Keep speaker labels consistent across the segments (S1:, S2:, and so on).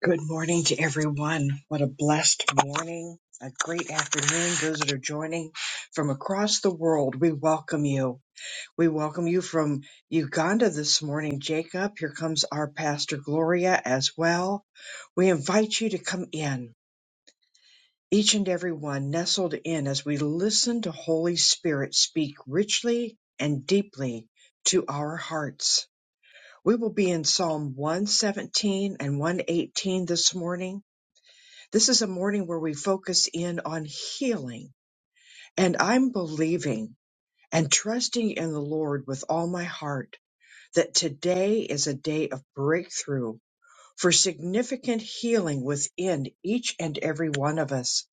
S1: Good morning to everyone. What a blessed morning. A great afternoon. Those that are joining from across the world, we welcome you. We welcome you from Uganda this morning, Jacob. Here comes our pastor, Gloria, as well. We invite you to come in, each and every one nestled in as we listen to Holy Spirit speak richly and deeply to our hearts. We will be in Psalm 117 and 118 this morning. This is a morning where we focus in on healing. And I'm believing and trusting in the Lord with all my heart that today is a day of breakthrough for significant healing within each and every one of us.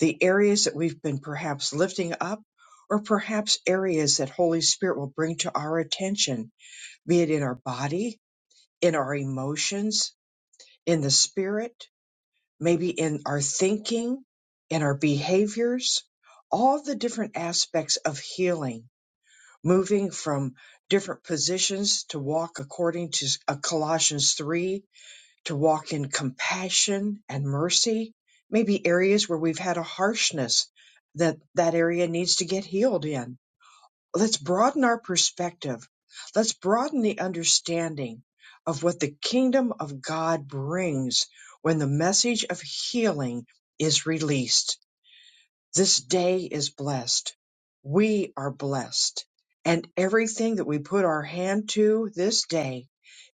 S1: The areas that we've been perhaps lifting up, or perhaps areas that Holy Spirit will bring to our attention, be it in our body, in our emotions, in the spirit. maybe in our thinking, in our behaviors, all the different aspects of healing, moving from different positions to walk according to uh, Colossians 3, to walk in compassion and mercy, maybe areas where we've had a harshness that that area needs to get healed in let's broaden our perspective. Let's broaden the understanding of what the kingdom of God brings when the message of healing is released. This day is blessed. We are blessed. And everything that we put our hand to this day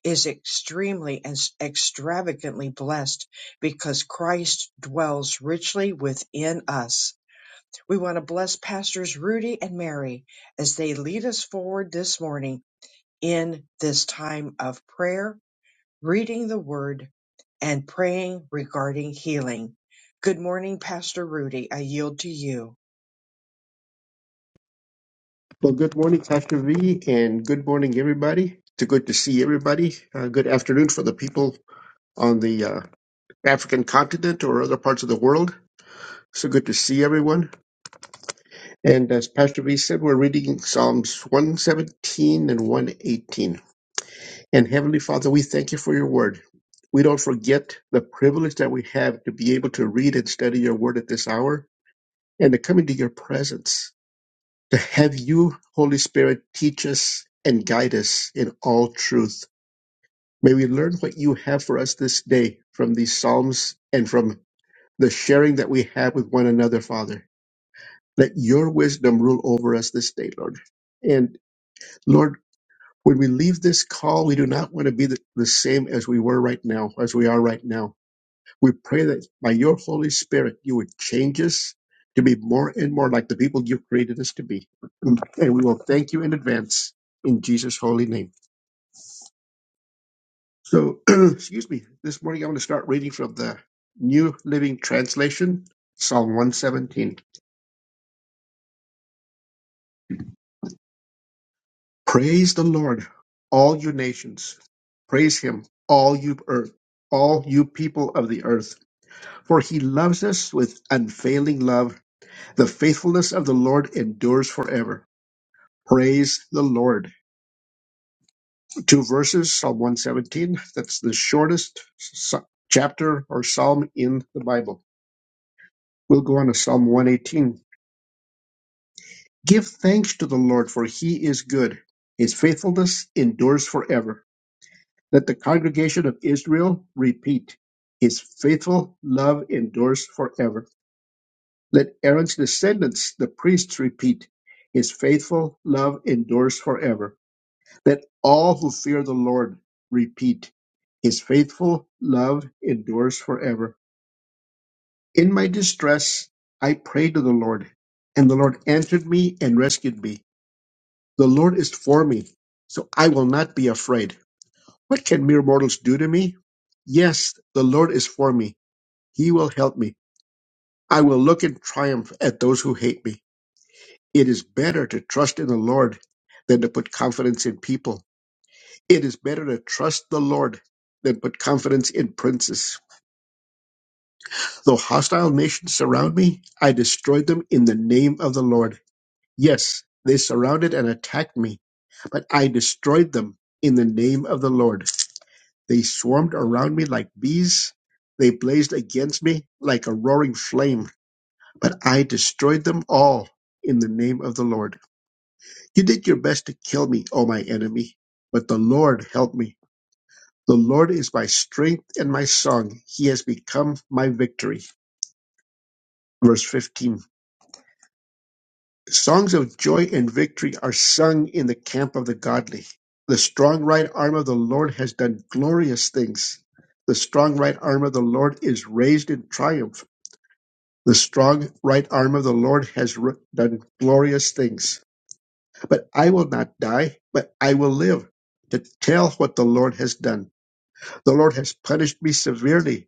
S1: is extremely and extravagantly blessed because Christ dwells richly within us we want to bless Pastors Rudy and Mary as they lead us forward this morning in this time of prayer, reading the word, and praying regarding healing. Good morning, Pastor Rudy. I yield to you.
S2: Well, good morning, Pastor V, and good morning, everybody. It's good to see everybody. Uh, good afternoon for the people on the uh, African continent or other parts of the world. So good to see everyone. And as Pastor V said, we're reading Psalms 117 and 118. And Heavenly Father, we thank you for your word. We don't forget the privilege that we have to be able to read and study your word at this hour and to come into your presence. to have you, Holy Spirit, teach us and guide us in all truth. May we learn what you have for us this day from these Psalms and from the sharing that we have with one another, Father. Let your wisdom rule over us this day, Lord. And Lord, when we leave this call, we do not want to be the, the same as we were right now, as we are right now We pray that by your Holy Spirit, you would change us to be more and more like the people you've created us to be. And we will thank you in advance in Jesus' holy name. So, excuse me, this morning I'm going to start reading from the New Living Translation, Psalm 117. Praise the Lord, all you nations. Praise him, all you earth, all you people of the earth. For he loves us with unfailing love. The faithfulness of the Lord endures forever. Praise the Lord. Two verses, Psalm 117. That's the shortest s- chapter or psalm in the Bible. We'll go on to Psalm 118. Give thanks to the Lord, for he is good. His faithfulness endures forever. Let the congregation of Israel repeat. His faithful love endures forever. Let Aaron's descendants, the priests, repeat. His faithful love endures forever. Let all who fear the Lord repeat, His faithful love endures forever. In my distress, I prayed to the Lord, and the Lord answered me and rescued me. The Lord is for me, so I will not be afraid. What can mere mortals do to me? Yes, the Lord is for me. He will help me. I will look in triumph at those who hate me. It is better to trust in the Lord than to put confidence in people. It is better to trust the Lord than put confidence in princes. Though hostile nations surround me, I destroyed them in the name of the Lord. Yes, they surrounded and attacked me, but I destroyed them in the name of the Lord. They swarmed around me like bees. They blazed against me like a roaring flame, but I destroyed them all in the name of the Lord. You did your best to kill me, O my enemy, but the Lord helped me. The Lord is my strength and my song. He has become my victory. Verse 15. Songs of joy and victory are sung in the camp of the godly. The strong right arm of the Lord has done glorious things. The strong right arm of the Lord is raised in triumph. The strong right arm of the Lord has r- done glorious things. But I will not die, but I will live to tell what the Lord has done. The Lord has punished me severely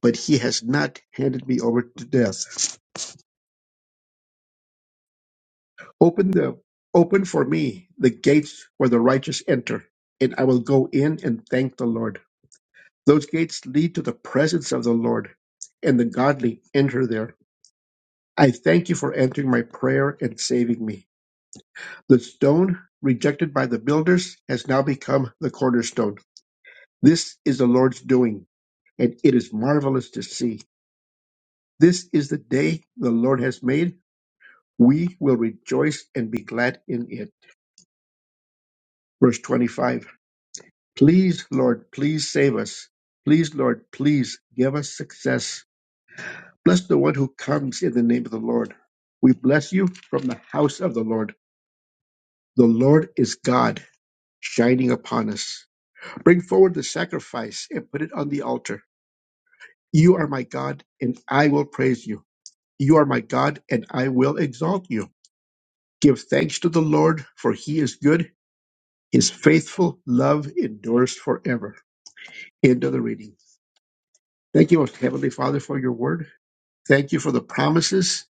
S2: but he has not handed me over to death. Open the open for me the gates where the righteous enter, and I will go in and thank the Lord. Those gates lead to the presence of the Lord, and the godly enter there. I thank you for answering my prayer and saving me. The stone rejected by the builders has now become the cornerstone. This is the Lord's doing, and it is marvelous to see. This is the day the Lord has made. We will rejoice and be glad in it. Verse 25 Please, Lord, please save us. Please, Lord, please give us success. Bless the one who comes in the name of the Lord. We bless you from the house of the Lord. The Lord is God, shining upon us. Bring forward the sacrifice and put it on the altar. You are my God, and I will praise you. You are my God, and I will exalt you. Give thanks to the Lord, for he is good. His faithful love endures forever. End of the reading. Thank you, most Heavenly Father, for your word. Thank you for the promises.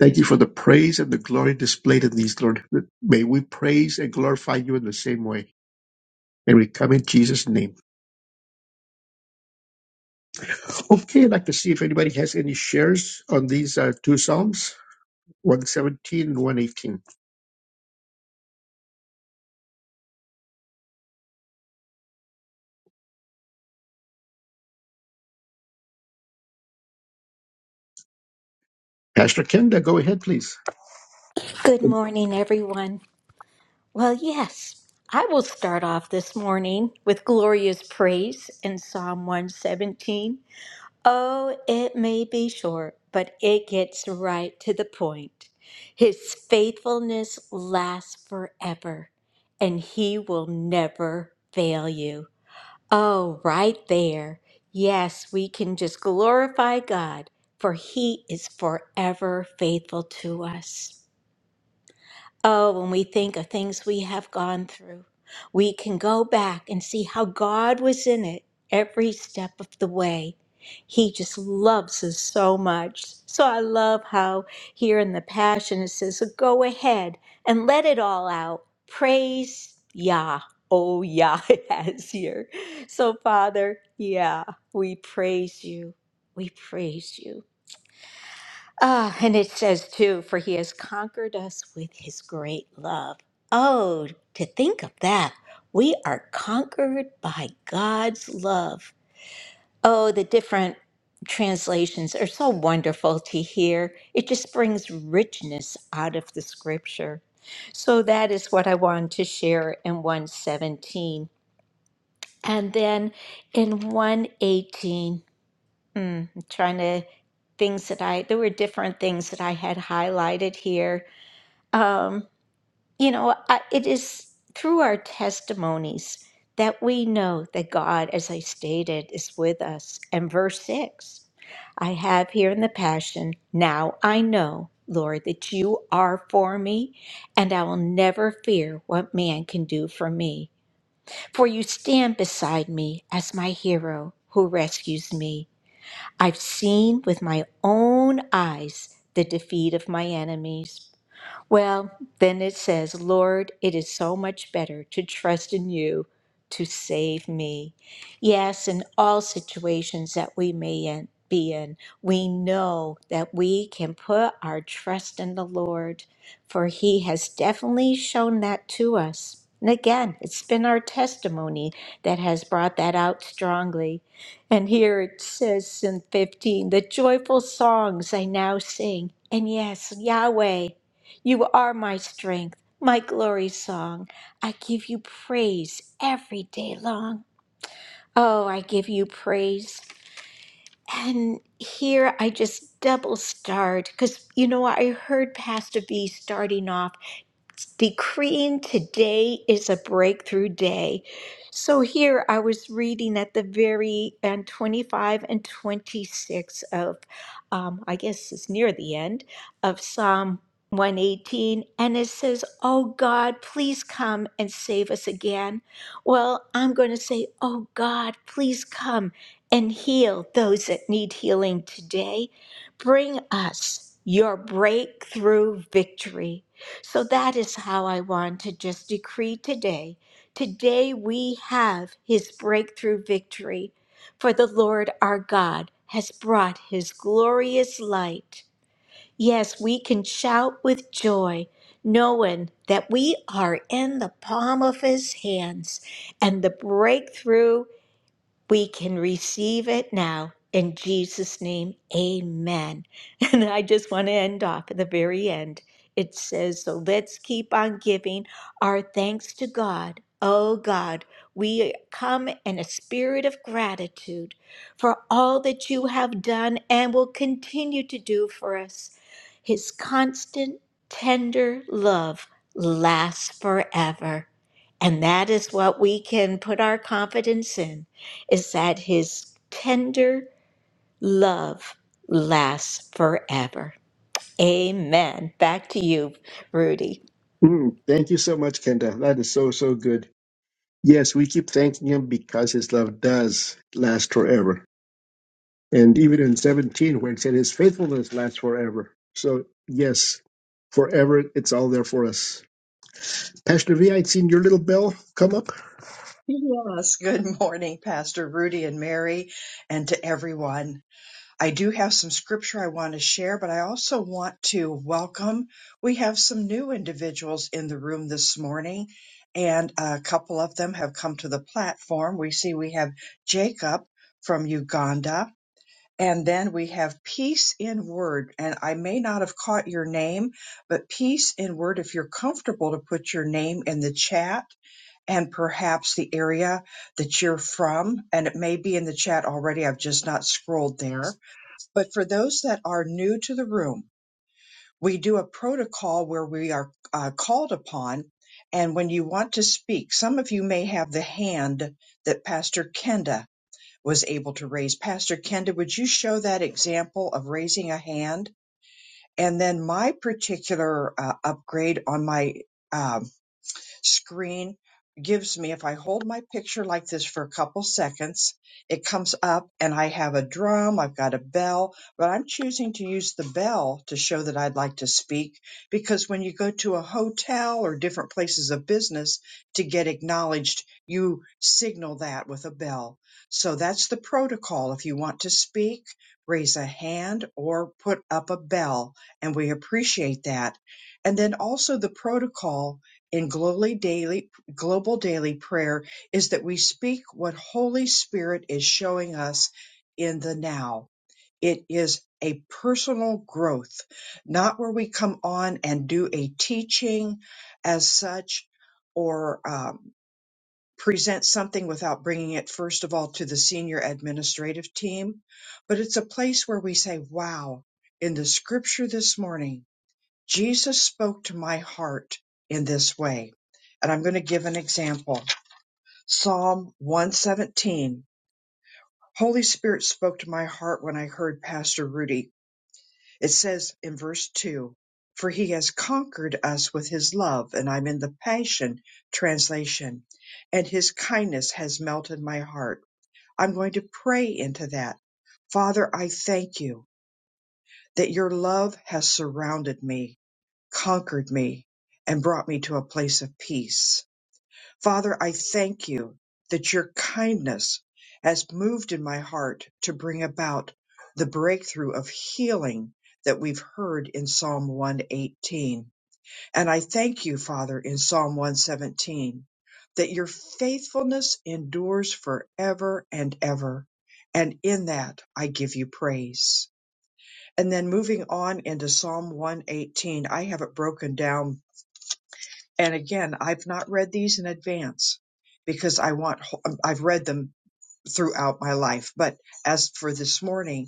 S2: Thank you for the praise and the glory displayed in these, Lord. May we praise and glorify you in the same way. And we come in Jesus' name. Okay, I'd like to see if anybody has any shares on these uh, two Psalms, 117 and 118. Pastor Kenda, go ahead, please.
S3: Good morning, everyone. Well, yes, I will start off this morning with glorious praise in Psalm 117. Oh, it may be short, but it gets right to the point. His faithfulness lasts forever, and he will never fail you. Oh, right there. Yes, we can just glorify God, for he is forever faithful to us. Oh, when we think of things we have gone through, we can go back and see how God was in it every step of the way. He just loves us so much. So I love how here in the Passion it says, "So Go ahead and let it all out. Praise Yah. Oh, Yah, it has here. So, Father, yeah, we praise you. We praise you. Ah, and it says too, for he has conquered us with his great love. Oh, to think of that. We are conquered by God's love. Oh, the different translations are so wonderful to hear. It just brings richness out of the scripture. So that is what I wanted to share in 117. And then in 118. Mm, I'm trying to things that I there were different things that I had highlighted here. Um, you know, I, it is through our testimonies that we know that God, as I stated, is with us. And verse six, I have here in the passion. Now I know, Lord, that you are for me, and I will never fear what man can do for me. For you stand beside me as my hero who rescues me. I've seen with my own eyes the defeat of my enemies. Well, then it says, Lord, it is so much better to trust in you to save me. Yes, in all situations that we may in- be in, we know that we can put our trust in the Lord, for he has definitely shown that to us. And again, it's been our testimony that has brought that out strongly. And here it says in 15, the joyful songs I now sing. And yes, Yahweh. You are my strength, my glory song. I give you praise every day long. Oh, I give you praise. And here I just double start because, you know, I heard Pastor B starting off decreeing today is a breakthrough day. So here I was reading at the very end, 25 and 26 of, um, I guess it's near the end of Psalm 118, and it says, Oh God, please come and save us again. Well, I'm going to say, Oh God, please come and heal those that need healing today. Bring us your breakthrough victory. So that is how I want to just decree today. Today we have his breakthrough victory, for the Lord our God has brought his glorious light. Yes, we can shout with joy, knowing that we are in the palm of his hands and the breakthrough. We can receive it now. In Jesus' name, amen. And I just want to end off at the very end. It says, So let's keep on giving our thanks to God. Oh God, we come in a spirit of gratitude for all that you have done and will continue to do for us. His constant, tender love lasts forever. And that is what we can put our confidence in is that his tender love lasts forever. Amen. Back to you, Rudy.
S2: Mm, thank you so much, Kenda. That is so, so good. Yes, we keep thanking him because his love does last forever. And even in 17, where it said his faithfulness lasts forever. So, yes, forever, it's all there for us. Pastor V, I'd seen your little bell come up.
S1: Yes, good morning, Pastor Rudy and Mary, and to everyone. I do have some scripture I want to share, but I also want to welcome. We have some new individuals in the room this morning, and a couple of them have come to the platform. We see we have Jacob from Uganda, and then we have Peace in Word. And I may not have caught your name, but Peace in Word, if you're comfortable to put your name in the chat and perhaps the area that you're from, and it may be in the chat already, I've just not scrolled there but for those that are new to the room, we do a protocol where we are uh, called upon. And when you want to speak, some of you may have the hand that Pastor Kenda was able to raise. Pastor Kenda, would you show that example of raising a hand? And then my particular uh, upgrade on my uh, screen gives me, if I hold my picture like this for a couple seconds, it comes up and I have a drum, I've got a bell, but I'm choosing to use the bell to show that I'd like to speak because when you go to a hotel or different places of business to get acknowledged, you signal that with a bell. So that's the protocol. If you want to speak, raise a hand or put up a bell, and we appreciate that. And then also the protocol in Global Daily, Global Daily Prayer is that we speak what Holy Spirit is showing us in the now. It is a personal growth, not where we come on and do a teaching as such or um, present something without bringing it, first of all, to the senior administrative team, but it's a place where we say, wow, in the scripture this morning, Jesus spoke to my heart in this way. And I'm going to give an example. Psalm 117. Holy Spirit spoke to my heart when I heard Pastor Rudy. It says in verse 2 For he has conquered us with his love, and I'm in the Passion translation, and his kindness has melted my heart. I'm going to pray into that. Father, I thank you that your love has surrounded me conquered me and brought me to a place of peace. Father, I thank you that your kindness has moved in my heart to bring about the breakthrough of healing that we've heard in Psalm 118. And I thank you, Father, in Psalm 117, that your faithfulness endures forever and ever. And in that, I give you praise. And then moving on into Psalm 118, I have it broken down and again, I've not read these in advance because I want, I've read them throughout my life. But as for this morning,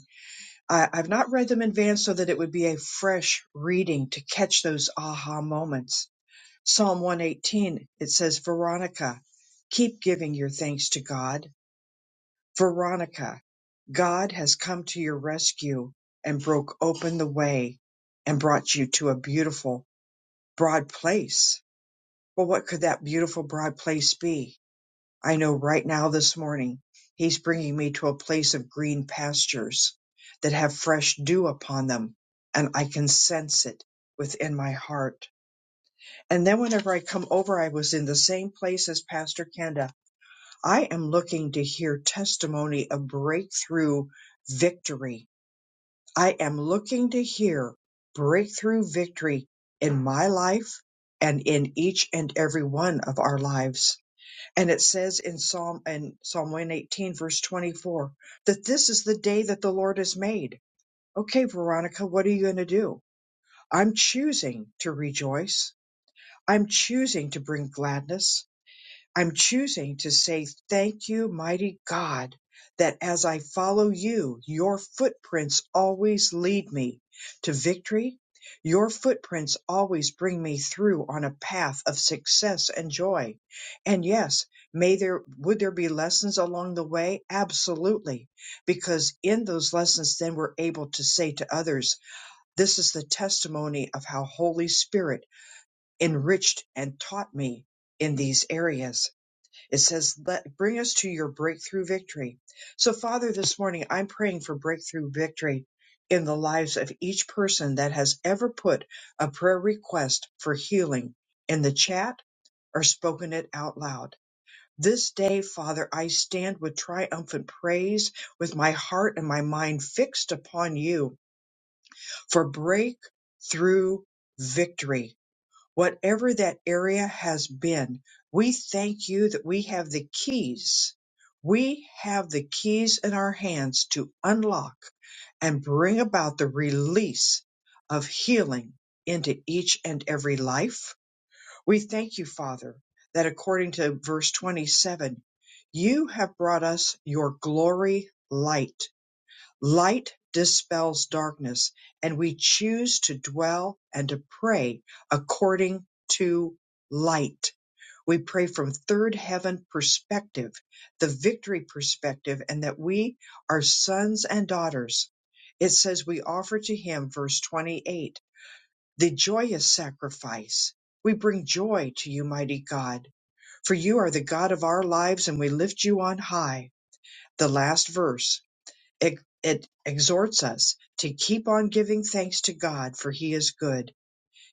S1: I, I've not read them in advance so that it would be a fresh reading to catch those aha moments. Psalm 118, it says, Veronica, keep giving your thanks to God. Veronica, God has come to your rescue and broke open the way and brought you to a beautiful, broad place. Well, what could that beautiful, broad place be? I know right now this morning he's bringing me to a place of green pastures that have fresh dew upon them and I can sense it within my heart. And then whenever I come over, I was in the same place as Pastor Kenda. I am looking to hear testimony of breakthrough victory. I am looking to hear breakthrough victory in my life and in each and every one of our lives and it says in Psalm and Psalm 118 verse 24 that this is the day that the Lord has made. Okay, Veronica, what are you going to do? I'm choosing to rejoice. I'm choosing to bring gladness. I'm choosing to say, Thank you, mighty God, that as I follow you, your footprints always lead me to victory. Your footprints always bring me through on a path of success and joy. And yes, may there would there be lessons along the way? Absolutely. Because in those lessons then we're able to say to others, this is the testimony of how Holy Spirit enriched and taught me in these areas it says, let, bring us to your breakthrough victory. So Father, this morning, I'm praying for breakthrough victory in the lives of each person that has ever put a prayer request for healing in the chat or spoken it out loud. This day, Father, I stand with triumphant praise with my heart and my mind fixed upon you for breakthrough victory Whatever that area has been, we thank you that we have the keys. We have the keys in our hands to unlock and bring about the release of healing into each and every life. We thank you, Father, that according to verse 27, you have brought us your glory light Light dispels darkness, and we choose to dwell and to pray according to light. We pray from third heaven perspective, the victory perspective, and that we are sons and daughters. It says we offer to him, verse 28, the joyous sacrifice. We bring joy to you, mighty God, for you are the God of our lives and we lift you on high. The last verse. It, it exhorts us to keep on giving thanks to God, for He is good.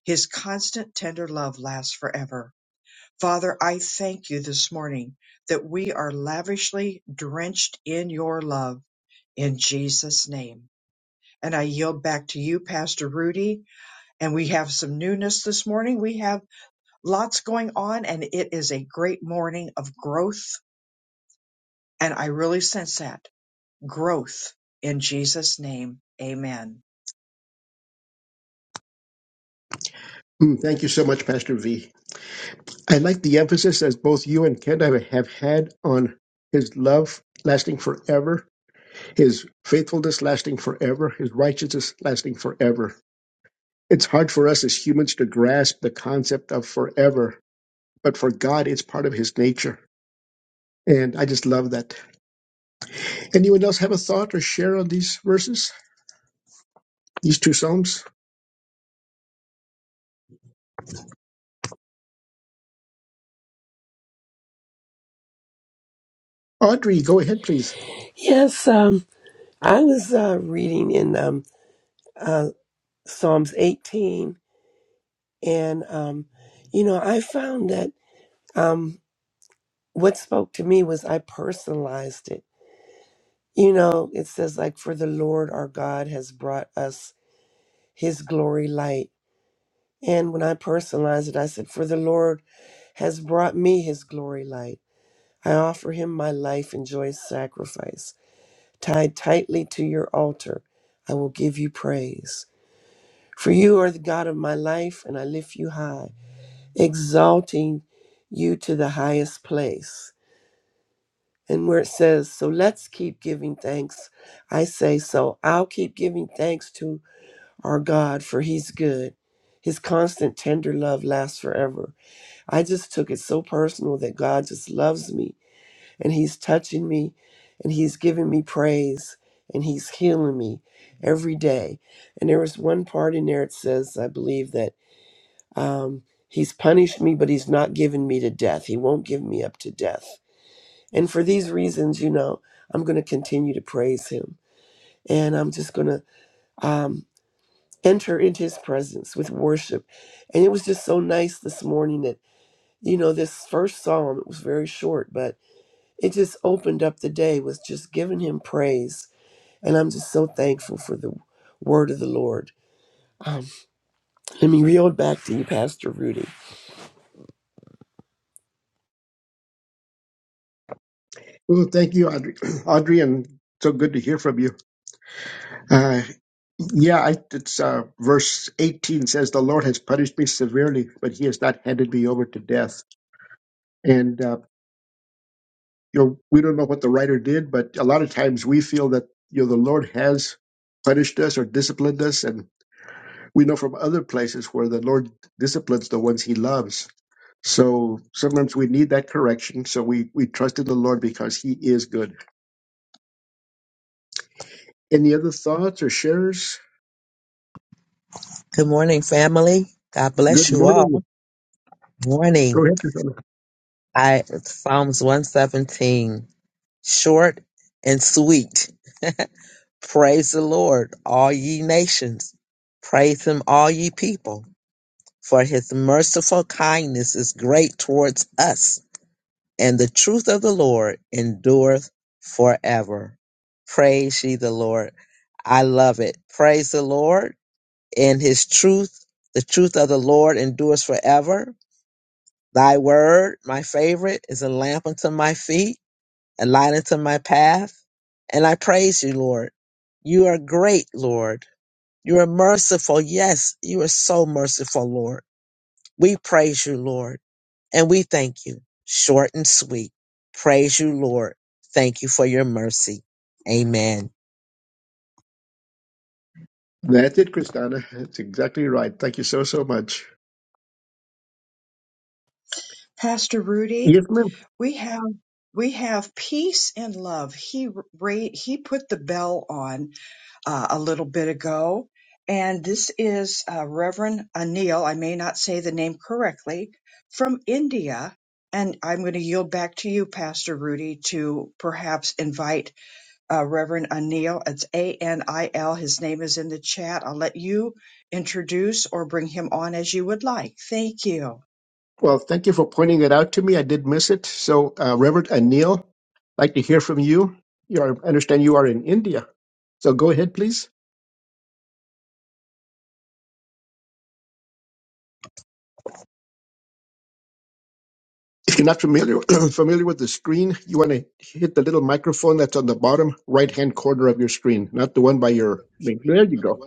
S1: His constant, tender love lasts forever. Father, I thank you this morning that we are lavishly drenched in your love in Jesus' name. And I yield back to you, Pastor Rudy. And we have some newness this morning. We have lots going on, and it is a great morning of growth. And I really sense that growth in Jesus' name. Amen.
S2: Hmm, thank you so much, Pastor V. I like the emphasis as both you and Kent have have had on his love lasting forever, his faithfulness lasting forever, his righteousness lasting forever. It's hard for us as humans to grasp the concept of forever, but for God, it's part of his nature. And I just love that. Anyone else have a thought or share on these verses, these two psalms? Audrey, go ahead, please.
S4: Yes, um, I was uh, reading in um, uh, Psalms 18, and um, you know, I found that um, what spoke to me was I personalized it. You know, it says like, "For the Lord our God has brought us His glory light," and when I personalized it, I said, "For the Lord has brought me His glory light. I offer Him my life and joyous sacrifice, tied tightly to Your altar. I will give You praise." For you are the God of my life, and I lift you high, exalting you to the highest place. And where it says, So let's keep giving thanks, I say, So I'll keep giving thanks to our God, for he's good. His constant, tender love lasts forever. I just took it so personal that God just loves me, and he's touching me, and he's giving me praise, and he's healing me every day. And there was one part in there, it says, I believe that. Um, he's punished me, but he's not given me to death. He won't give me up to death. And for these reasons, you know, I'm going to continue to praise him. And I'm just going to um, enter into his presence with worship. And it was just so nice this morning that, you know, this first psalm, it was very short, but it just opened up the day with just giving him praise. And I'm just so thankful for the word of the Lord. Um, let me reel it back to you, Pastor Rudy.
S2: Well, thank you, Audrey. Audrey, and so good to hear from you. Uh, yeah, I, it's uh, verse 18 says, The Lord has punished me severely, but he has not handed me over to death. And, uh, you know, we don't know what the writer did, but a lot of times we feel that, you know, the Lord has punished us or disciplined us. and We know from other places where the Lord disciplines the ones he loves. So sometimes we need that correction. So we, we trust in the Lord because he is good. Any other thoughts or shares?
S5: Good morning, family. God
S2: Good
S5: bless you
S2: morning.
S5: all. Morning.
S2: Go ahead, Christina.
S5: I Psalms 117. Short and sweet. Praise the Lord, all ye nations. Praise him, all ye people. For his merciful kindness is great towards us, and the truth of the Lord endureth forever. Praise ye the Lord. I love it. Praise the Lord and his truth. The truth of the Lord endures forever Thy word, my favorite, is a lamp unto my feet, a light unto my path. And I praise you, Lord. You are great, Lord. You are merciful. Yes, you are so merciful, Lord. We praise you, Lord, and we thank you. Short and sweet. Praise you, Lord. Thank you for your mercy. Amen.
S2: That's it, Christina. That's exactly right. Thank you so, so much.
S1: Pastor Rudy,
S2: Yes, ma'am.
S1: we have we have peace and love. He ra- he put the bell on uh, a little bit ago, and this is uh, Reverend Anil. I may not say the name correctly from India, and I'm going to yield back to you, Pastor Rudy, to perhaps invite uh, Reverend Anil. It's A N I L. His name is in the chat. I'll let you introduce or bring him on as you would like. Thank you.
S2: Well, thank you for pointing it out to me. I did miss it. So, uh, Reverend Anil, I'd like to hear from you. you are, I understand you are in India. So go ahead, please. If you're not familiar familiar with the screen, you want to hit the little microphone that's on the bottom right hand corner of your screen, not the one by your link. There you go.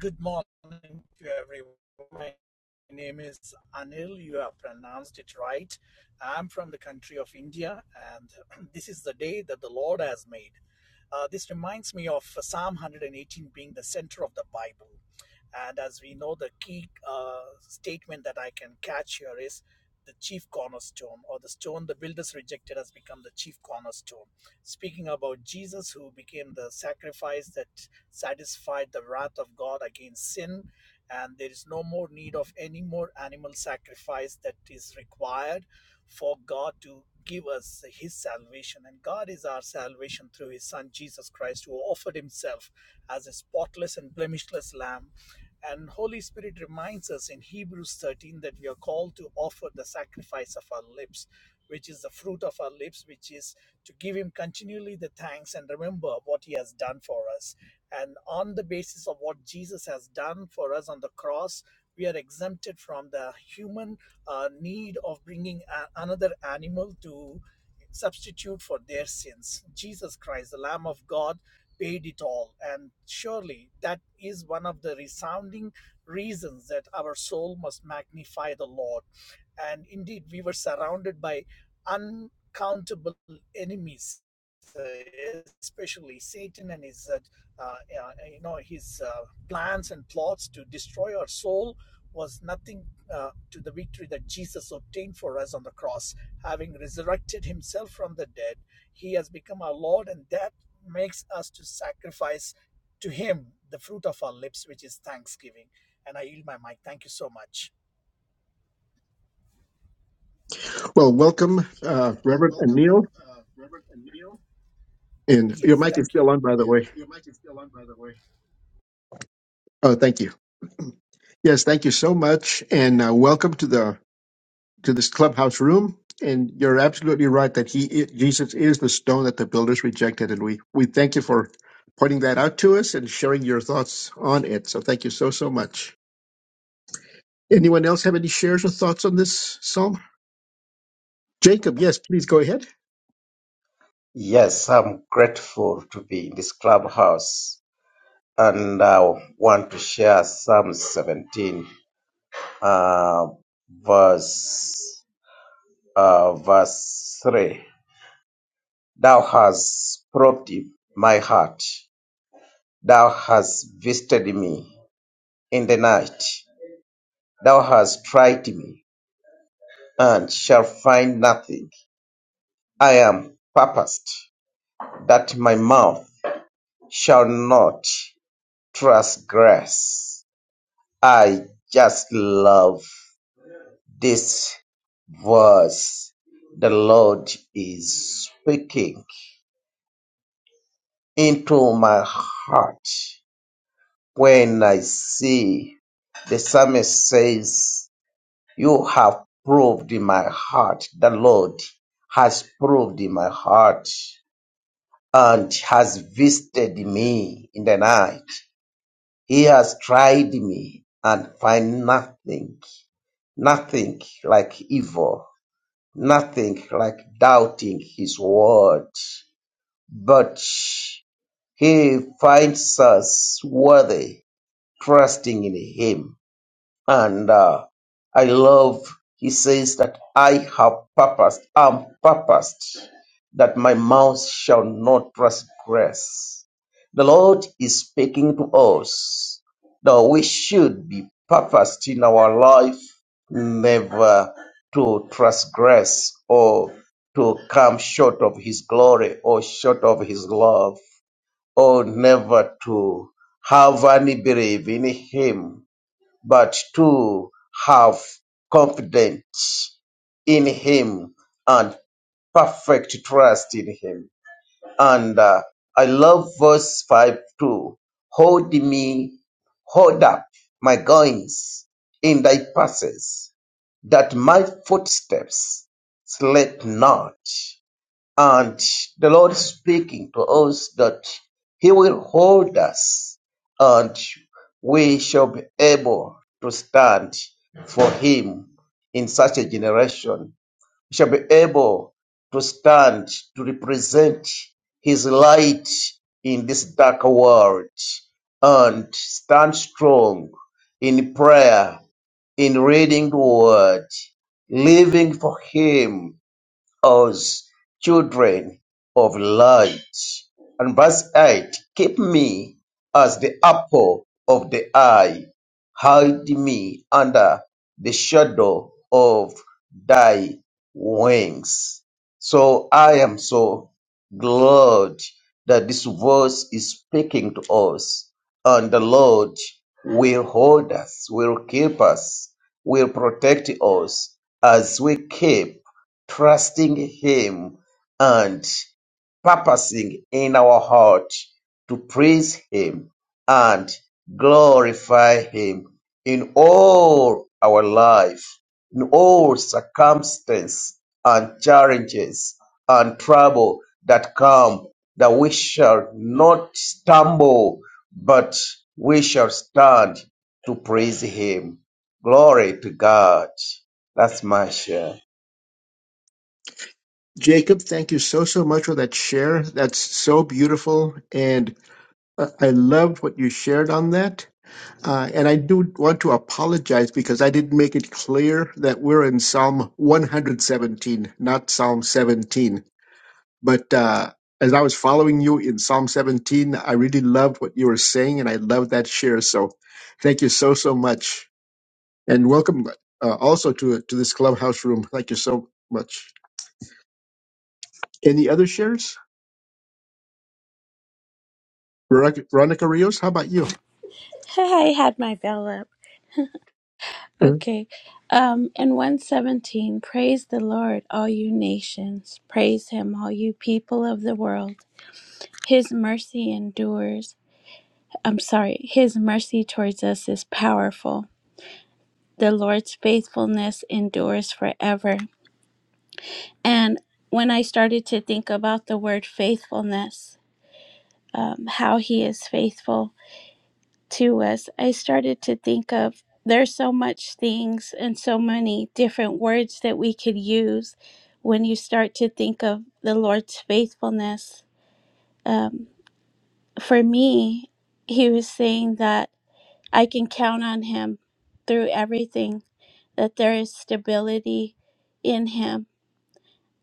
S6: Good morning to everyone. My name is Anil. You have pronounced it right. I'm from the country of India, and this is the day that the Lord has made. Uh, this reminds me of uh, Psalm 118 being the center of the Bible. And as we know, the key uh, statement that I can catch here is the chief cornerstone, or the stone the builders rejected has become the chief cornerstone. Speaking about Jesus, who became the sacrifice that satisfied the wrath of God against sin, and there is no more need of any more animal sacrifice that is required for God to give us his salvation. And God is our salvation through his Son Jesus Christ, who offered himself as a spotless and blemishless lamb. And Holy Spirit reminds us in Hebrews 13 that we are called to offer the sacrifice of our lips, which is the fruit of our lips, which is to give Him continually the thanks and remember what He has done for us. And on the basis of what Jesus has done for us on the cross, we are exempted from the human uh, need of bringing a- another animal to substitute for their sins. Jesus Christ, the Lamb of God, paid it all. And surely that is one of the resounding reasons that our soul must magnify the Lord and indeed we were surrounded by uncountable enemies uh, especially satan and his uh, uh, uh, you know his uh, plans and plots to destroy our soul was nothing uh, to the victory that jesus obtained for us on the cross having resurrected himself from the dead he has become our lord and that makes us to sacrifice to him the fruit of our lips which is thanksgiving and i yield my mic thank you so much
S2: Well, welcome, uh, Reverend Anil, and your
S6: yes
S2: mic is
S6: thank you
S2: still on, by the way. Oh, thank you. Yes, thank you so much, and uh, welcome to the to this clubhouse room. And you're absolutely right that he i- Jesus is the stone that the builders rejected, and we we thank you for pointing that out to us and sharing your thoughts on it. So thank you so so much. Anyone else have any shares or thoughts on this psalm? Jacob, yes, please go ahead.
S7: Yes, I'm grateful to be in this clubhouse and I want to share Psalm 17, uh, verse, uh, verse 3. Thou hast probed my heart. Thou hast visited me in the night. Thou hast tried me and shall find nothing. I am purposed that my mouth shall not transgress I just love this verse. The Lord is speaking into my heart when I see the psalmist says, You have proved in my heart. The Lord has proved in my heart and has visited me in the night. He has tried me and find nothing, nothing like evil nothing like doubting his word, but he finds us worthy trusting in him. And uh, I love, he says that I have purposed, am purposed that my mouth shall not transgress. The Lord is speaking to us that we should be purposed in our life never to transgress or to come short of his glory or short of his love or never to have any belief in him but to have confidence in him and perfect trust in him. And uh, I love verse 5 too. Hold me, hold up my goings in thy passes, that my footsteps slip not. And the Lord speaking to us that He will hold us and we shall be able to stand for Him in such a generation. We shall be able to stand to represent His light in this dark world and stand strong in prayer, in reading the word, living for Him us children of light and verse-eight, keep me as the apple of the eye; hide me under the shadow of thy wings. So I am so glad that this verse is speaking to us, and the Lord will hold us, will keep us, will protect us as we keep trusting Him and purposing in our heart to praise Him and glorify Him in all our life, in all circumstances and challenges and trouble that come, that we shall not stumble, but we shall stand to praise Him. Glory to God. That's my share.
S2: Jacob, thank you so, so much for that share. That's so beautiful. And uh, I loved what you shared on that. Uh, and I do want to apologize because I didn't make it clear that we're in Psalm 117, not Psalm 17. But uh, as I was following you in Psalm 17, I really loved what you were saying and I loved that share. So thank you so, so much. And welcome uh, also to to this clubhouse room. Thank you so much. Any other shares? Veronica, Veronica Rios, how about you?
S8: I had my bell up.
S2: Mm.
S8: Okay. Um in 117, praise the Lord, all you nations. Praise him, all you people of the world. His mercy endures. I'm sorry, his mercy towards us is powerful. The Lord's faithfulness endures forever. And when I started to think about the word faithfulness, um, how he is faithful, to us, I started to think of there's so much things and so many different words that we could use when you start to think of the Lord's faithfulness. Um, for me, he was saying that I can count on him through everything, that there is stability in him.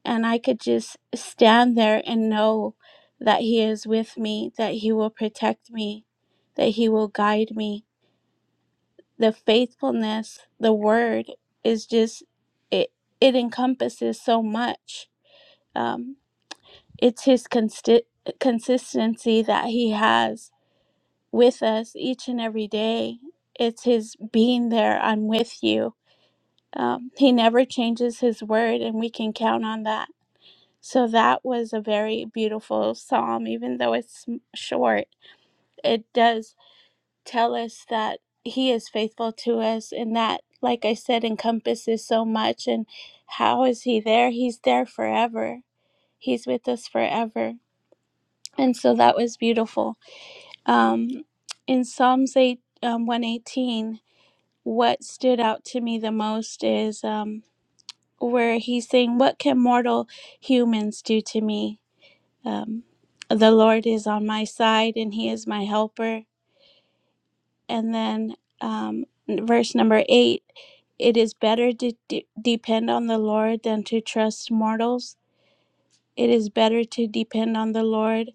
S8: And I could just stand there and know that he is with me, that he will protect me, that he will guide me the faithfulness, the word is just it. It encompasses so much. Um, it's his consti- consistency that he has with us each and every day. It's his being there. I'm with you. Um, he never changes his word, and we can count on that. So that was a very beautiful psalm, even though it's m- short. It does tell us that he is faithful to us and that like i said encompasses so much and how is he there he's there forever he's with us forever and so that was beautiful um in psalms 8 um, 118 what stood out to me the most is um where he's saying what can mortal humans do to me um the lord is on my side and he is my helper And then um, verse number eight it is better to de- depend on the Lord than to trust mortals. It is better to depend on the Lord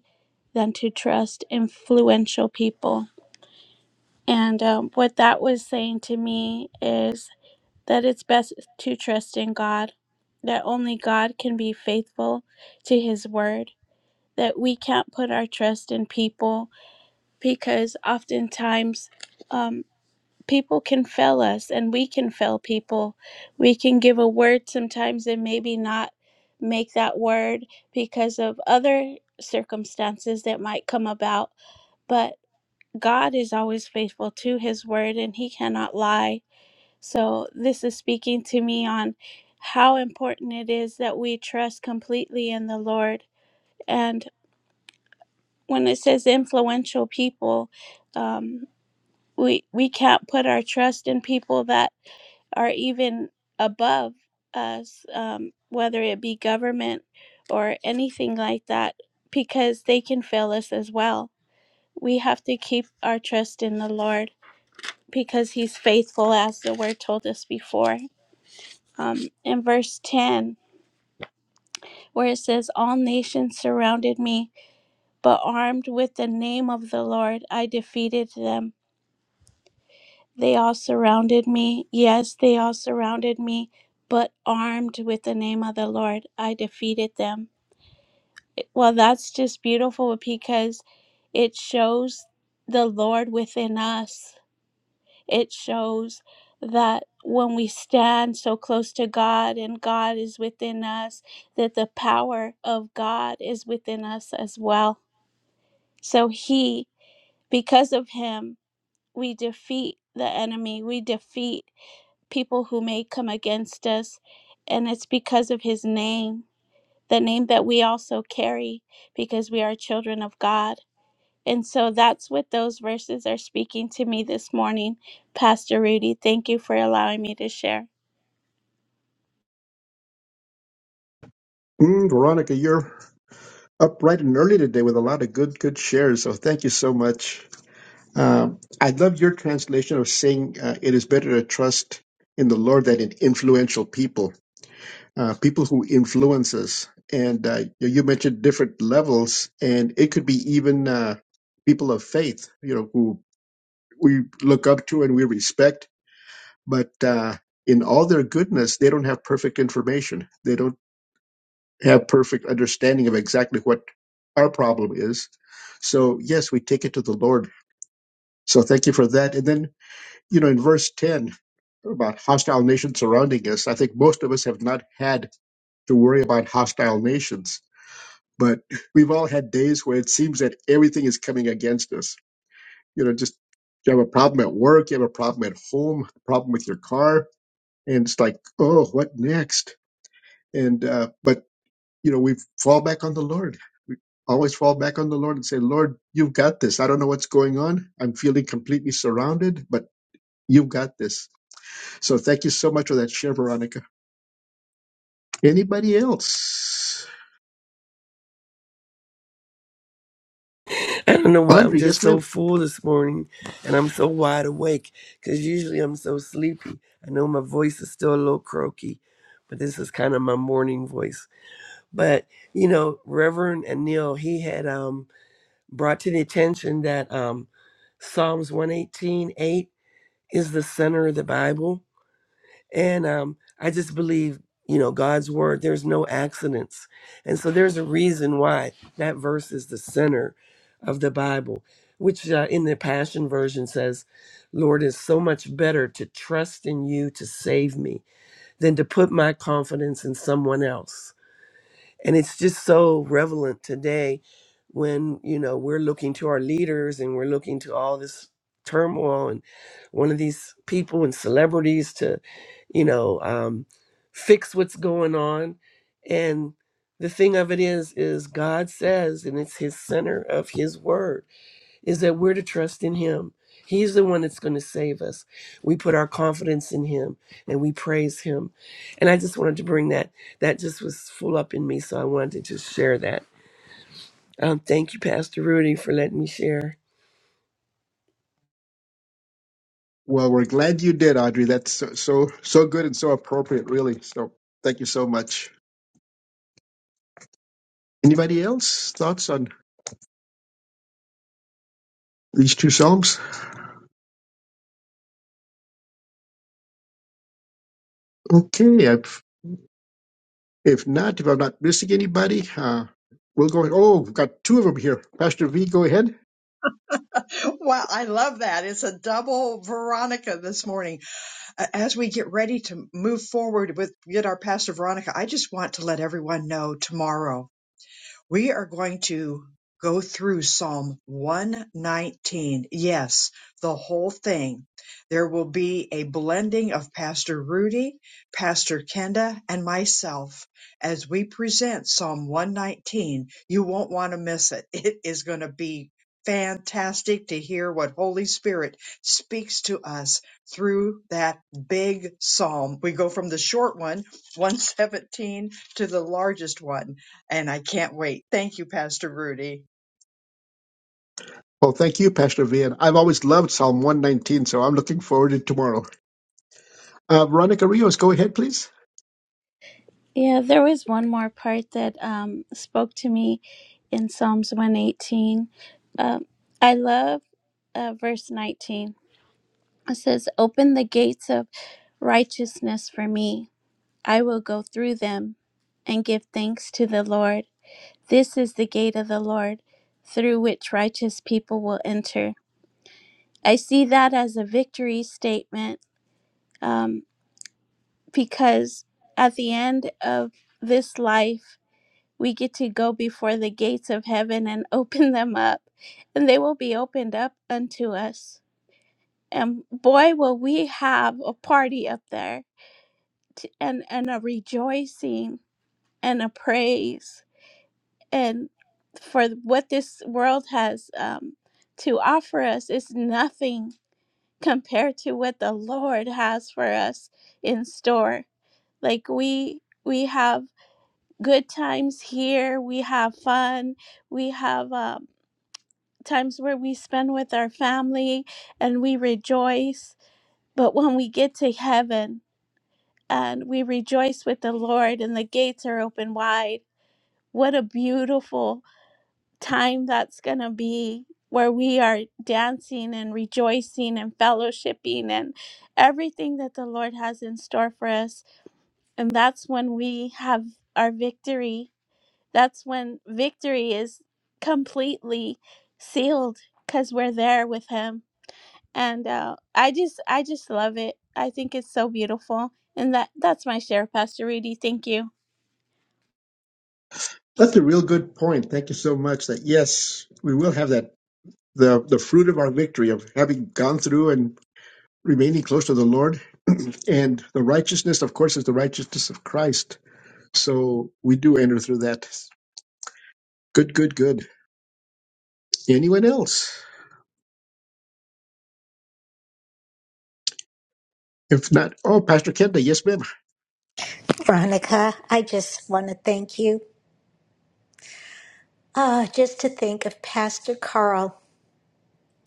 S8: than to trust influential people. And um, what that was saying to me is that it's best to trust in God, that only God can be faithful to his word, that we can't put our trust in people because oftentimes. um. people can fail us and we can fail people. We can give a word sometimes and maybe not make that word because of other circumstances that might come about. But God is always faithful to his word and he cannot lie. So this is speaking to me on how important it is that we trust completely in the Lord. And when it says influential people, um, we we can't put our trust in people that are even above us, um, whether it be government or anything like that, because they can fail us as well. We have to keep our trust in the Lord because He's faithful, as the word told us before. Um, in verse 10, where it says, All nations surrounded me, but armed with the name of the Lord, I defeated them. They all surrounded me. Yes, they all surrounded me, but armed with the name of the Lord, I defeated them. Well, that's just beautiful because it shows the Lord within us. It shows that when we stand so close to God and God is within us, that the power of God is within us as well. So, He, because of Him, we defeat the enemy, we defeat people who may come against us. And it's because of his name, the name that we also carry, because we are children of God. And so that's what those verses are speaking to me this morning, Pastor Rudy. Thank you for allowing me to share.
S2: Mm, Veronica, you're up bright and early today with a lot of good, good shares. So thank you so much. Um, I love your translation of saying uh, it is better to trust in the Lord than in influential people, uh, people who influence us. And uh, you you mentioned different levels, and it could be even uh, people of faith, you know, who we look up to and we respect but uh, in all their goodness, they don't have perfect information. They don't have perfect understanding of exactly what our problem is. So yes, we take it to the Lord. So thank you for that. And then you know, in verse ten about hostile nations surrounding us, I think most of us have not had to worry about hostile nations, but we've all had days where it seems that everything is coming against us. You know, just you have a problem at work, you have a problem at home, a problem with your car, and it's like, oh, what next? And uh, but you know, we fall back on the Lord. We always fall back on the Lord and say, Lord, you've got this. I don't know what's going on. I'm feeling completely surrounded, but you've got this. So thank you so much for that share, Veronica. Anybody else?
S4: I don't know why I'm
S2: Audrey,
S4: just
S2: yes,
S4: so
S2: ma'am.
S4: full this morning and I'm so wide awake because usually I'm so sleepy. I know my voice is still a little croaky, but this is kind of my morning voice. But, you know, Reverend Anil, he had um, brought to the attention that um, Psalms 118:8 is the center of the Bible. And um, I just believe, you know, God's word, there's no accidents. And so there's a reason why that verse is the center of the Bible, which uh, in the Passion Version says, Lord, it's so much better to trust in you to save me than to put my confidence in someone else and it's just so relevant today when you know we're looking to our leaders and we're looking to all this turmoil and one of these people and celebrities to you know um, fix what's going on and the thing of it is is god says and it's his center of his word is that we're to trust in him. He's the one that's going to save us. We put our confidence in him and we praise him. And I just wanted to bring that. That just was full up in me, so I wanted to just share that. Um, thank you, Pastor Rudy, for letting me share.
S2: Well, we're glad you did, Audrey. That's so so, so good and so appropriate, really. So thank you so much. Anybody else? Thoughts on these two psalms? Okay, I If not, if I'm not missing anybody, uh, we'll go. Oh, we've got two of them here. Pastor V, go ahead.
S1: Wow, I love that. It's a double Veronica this morning. A- As we get ready to move forward with get our pastor Veronica, I just want to let everyone know tomorrow we are going to go through Psalm 119. Yes, the whole thing. There will be a blending of Pastor Rudy, Pastor Kenda, and myself as we present Psalm 119. You won't want to miss it. It is going to be fantastic to hear what Holy Spirit speaks to us through that big psalm. We go from the short one, 117, to the largest one and I can't wait. Thank you, Pastor Rudy.
S2: Well, thank you, Pastor V. And I've always loved Psalm 119, so I'm looking forward to tomorrow. Uh, Veronica Rios, go ahead, please.
S8: Yeah, there was one more part that um, spoke to me in Psalms 118. Um, I love uh, verse 19. It says, Open the gates of righteousness for me I will go through them and give thanks to the Lord. This is the gate of the Lord through which righteous people will enter. I see that as a victory statement um, because at the end of this life, we get to go before the gates of heaven and open them up, and they will be opened up unto us. And boy, will we have a party up there t- and, and a rejoicing and a praise and for what this world has um, to offer us is nothing compared to what the lord has for us in store like we we have good times here we have fun we have um, times where we spend with our family and we rejoice but when we get to heaven and we rejoice with the lord and the gates are open wide what a beautiful time that's going to be where we are dancing and rejoicing and fellowshipping and everything that the Lord has in store for us. And that's when we have our victory. That's when victory is completely sealed because we're there with Him. And uh, I just, I just love it. I think it's so beautiful. And that, that's my share, Pastor Rudy. Thank you.
S2: That's a real good point. Thank you so much. That yes, we will have that the the fruit of our victory of having gone through and remaining close to the Lord, and the righteousness, of course, is the righteousness of Christ. So we do enter through that. Good, good, good. Anyone else? If not, oh, Pastor Kenda, yes, ma'am.
S3: Veronica, I just want to thank you. Ah, just to think of Pastor Carl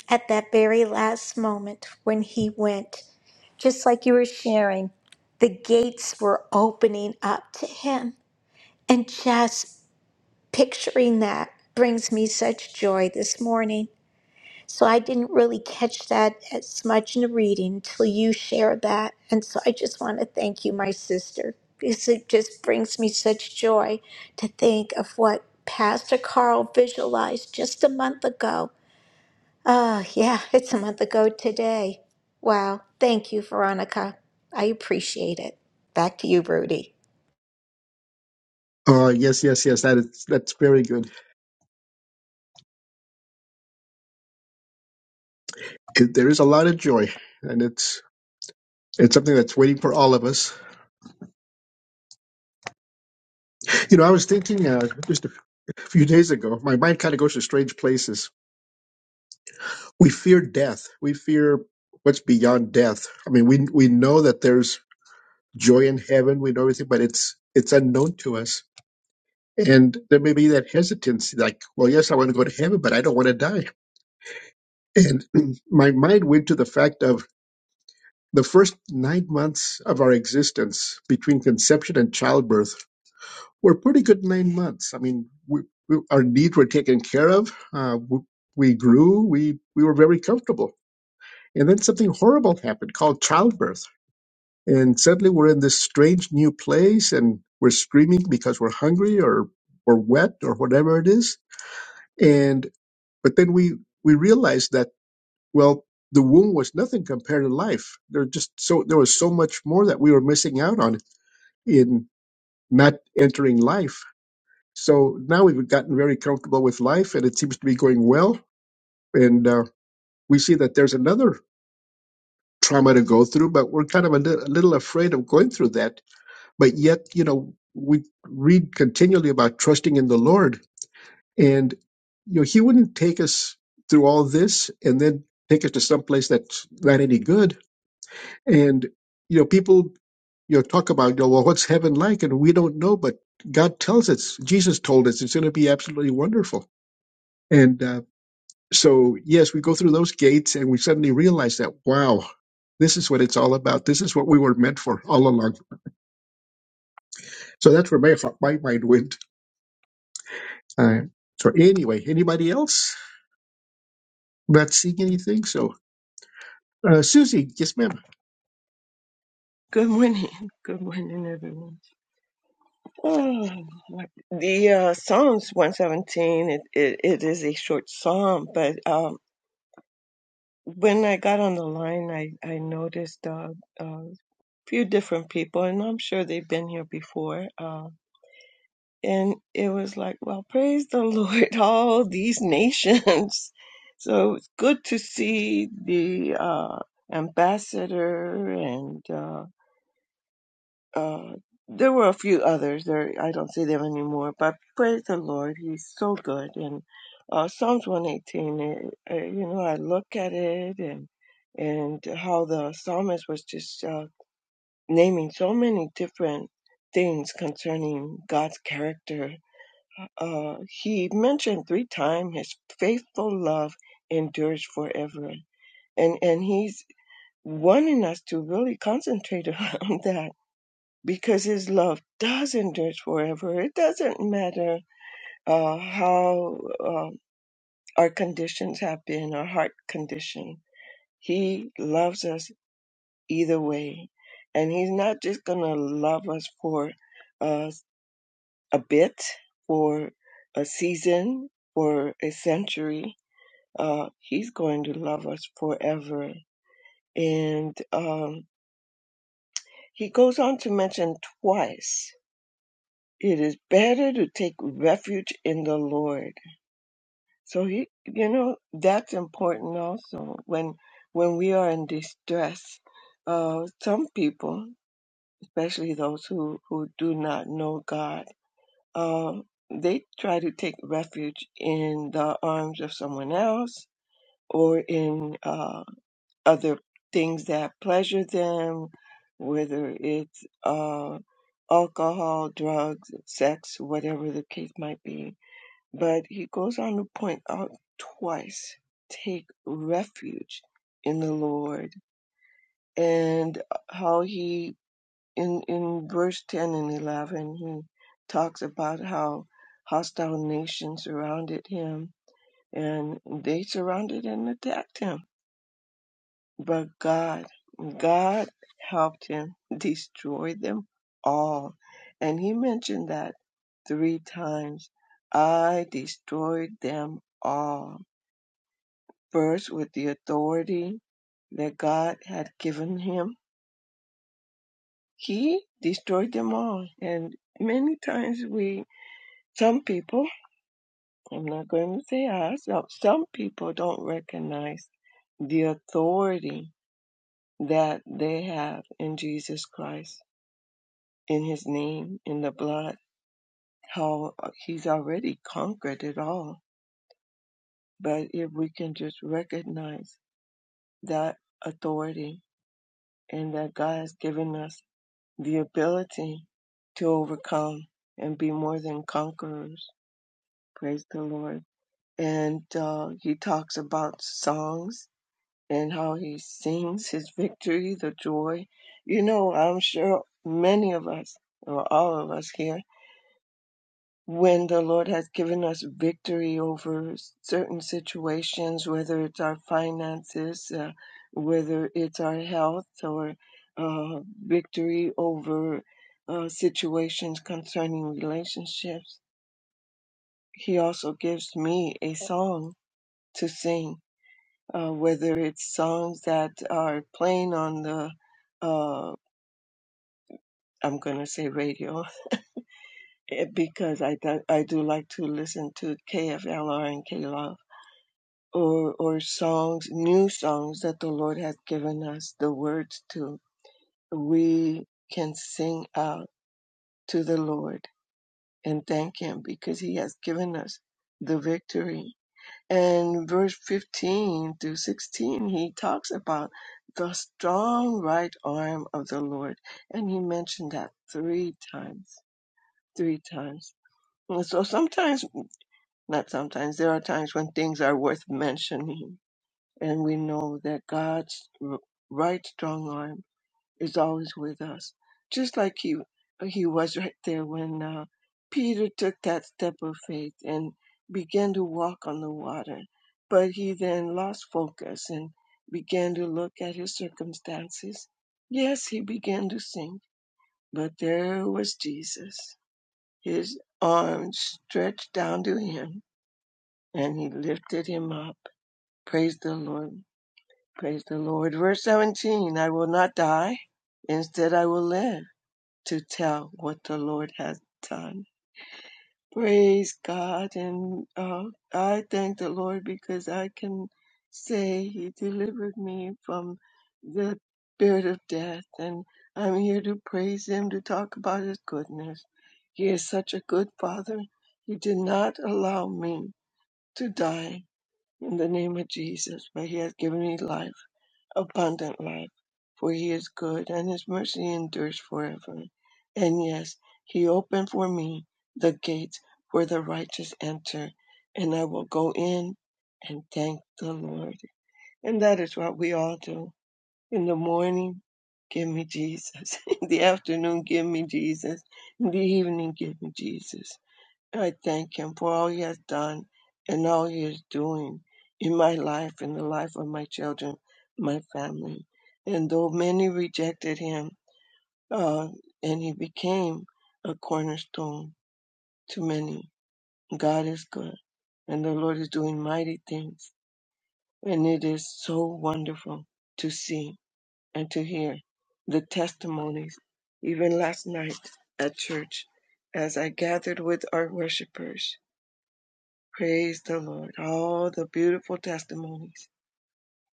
S3: at that very last moment when he went, just like you were sharing, the gates were opening up to him. And just picturing that brings me such joy this morning. So I didn't really catch that as much in the reading till you shared that. And so I just want to thank you, my sister, because it just brings me such joy to think of what Pastor Carl visualized just a month ago. Ah, yeah, it's a month ago today. Wow. Thank you, Veronica. I appreciate it. Back to you, Rudy.
S2: Oh, yes, yes, yes. That is that's very good. It, there is a lot of joy, and it's it's something that's waiting for all of us. You know, I was thinking uh, just a few days ago. My mind kind of goes to strange places. We fear death. We fear what's beyond death. I mean, we we know that there's joy in heaven. We know everything, but it's it's unknown to us. And there may be that hesitancy, like, well, yes, I want to go to heaven, but I don't want to die. And my mind went to the fact of the first nine months of our existence between conception and childbirth were pretty good nine months. I mean, we, we, our needs were taken care of. Uh, we, we grew. We, we were very comfortable. And then something horrible happened called childbirth. And suddenly we're in this strange new place and we're screaming because we're hungry or we're wet or whatever it is. And, but then we, we realized that Well, the womb was nothing compared to life. There just so there was so much more that we were missing out on in not entering life. So now we've gotten very comfortable with life, and it seems to be going well. And uh, we see that there's another trauma to go through, but we're kind of a, li- a little afraid of going through that. But yet, you know, we read continually about trusting in the Lord, and you know, He wouldn't take us through all this and then take us to some place that's not any good And you know, people you know talk about you know, well, what's heaven like, and we don't know, but God tells us. Jesus told us it's going to be absolutely wonderful. And uh, so, yes, we go through those gates, and we suddenly realize that wow, this is what it's all about. This is what we were meant for all along. So that's where my my mind went. Uh, so anyway, anybody else not seeing anything? So. Uh, Susie, yes, ma'am.
S9: Good morning. Good morning, everyone. Oh, Lord. the uh, Psalms 117, it, it, it is a short psalm, but um, when I got on the line, I, I noticed uh, a few different people, and I'm sure they've been here before. Uh, and it was like, well, praise the Lord, all these nations. So it's good to see the uh, ambassador and uh, Uh, there were a few others. There, I don't see them anymore. But praise the Lord, He's so good. And uh, Psalms 118, it, uh, you know, I look at it and and how the psalmist was just uh, naming so many different things concerning God's character. Uh, he mentioned three times His faithful love endures forever, and and He's wanting us to really concentrate on that because his love does endure forever. It doesn't matter uh, how um our conditions have been, our heart condition. He loves us either way. And he's not just going to love us for uh, a bit, for a season, for a century. Uh, he's going to love us forever. And um, he goes on to mention twice It is better to take refuge in the Lord. So he, you know, that's important also when when we are in distress. Uh, some people, especially those who who do not know God, uh, they try to take refuge in the arms of someone else or in uh, other things that pleasure them, whether it's uh, alcohol, drugs, sex, whatever the case might be but he goes on to point out twice take refuge in the Lord and uh, how he in in verse 10 and 11 he talks about how hostile nations surrounded him and they surrounded and attacked him but God God helped him destroy them all and he mentioned that three times I destroyed them all First, with the authority that God had given him, he destroyed them all. And many times we, some people, I'm not going to say us, no, some people don't recognize the authority that they have in Jesus Christ, in his name, in the blood, how he's already conquered it all. But if we can just recognize that authority and that God has given us the ability to overcome and be more than conquerors. Praise the Lord. And uh, he talks about songs and how he sings his victory, the joy. You know, I'm sure many of us, or all of us here, when the Lord has given us victory over certain situations, whether it's our finances, uh, whether it's our health, or uh, victory over uh, situations concerning relationships. He also gives me a song to sing, uh, whether it's songs that are playing on the uh, I'm gonna say radio because I do, I do like to listen to KFLR and KLOL or or songs, new songs that the Lord has given us the words to, we can sing out to the Lord and thank Him because He has given us the victory. And verse 15 through 16, he talks about the strong right arm of the Lord. And he mentioned that three times, three times. And so sometimes, not sometimes, there are times when things are worth mentioning and we know that God's r- right strong arm is always with us, just like He He was right there when uh, Peter took that step of faith and began to walk on the water. But he then lost focus and began to look at his circumstances. Yes, he began to sink, but there was Jesus, his arms stretched down to him, and he lifted him up. Praise the Lord. Praise the Lord. Verse 17 I will not die. Instead, I will live to tell what the Lord has done. Praise God. And uh, I thank the Lord because I can say He delivered me from the spirit of death. And I'm here to praise Him, to talk about His goodness. He is such a good Father. He did not allow me to die in the name of Jesus, but He has given me life abundant life, for he is good and his mercy endures forever. And yes, he opened for me the gates where the righteous enter, and I will go in and thank the Lord. And that is what we all do. In the morning, give me Jesus. In the afternoon, give me Jesus. In the evening, give me Jesus. I thank Him for all He has done and all He is doing in my life, in the life of my children, my family. And though many rejected Him, uh, and He became a cornerstone to many, God is good, and the Lord is doing mighty things. And it is so wonderful to see and to hear the testimonies. Even last night at church, as I gathered with our worshipers, Praise the Lord. All the beautiful testimonies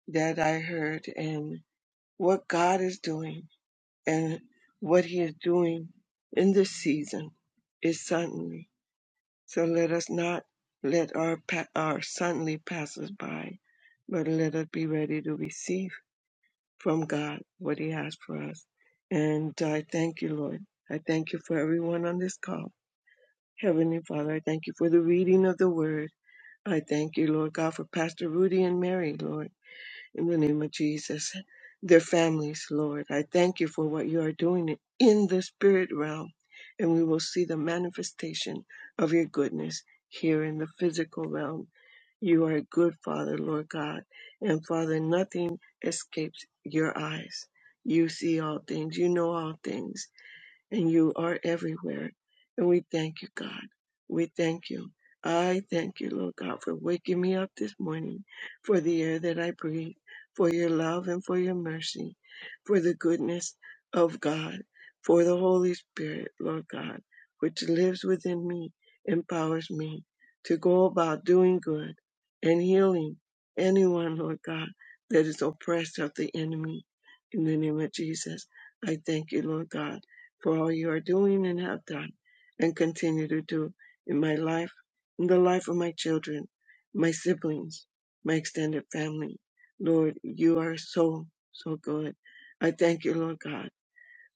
S9: that I heard and what God is doing and what He is doing in this season is suddenly. So let us not let our, pa- our suddenly pass us by, but let us be ready to receive from God what He has for us. And I thank you, Lord. I thank you for everyone on this call. Heavenly Father, I thank you for the reading of the word. I thank you, Lord God, for Pastor Rudy and Mary, Lord, in the name of Jesus, their families, Lord. I thank you for what you are doing in the spirit realm, and we will see the manifestation of your goodness here in the physical realm. You are a good Father, Lord God, and Father, nothing escapes your eyes. You see all things, you know all things, and you are everywhere. And we thank you, God. We thank you. I thank you, Lord God, for waking me up this morning, for the air that I breathe, for your love and for your mercy, for the goodness of God, for the Holy Spirit, Lord God, which lives within me, empowers me to go about doing good and healing anyone, Lord God, that is oppressed of the enemy. In the name of Jesus, I thank you, Lord God for all you are doing and have done and continue to do in my life, in the life of my children, my siblings, my extended family. Lord, you are so, so good. I thank you, Lord God,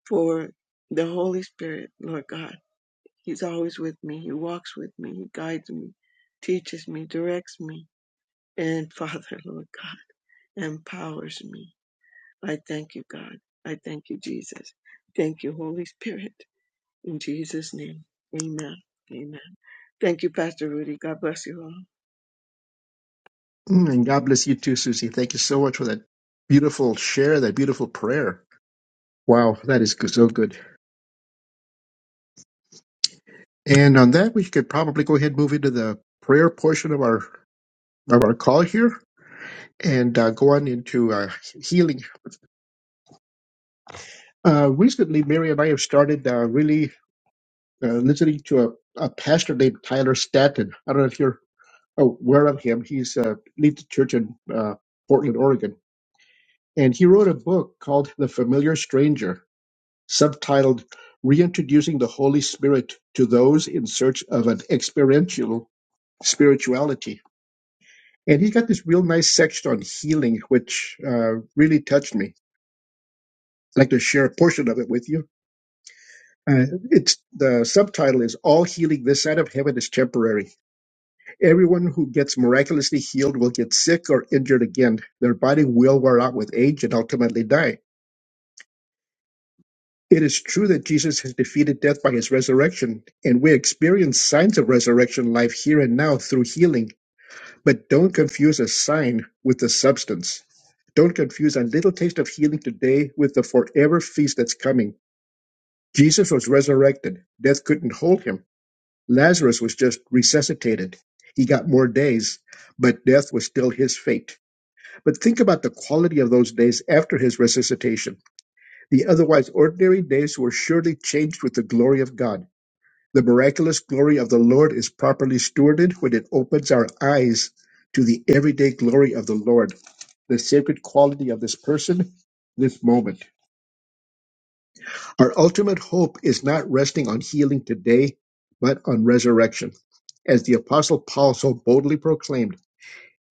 S9: for the Holy Spirit, Lord God. He's always with me. He walks with me. He guides me, teaches me, directs me, and Father, Lord God, empowers me. I thank you, God. I thank you, Jesus. Thank you, Holy Spirit. In Jesus' name, amen. Amen. Thank you, Pastor Rudy. God bless you all.
S2: Mm, And God bless you too, Susie. Thank you so much for that beautiful share, that beautiful prayer. Wow, that is so good. And on that, we could probably go ahead and move into the prayer portion of our of our call here and uh, go on into uh, healing. Uh, recently, Mary and I have started uh, really uh, listening to a, a pastor named Tyler Staton. I don't know if you're aware of him. He's uh, leads a church in uh, Portland, Oregon, and he wrote a book called The Familiar Stranger, subtitled "Reintroducing the Holy Spirit to Those in Search of an Experiential Spirituality." And he's got this real nice section on healing, which uh, really touched me. I'd like to share a portion of it with you. Uh, it's the subtitle is "All healing this side of heaven is temporary. Everyone who gets miraculously healed will get sick or injured again. Their body will wear out with age and ultimately die." It is true that Jesus has defeated death by his resurrection, and we experience signs of resurrection life here and now through healing. But don't confuse a sign with the substance. Don't confuse a little taste of healing today with the forever feast that's coming. Jesus was resurrected. Death couldn't hold him. Lazarus was just resuscitated. He got more days, but death was still his fate. But think about the quality of those days after his resuscitation. The otherwise ordinary days were surely changed with the glory of God. The miraculous glory of the Lord is properly stewarded when it opens our eyes to the everyday glory of the Lord the sacred quality of this person, this moment. Our ultimate hope is not resting on healing today, but on resurrection. As the Apostle Paul so boldly proclaimed,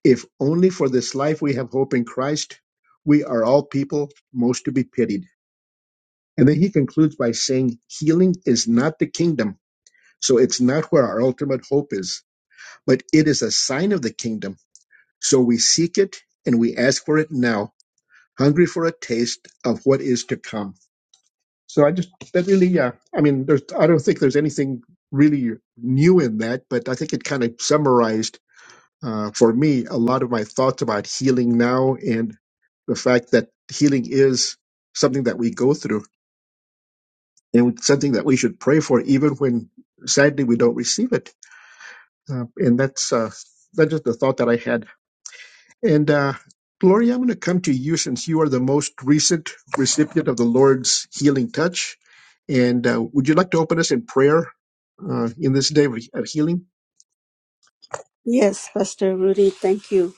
S2: if only for this life we have hope in Christ, we are all people most to be pitied. And then he concludes by saying, healing is not the kingdom. So it's not where our ultimate hope is, but it is a sign of the kingdom. So we seek it and we ask for it now, hungry for a taste of what is to come. So I just that really, yeah. I mean, there's I don't think there's anything really new in that, but I think it kind of summarized uh, for me a lot of my thoughts about healing now and the fact that healing is something that we go through and something that we should pray for, even when sadly we don't receive it. Uh, and that's uh, that's just the thought that I had And uh, Gloria, I'm going to come to you since you are the most recent recipient of the Lord's healing touch. And uh, would you like to open us in prayer uh, in this day of of healing?
S8: Yes, Pastor Rudy, thank you.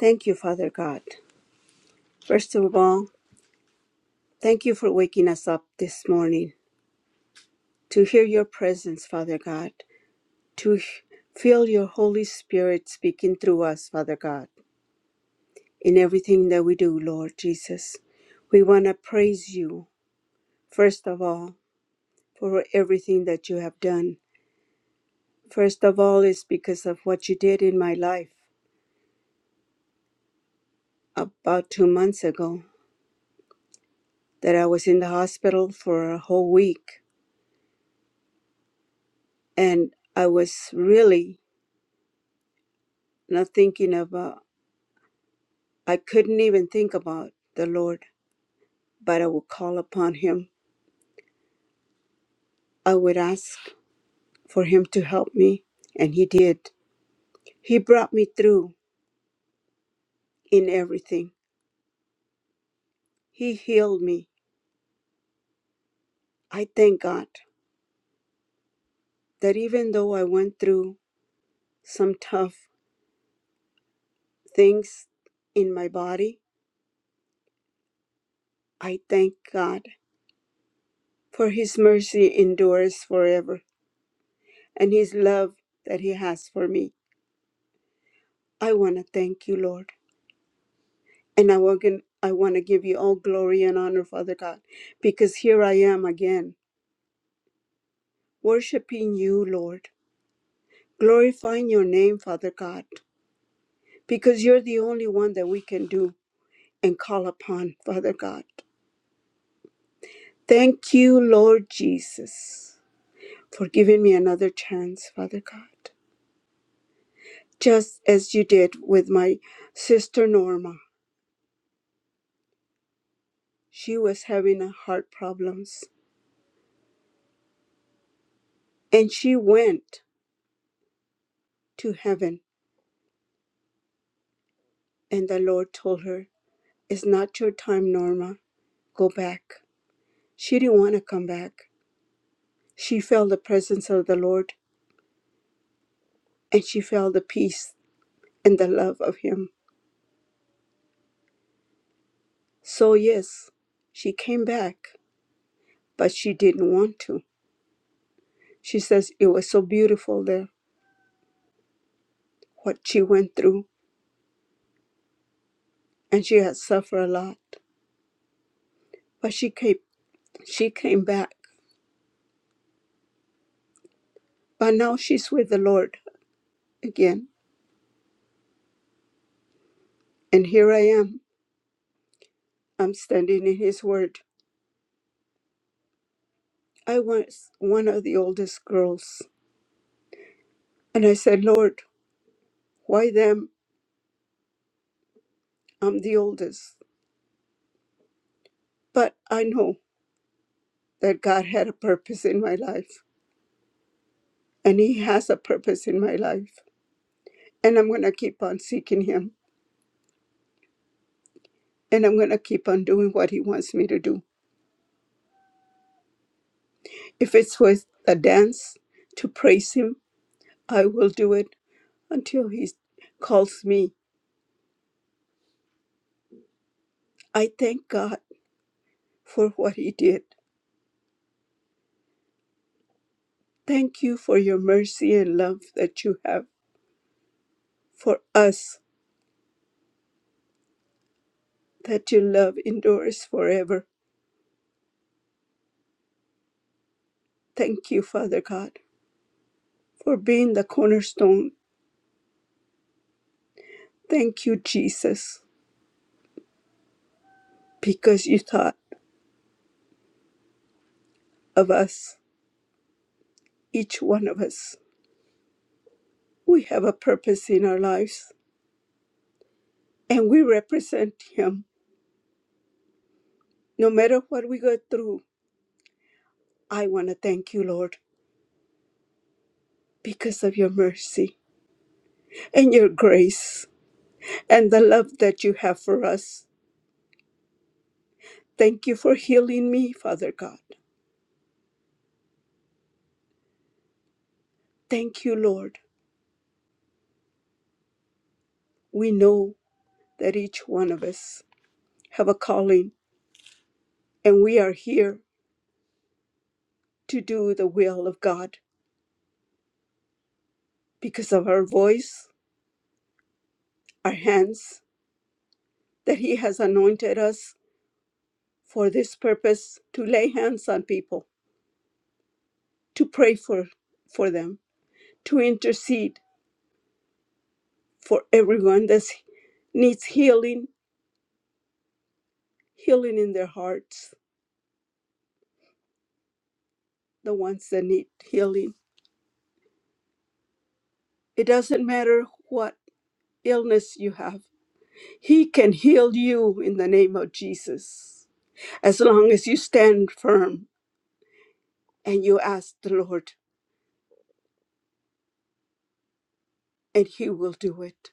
S8: Thank you, Father God. First of all, Thank you for waking us up this morning to hear your presence, Father God, to h- feel your Holy Spirit speaking through us, Father God, in everything that we do, Lord Jesus. We want to praise you, first of all, for everything that you have done. First of all, is because of what you did in my life about two months ago, that I was in the hospital for a whole week. And I was really not thinking about I couldn't even think about the Lord, but I would call upon Him. I would ask for Him to help me, and He did. He brought me through in everything, He healed me. I thank God that even though I went through some tough things in my body, I thank God for His mercy endures forever and His love that He has for me. I want to thank you, Lord. And I want, I want to give you all glory and honor, Father God, because here I am again, worshiping you, Lord, glorifying your name, Father God, because you're the only one that we can do and call upon, Father God. Thank you, Lord Jesus, for giving me another chance, Father God, just as you did with my sister Norma. She was having a heart problems, and she went to heaven, and the Lord told her It's not your time, Norma. Go back. She didn't want to come back. She felt the presence of the Lord and she felt the peace and the love of Him. So, yes, she came back, but she didn't want to. She says it was so beautiful there, what she went through, and she had suffered a lot. But she came, she came back. But now she's with the Lord again. And here I am. I'm standing in His Word. I was one of the oldest girls And I said, Lord, why them? I'm the oldest. But I know that God had a purpose in my life, and He has a purpose in my life. And I'm going to keep on seeking Him, and I'm going to keep on doing what He wants me to do. If it's with a dance to praise Him, I will do it until He calls me. I thank God for what He did. Thank you for your mercy and love that you have for us, that your love endures forever. Thank you, Father God, for being the cornerstone. Thank you, Jesus, because you thought of us, each one of us. We have a purpose in our lives and we represent Him. No matter what we go through, I want to thank you, Lord, because of your mercy and your grace and the love that you have for us. Thank you for healing me, Father God. Thank you, Lord. We know that each one of us have a calling and we are here to do the will of God because of our voice, our hands, that He has anointed us for this purpose to lay hands on people, to pray for, for them, to intercede for everyone that needs healing, healing in their hearts, the ones that need healing. It doesn't matter what illness you have, He can heal you in the name of Jesus as long as you stand firm and you ask the Lord. and He will do it.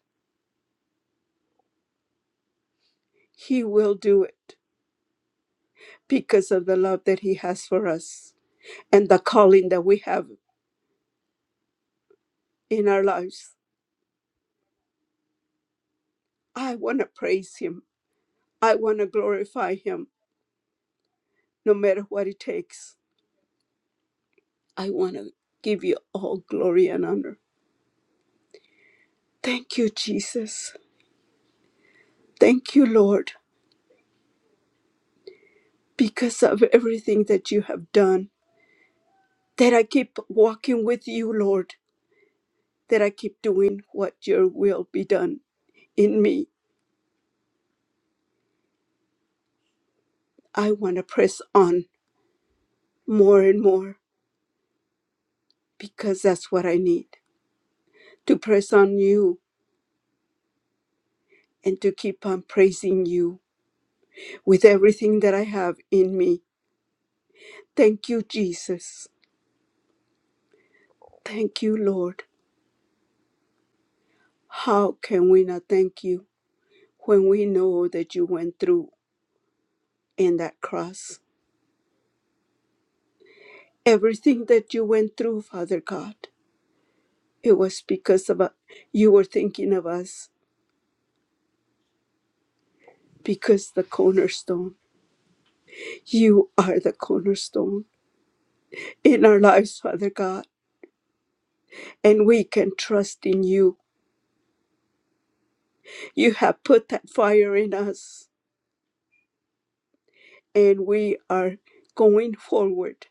S8: He will do it because of the love that He has for us and the calling that we have in our lives. I want to praise Him. I want to glorify Him no matter what it takes. I want to give you all glory and honor. Thank you, Jesus. Thank you, Lord, because of everything that you have done, that I keep walking with you, Lord, that I keep doing what your will be done in me. I want to press on. more and more because that's what I need to press on you and to keep on praising you with everything that I have in me. Thank you, Jesus. Thank you, Lord. How can we not thank you when we know that you went through in that cross? Everything that you went through, Father God, it was because of you were thinking of us because the cornerstone, you are the cornerstone in our lives, Father God. and we can trust in you. You have put that fire in us, and we are going forward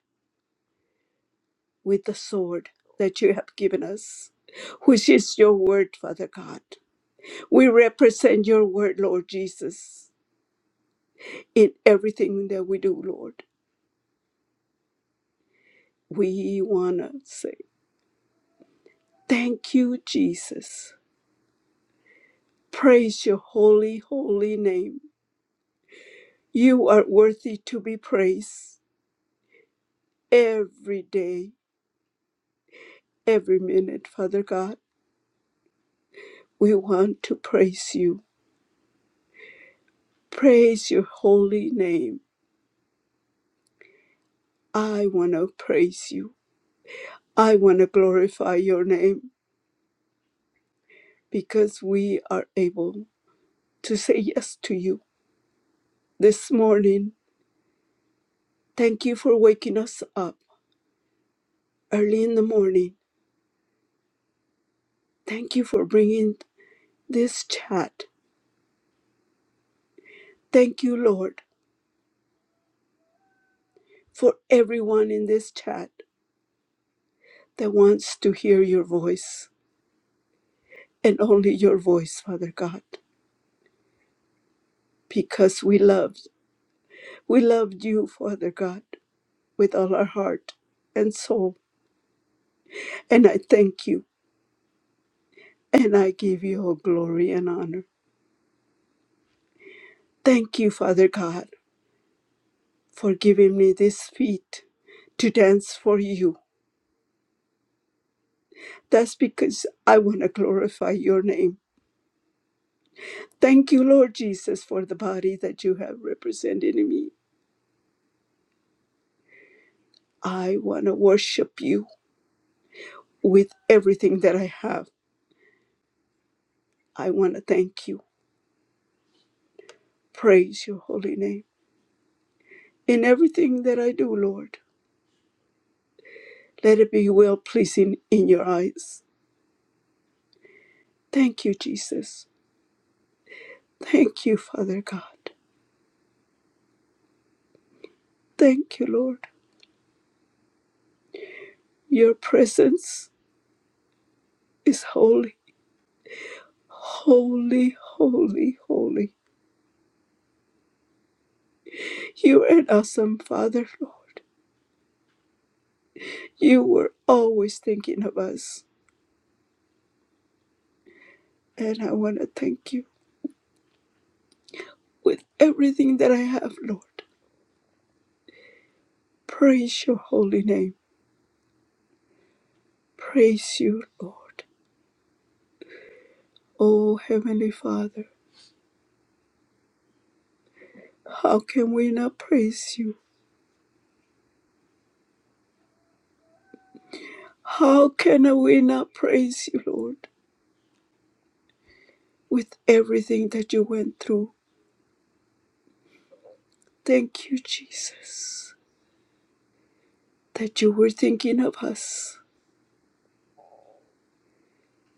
S8: with the sword that you have given us, which is your word, Father God. We represent your word, Lord Jesus, in everything that we do, Lord. We want to say, Thank you, Jesus. Praise your holy, holy name. You are worthy to be praised every day, every minute, Father God. We want to praise you. Praise your holy name. I want to praise you. I want to glorify your name because we are able to say yes to you this morning. Thank you for waking us up early in the morning. Thank you for bringing this chat. Thank you, Lord, for everyone in this chat that wants to hear your voice and only your voice, Father God, because we love. We loved you, Father God, with all our heart and soul. And I thank you and I give you all glory and honor. Thank you, Father God, for giving me this feet to dance for you. That's because I want to glorify your name. Thank you, Lord Jesus, for the body that you have represented in me. I want to worship you with everything that I have. I want to thank you, praise your holy name in everything that I do, Lord. Let it be well pleasing in your eyes. Thank you, Jesus. Thank you, Father God. Thank you, Lord. Your presence is holy, holy, holy, holy. You are an awesome Father, Lord. You were always thinking of us. And I want to thank you with everything that I have, Lord. Praise your holy name. Praise you, Lord. Oh, Heavenly Father, how can we not praise you? How can we not praise you, Lord, with everything that you went through? Thank you, Jesus, that you were thinking of us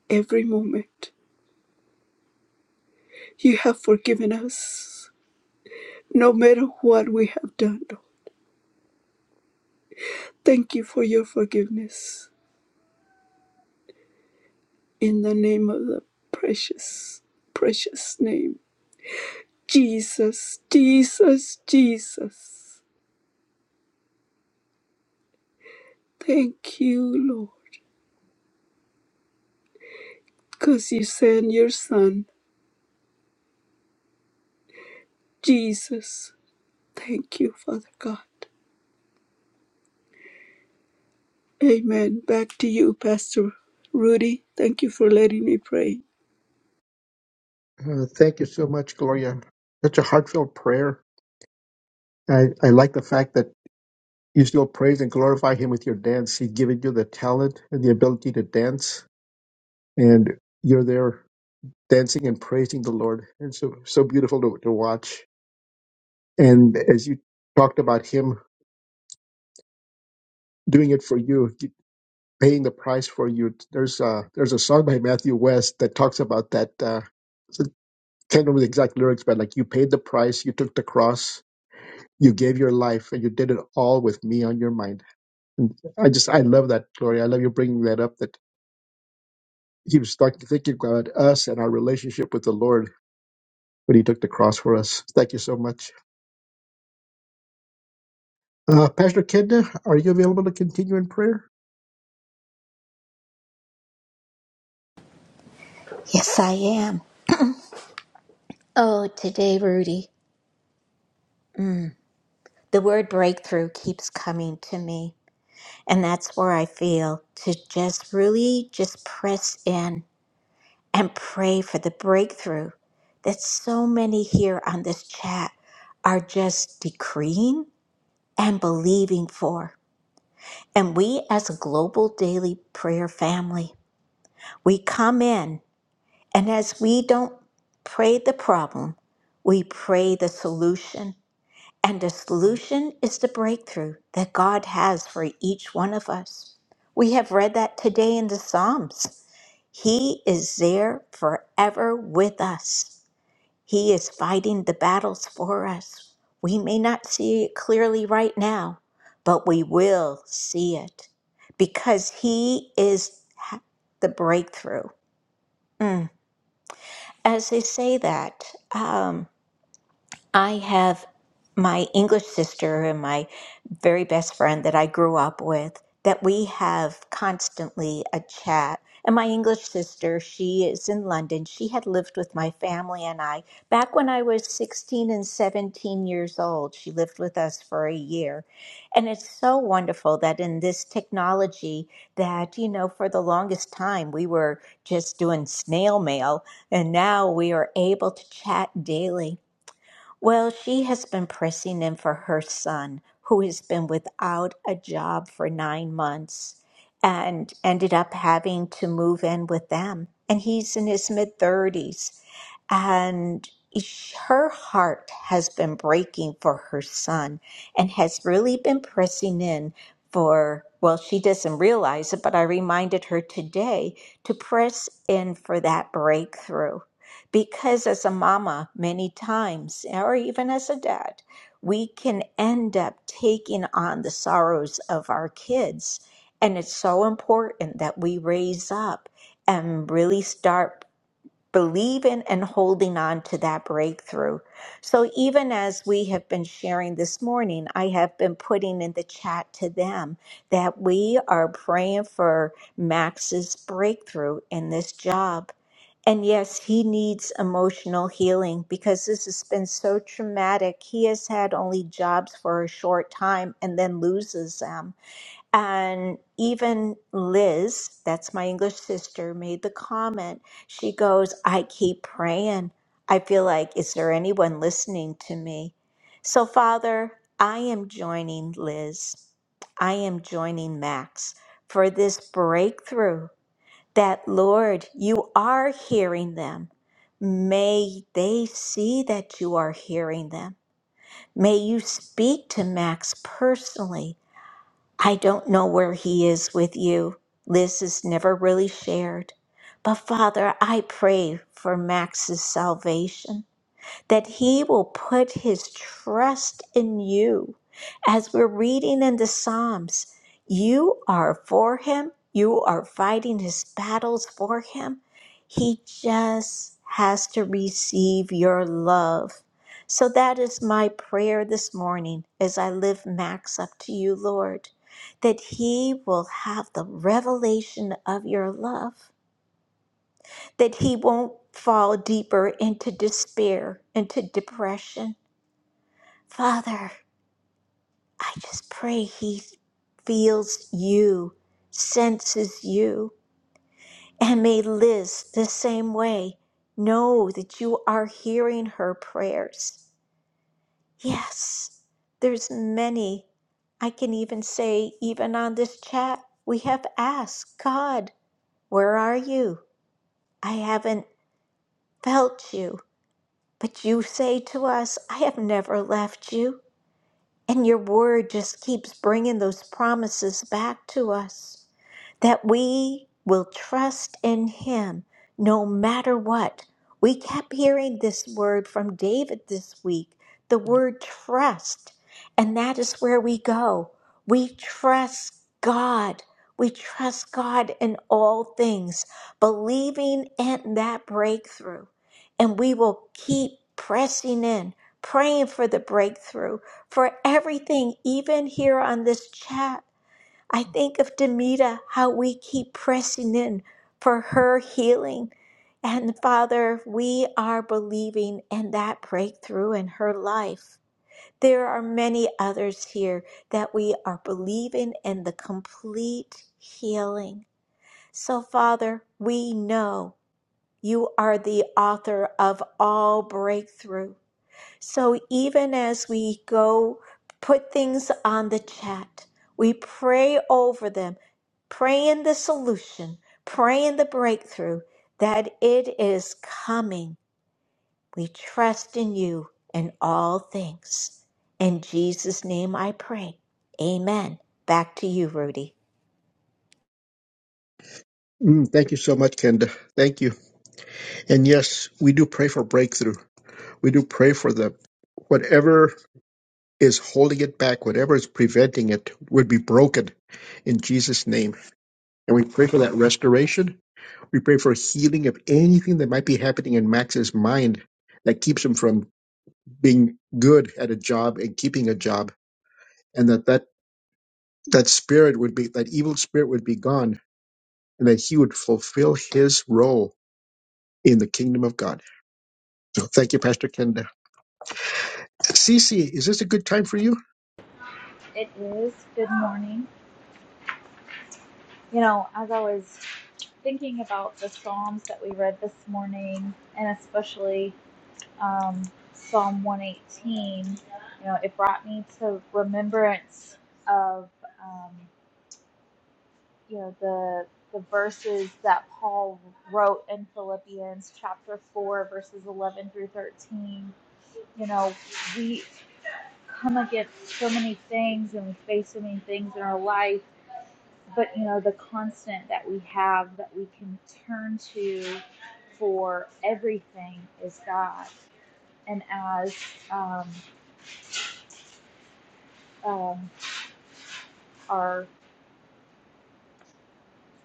S8: every moment. You have forgiven us no matter what we have done. Lord. Thank you for your forgiveness. In the name of the precious, precious name, Jesus, Jesus, Jesus. Thank you, Lord, because you sent your Son, Jesus. Thank you, Father God. Amen. Back to you, Pastor Rudy. Thank you for letting me pray.
S2: Uh, thank you so much, Gloria. Such a heartfelt prayer. I, I like the fact that you still praise and glorify Him with your dance. He's given you the talent and the ability to dance, and you're there dancing and praising the Lord. And so, so beautiful to, to watch. And as you talked about Him doing it for you. paying the price for you. There's a there's a song by Matthew West that talks about that. Uh, I can't remember the exact lyrics, but like you paid the price, you took the cross, you gave your life, and you did it all with me on your mind. And I just I love that, Gloria. I love you bringing that up. That he was talking, thinking about us and our relationship with the Lord when he took the cross for us. Thank you so much, uh, Pastor Kenda. Are you available to continue in prayer?
S3: Yes, I am. Oh, today, Rudy, the word breakthrough keeps coming to me. And that's where I feel to just really just press in and pray for the breakthrough that so many here on this chat are just decreeing and believing for. And we as a global daily prayer family, we come in and as we don't pray the problem, we pray the solution. And the solution is the breakthrough that God has for each one of us. We have read that today in the Psalms. He is there forever with us. He is fighting the battles for us. We may not see it clearly right now, but we will see it because He is ha- the breakthrough. Mm. As they say that, um, I have my English sister and my very best friend that I grew up with that we have constantly a chat. And my English sister, she is in London. She had lived with my family and I back when I was 16 and 17 years old. She lived with us for a year. And it's so wonderful that in this technology that, you know, for the longest time we were just doing snail mail and now we are able to chat daily. Well, she has been pressing in for her son, who has been without a job for nine months and ended up having to move in with them. And he's in his mid 30s and her heart has been breaking for her son and has really been pressing in for well she doesn't realize it but i reminded her today to press in for that breakthrough because as a mama many times or even as a dad we can end up taking on the sorrows of our kids and it's so important that we raise up and really start believing and holding on to that breakthrough. So, even as we have been sharing this morning, I have been putting in the chat to them that we are praying for Max's breakthrough in this job. And yes, he needs emotional healing because this has been so traumatic. He has had only jobs for a short time and then loses them. And even Liz, that's my English sister, made the comment. She goes, I keep praying. I feel like, is there anyone listening to me? So, Father, I am joining Liz. I am joining Max for this breakthrough that, Lord, you are hearing them. May they see that you are hearing them. May you speak to Max personally I don't know where he is with you. Liz is never really shared. But Father, I pray for Max's salvation that he will put his trust in you. As we're reading in the Psalms, you are for him, you are fighting his battles for him. He just has to receive your love. So that is my prayer this morning as I live Max up to you, Lord, that he will have the revelation of your love, that he won't fall deeper into despair, into depression Father, I just pray he feels you, senses you, and may Liz, the same way, know that you are hearing her prayers. Yes, there's many. I can even say, even on this chat, we have asked God, where are you? I haven't felt you, but you say to us, I have never left you. And your word just keeps bringing those promises back to us that we will trust in him no matter what. We kept hearing this word from David this week the word trust. And that is where we go. We trust God. We trust God in all things, believing in that breakthrough. And we will keep pressing in, praying for the breakthrough, for everything, even here on this chat I think of Demita, how we keep pressing in for her healing. And Father, we are believing in that breakthrough in her life. There are many others here that we are believing in the complete healing. So, Father, we know you are the author of all breakthrough. So even as we go put things on the chat, we pray over them, praying the solution, praying the breakthrough that it is coming. We trust in you in all things. In Jesus' name I pray. Amen. Back to you, Rudy.
S2: Mm, thank you so much, Kenda. Thank you. And yes, we do pray for breakthrough We do pray for the whatever is holding it back, whatever is preventing it, would be broken in Jesus' name. And we pray for that restoration. We pray for healing of anything that might be happening in Max's mind that keeps him from being good at a job and keeping a job, and that that, that spirit would be that evil spirit would be gone, and that he would fulfill his role in the kingdom of God. So thank you, Pastor Ken. Cece, is this a good time for you?
S10: It is. Good morning. You know, as I was thinking about the Psalms that we read this morning, and especially um, Psalm 118, you know, it brought me to remembrance of, um, you know, the the verses that Paul wrote in Philippians chapter 4, verses 11 through 13. You know, we come against so many things and we face so many things in our life but you know the constant that we have that we can turn to for everything is God. And as um, um, our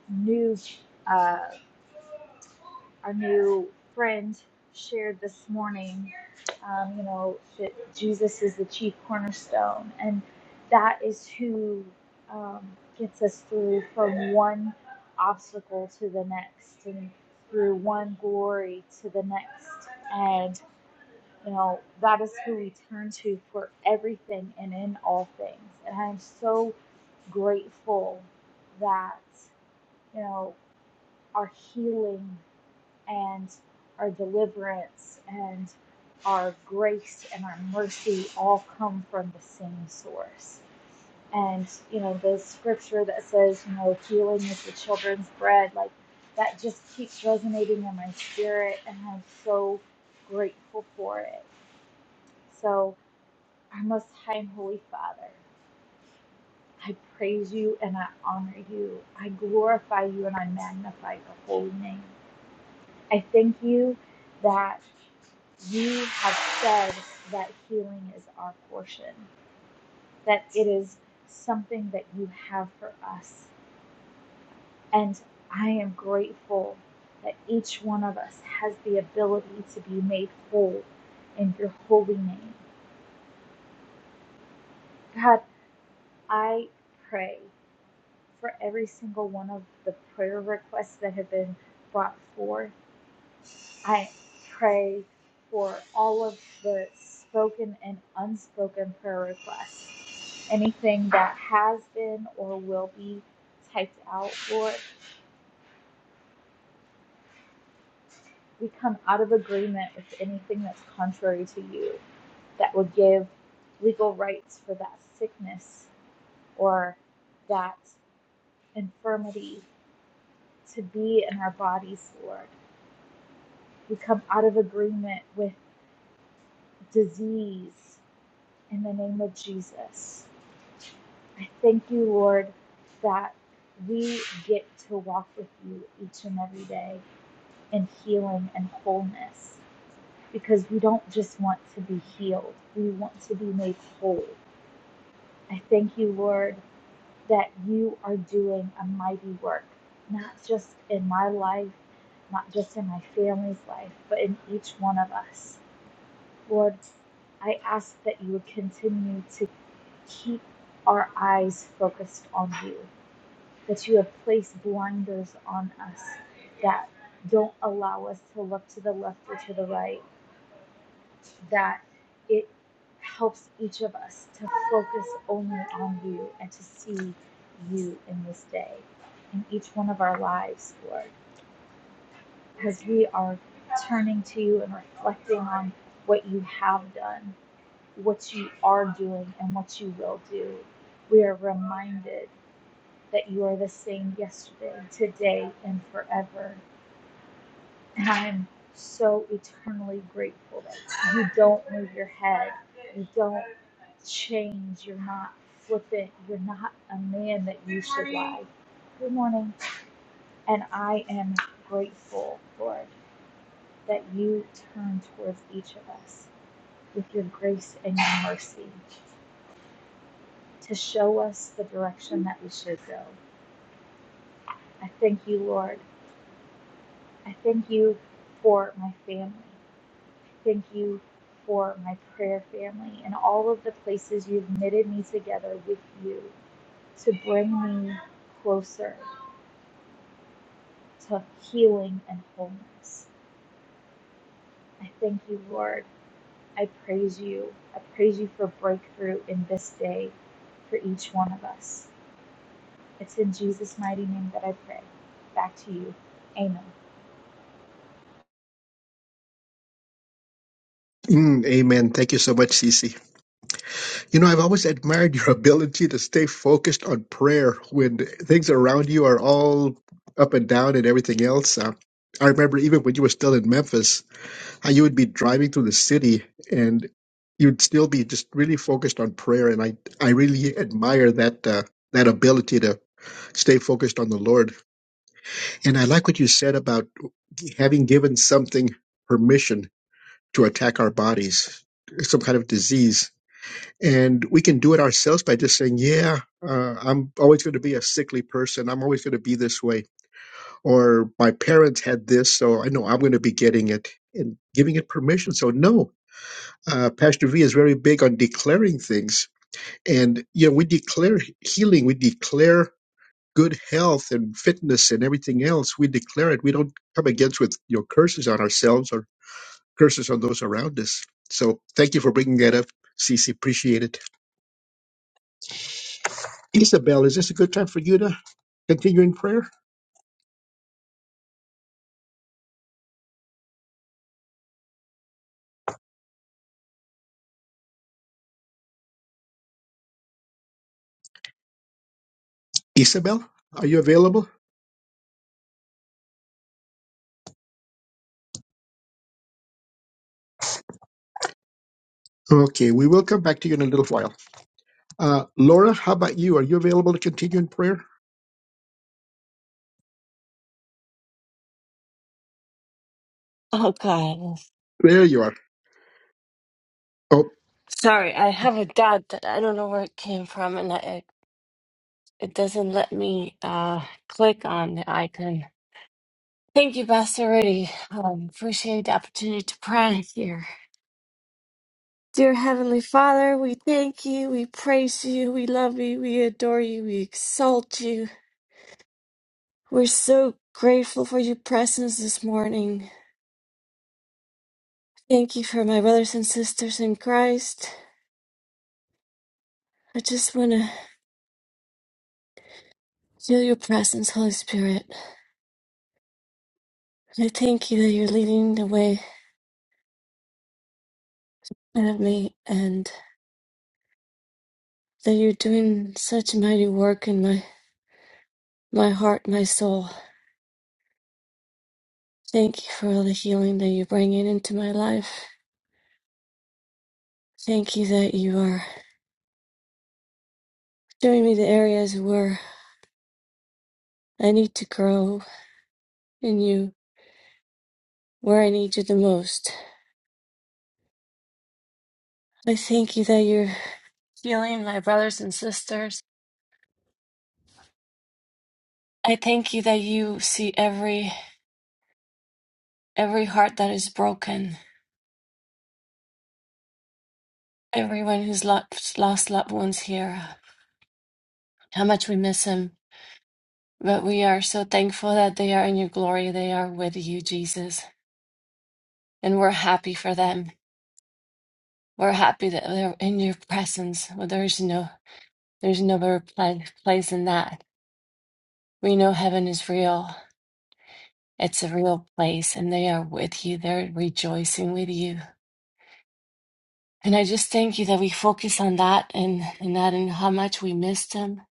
S10: new uh, our new friend shared this morning, um, you know, that Jesus is the chief cornerstone, and that is who um, gets us through from one obstacle to the next, and through one glory to the next, and you know that is who we turn to for everything and in all things. And I'm so grateful that you know our healing and our deliverance and our grace and our mercy all come from the same source. And, you know, the scripture that says, you know, healing is the children's bread, like that just keeps resonating in my spirit. And I'm so grateful for it. So, our most high and holy Father, I praise you and I honor you. I glorify you and I magnify your holy name. I thank you that. you have said that healing is our portion, that it is something that you have for us. And I am grateful that each one of us has the ability to be made whole in your holy name. God, I pray for every single one of the prayer requests that have been brought forth. I pray for all of the spoken and unspoken prayer requests. Anything that has been or will be typed out, Lord, we come out of agreement with anything that's contrary to you that would give legal rights for that sickness or that infirmity to be in our bodies, Lord. We come out of agreement with disease in the name of Jesus. I thank you, Lord, that we get to walk with you each and every day in healing and wholeness because we don't just want to be healed, we want to be made whole. I thank you, Lord, that you are doing a mighty work, not just in my life, not just in my family's life, but in each one of us. Lord, I ask that you would continue to keep our eyes focused on you, that you have placed blinders on us that don't allow us to look to the left or to the right, that it helps each of us to focus only on you and to see you in this day, in each one of our lives, Lord, because we are turning to you and reflecting on what you have done, what you are doing, and what you will do. We are reminded that you are the same yesterday, today, and forever. And I am so eternally grateful that you don't move your head, you don't change, you're not flippant, you're not a man that you should lie. Good morning. And I am grateful, Lord, that you turn towards each of us with your grace and your mercy to show us the direction that we should go. I thank you, Lord. I thank you for my family. Thank you for my prayer family and all of the places you've knitted me together with you to bring me closer to healing and wholeness. I thank you, Lord. I praise you. I praise you for breakthrough in this day for each one of us. It's in Jesus' mighty name that I pray. Back to you. Amen.
S2: Mm, amen. Thank you so much, Cece. You know, I've always admired your ability to stay focused on prayer when things around you are all up and down and everything else. Uh, I remember even when you were still in Memphis, how you would be driving through the city and you'd still be just really focused on prayer. And I, I really admire that uh, that ability to stay focused on the Lord. And I like what you said about having given something permission to attack our bodies, some kind of disease. And we can do it ourselves by just saying, yeah, uh, I'm always going to be a sickly person. I'm always going to be this way. Or my parents had this, so I know I'm going to be getting it and giving it permission. So, no, uh, Pastor V is very big on declaring things. And, you know, we declare healing, we declare good health and fitness and everything else, we declare it. We don't come against with your curses on ourselves or curses on those around us. So thank you for bringing that up, Cece. Appreciate it. Isabel, is this a good time for you to continue in prayer? Isabel, are you available? Okay, we will come back to you in a little while. Uh, Laura, how about you? Are you available to continue in prayer?
S11: Oh God,
S2: There you are. Oh,
S11: sorry. I have a dot that I don't know where it came from, and I, it it doesn't let me uh, click on the icon. Thank you, Pastor Rudy. Um, appreciate the opportunity to pray here. Dear Heavenly Father, we thank you, we praise you, we love you, we adore you, we exalt you. We're so grateful for your presence this morning. Thank you for my brothers and sisters in Christ. I just want to feel your presence, Holy Spirit. I thank you that you're leading the way out of me and that you're doing such mighty work in my, my heart, my soul. Thank you for all the healing that you're bringing into my life. Thank you that you are showing me the areas where I need to grow in you, where I need you the most. I thank you that you're healing my brothers and sisters. I thank you that you see every every heart that is broken, everyone who's lost lost loved ones here, how much we miss him But we are so thankful that they are in your glory. They are with you, Jesus. And we're happy for them. We're happy that they're in your presence. Well, there's no there's no better pla- place than that. We know heaven is real. It's a real place and they are with you. They're rejoicing with you. And I just thank you that we focus on that and, and that and how much we miss them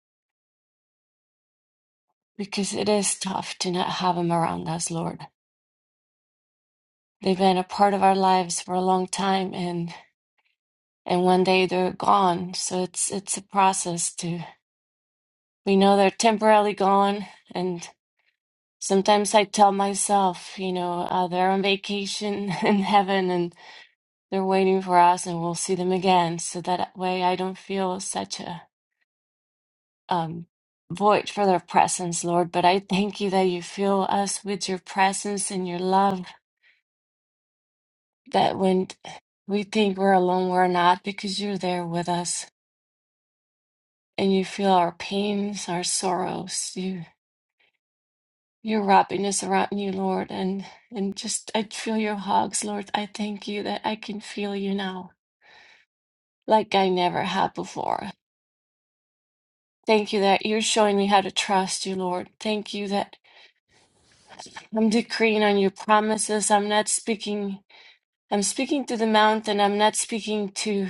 S11: because it is tough to not have them around us, Lord. They've been a part of our lives for a long time and. and one day they're gone. So it's it's a process to we know they're temporarily gone and sometimes I tell myself, you know, uh, they're on vacation in heaven and they're waiting for us and we'll see them again. So that way I don't feel such a um void for their presence, Lord. But I thank you that you fill us with your presence and your love that when we think we're alone, we're not because you're there with us and you feel our pains, our sorrows. you. your wrapping us around you, Lord, and and just I feel your hugs, Lord. I thank you that I can feel you now like I never have before. Thank you that you're showing me how to trust you, Lord. Thank you that I'm decreeing on your promises. I'm not speaking I'm speaking to the mountain. I'm not speaking to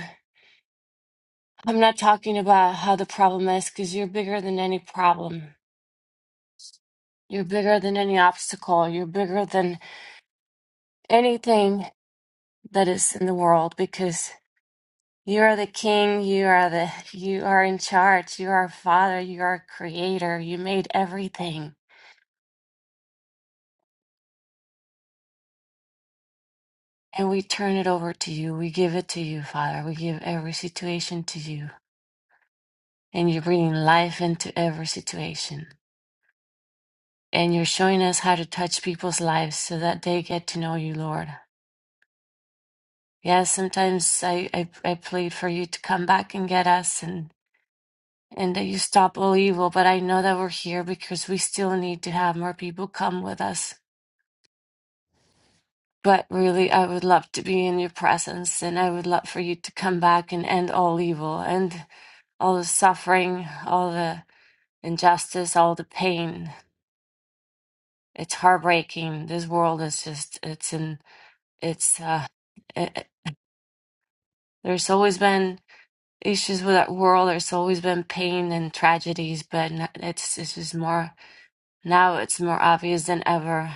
S11: I'm not talking about how the problem is because you're bigger than any problem. You're bigger than any obstacle. You're bigger than anything that is in the world because. You are the king, you are the you are in charge, you are father, you are creator, you made everything. And we turn it over to you. We give it to you, Father. We give every situation to you. And you're bringing life into every situation. And you're showing us how to touch people's lives so that they get to know you, Lord. Yeah, sometimes I, I, I plead for you to come back and get us and, and that you stop all evil. But I know that we're here because we still need to have more people come with us But really, I would love to be in your presence, and I would love for you to come back and end all evil, and all the suffering, all the injustice, all the pain. It's heartbreaking. This world is just, it's in, it's, uh, it, it- there's always been issues with that world. There's always been pain and tragedies, but n- it's, it's just more, now it's more obvious than ever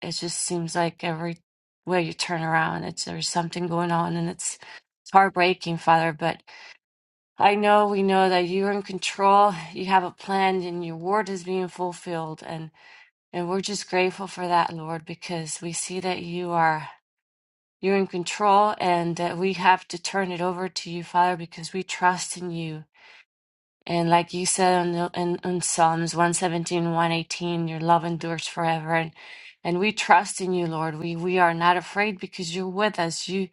S11: it just seems like every way you turn around, it's there's something going on, and it's it's heartbreaking, Father. But I know we know that you're in control. You have a plan, and your word is being fulfilled, and and we're just grateful for that, Lord, because we see that you are you're in control, and that we have to turn it over to you, Father, because we trust in you and like you said in, the, in, in Psalms one seventeen one eighteen, your love endures forever. And, and we trust in you, Lord. We, we are not afraid because you're with us. You,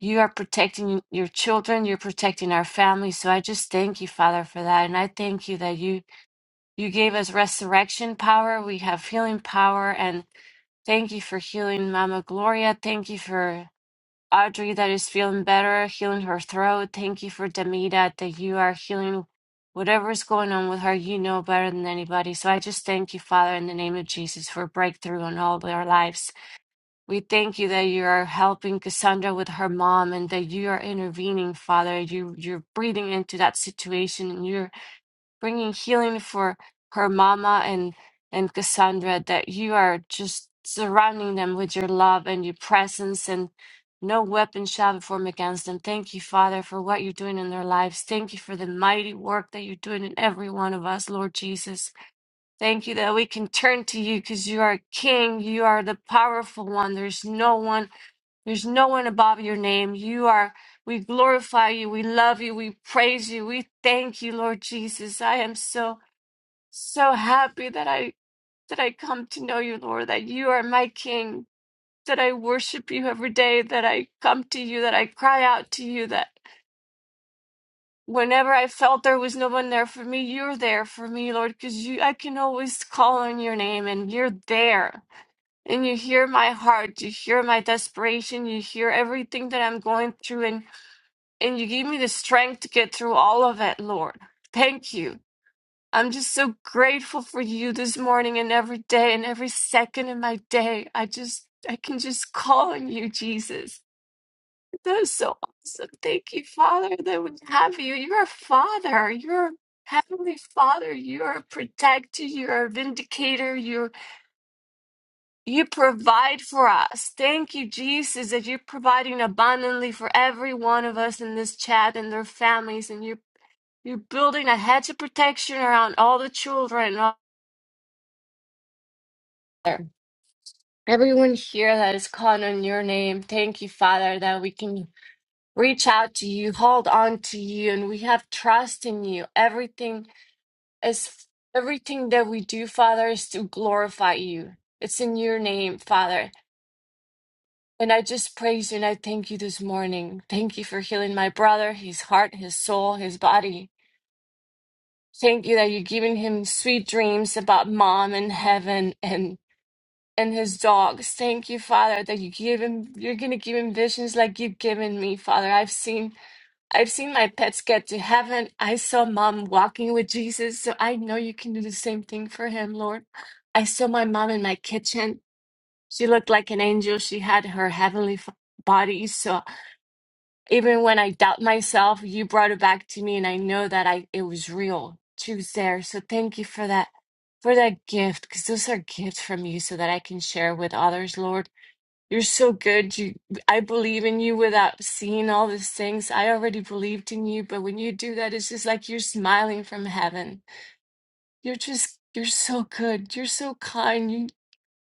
S11: you are protecting your children. You're protecting our family. So I just thank you, Father, for that. And I thank you that you, you gave us resurrection power. We have healing power. And thank you for healing Mama Gloria. Thank you for Audrey that is feeling better, healing her throat. Thank you for Damita that you are healing whatever is going on with her. You know better than anybody. So I just thank you, Father, in the name of Jesus, for breakthrough on all of our lives. We thank you that you are helping Cassandra with her mom and that you are intervening, Father. You you're breathing into that situation and you're bringing healing for her mama and and Cassandra that you are just surrounding them with your love and your presence and no weapon shall be formed against them. Thank you, Father, for what you're doing in their lives. Thank you for the mighty work that you're doing in every one of us, Lord Jesus. Thank you that we can turn to you because you are King. You are the powerful one. There's no one there's no one above your name. You are, we glorify you. We love you. We praise you. We thank you, Lord Jesus. I am so, so happy that I, that I come to know you, Lord, that you are my King, that I worship you every day, that I come to you, that I cry out to you, that whenever I felt there was no one there for me, you're there for me, Lord, because you, I can always call on your name and you're there and you hear my heart you hear my desperation you hear everything that i'm going through and and you give me the strength to get through all of it, Lord. Thank you. I'm just so grateful for you this morning and every day and every second of my day. I just, I can just call on you, Jesus. That is so awesome. Thank you, Father, that we have you. You're a father. You're a heavenly father. You're a protector. You're a vindicator. You're, you provide for us. Thank you, Jesus, that you're providing abundantly for every one of us in this chat and their families. And you. You're building a hedge of protection around all the children out there. Everyone here that is calling on your name, thank you, Father, that we can reach out to you, hold on to you, and we have trust in you. Everything is everything that we do, Father, is to glorify you. It's in your name, Father. And I just praise you and I thank you this morning. Thank you for healing my brother, his heart, his soul, his body. Thank you that you're giving him sweet dreams about mom and heaven and his dogs. Thank you, Father, that you give him you're gonna give him visions like you've given me, Father. I've seen I've seen my pets get to heaven. I saw mom walking with Jesus, so I know you can do the same thing for him, Lord. I saw my mom in my kitchen. She looked like an angel. She had her heavenly f- body. So even when I doubt myself, you brought it back to me, and I know that I it was real. She was there. So thank you for that for that gift because those are gifts from you so that I can share with others, Lord. You're so good. You, I believe in you without seeing all these things. I already believed in you, but when you do that, it's just like you're smiling from heaven. You're just, you're so good. You're so kind. You,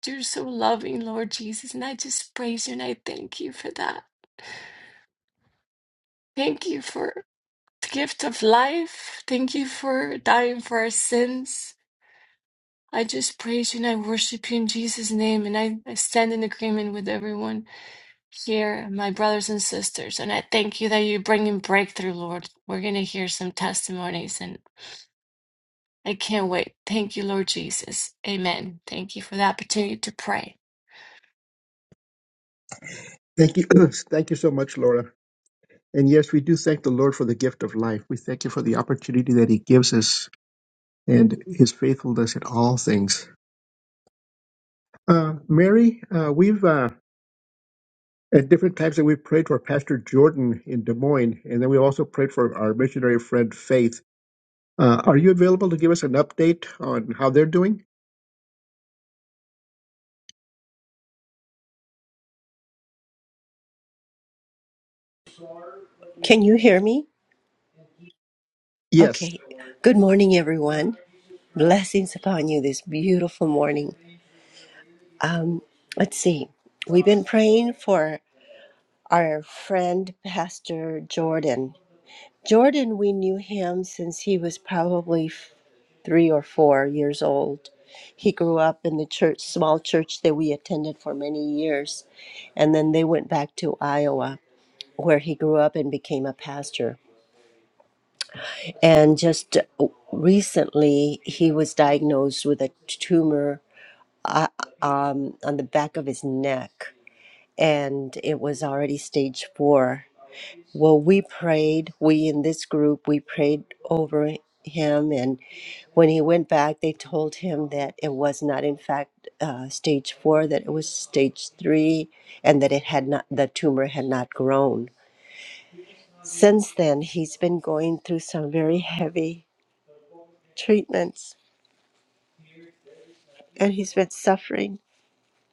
S11: you're so loving, Lord Jesus. And I just praise you and I thank you for that. Thank you for the gift of life. Thank you for dying for our sins. I just praise you and I worship you in Jesus' name. And I, I stand in agreement with everyone. here, my brothers and sisters, and I thank you that you're bringing breakthrough, Lord. We're going to hear some testimonies, and I can't wait. Thank you, Lord Jesus. Amen. Thank you for the opportunity to pray.
S2: thank you. thank you so much, Laura. And yes, we do thank the Lord for the gift of life. We thank you for the opportunity that He gives us and his faithfulness in all things. Uh, Mary, uh, we've uh, at different times that we've prayed for Pastor Jordan in Des Moines, and then we also prayed for our missionary friend Faith. Uh, are you available to give us an update on how they're doing?
S12: Can you hear me?
S2: Yes.
S12: Okay. Good morning, everyone. Blessings upon you this beautiful morning. Um, let's see. We've been praying for our friend, Pastor Jordan. Jordan, we knew him since he was probably f- three or four years old. He grew up in the church, small church that we attended for many years, and then they went back to Iowa, where he grew up and became a pastor And just uh, recently, he was diagnosed with a tumor uh, um, on the back of his neck, and it was already stage four. Well, we prayed, we in this group, we prayed over him. And when he went back, they told him that it was not, in fact, uh, stage four, that it was stage three, and that it had not, the tumor had not grown. Since then, he's been going through some very heavy treatments and he's been suffering,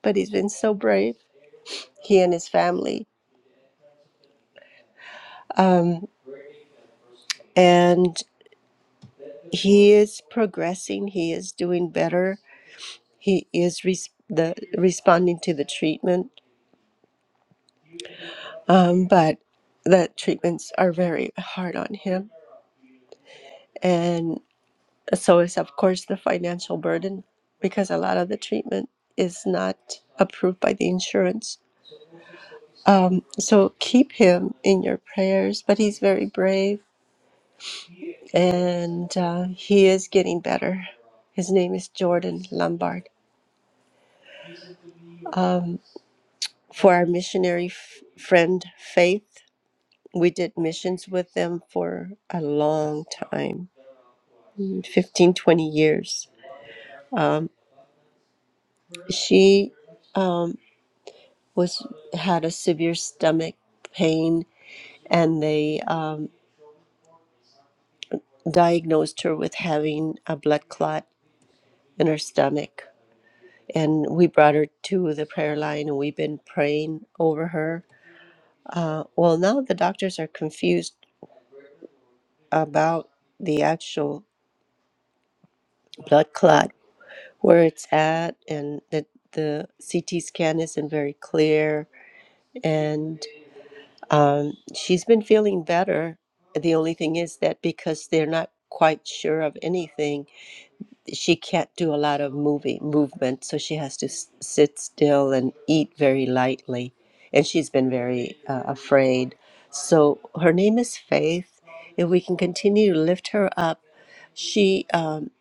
S12: but he's been so brave, he and his family. Um, and he is progressing, he is doing better, he is res- the, responding to the treatment. Um, but the treatments are very hard on him. And so is, of course, the financial burden because a lot of the treatment is not approved by the insurance. Um, so keep him in your prayers, but he's very brave and uh, he is getting better. His name is Jordan Lombard. For our missionary f- friend Faith, we did missions with them for a long time mm, 15, twenty years. Um, she um, was had a severe stomach pain, and they um, diagnosed her with having a blood clot in her stomach. And we brought her to the prayer line, and we've been praying over her Uh, well, now the doctors are confused about the actual blood clot, where it's at, and that the CT scan isn't very clear. And um, she's been feeling better. The only thing is that because they're not quite sure of anything, she can't do a lot of moving movement, so she has to s- sit still and eat very lightly. And she's been very uh, afraid. So her name is Faith. If we can continue to lift her up, she, um,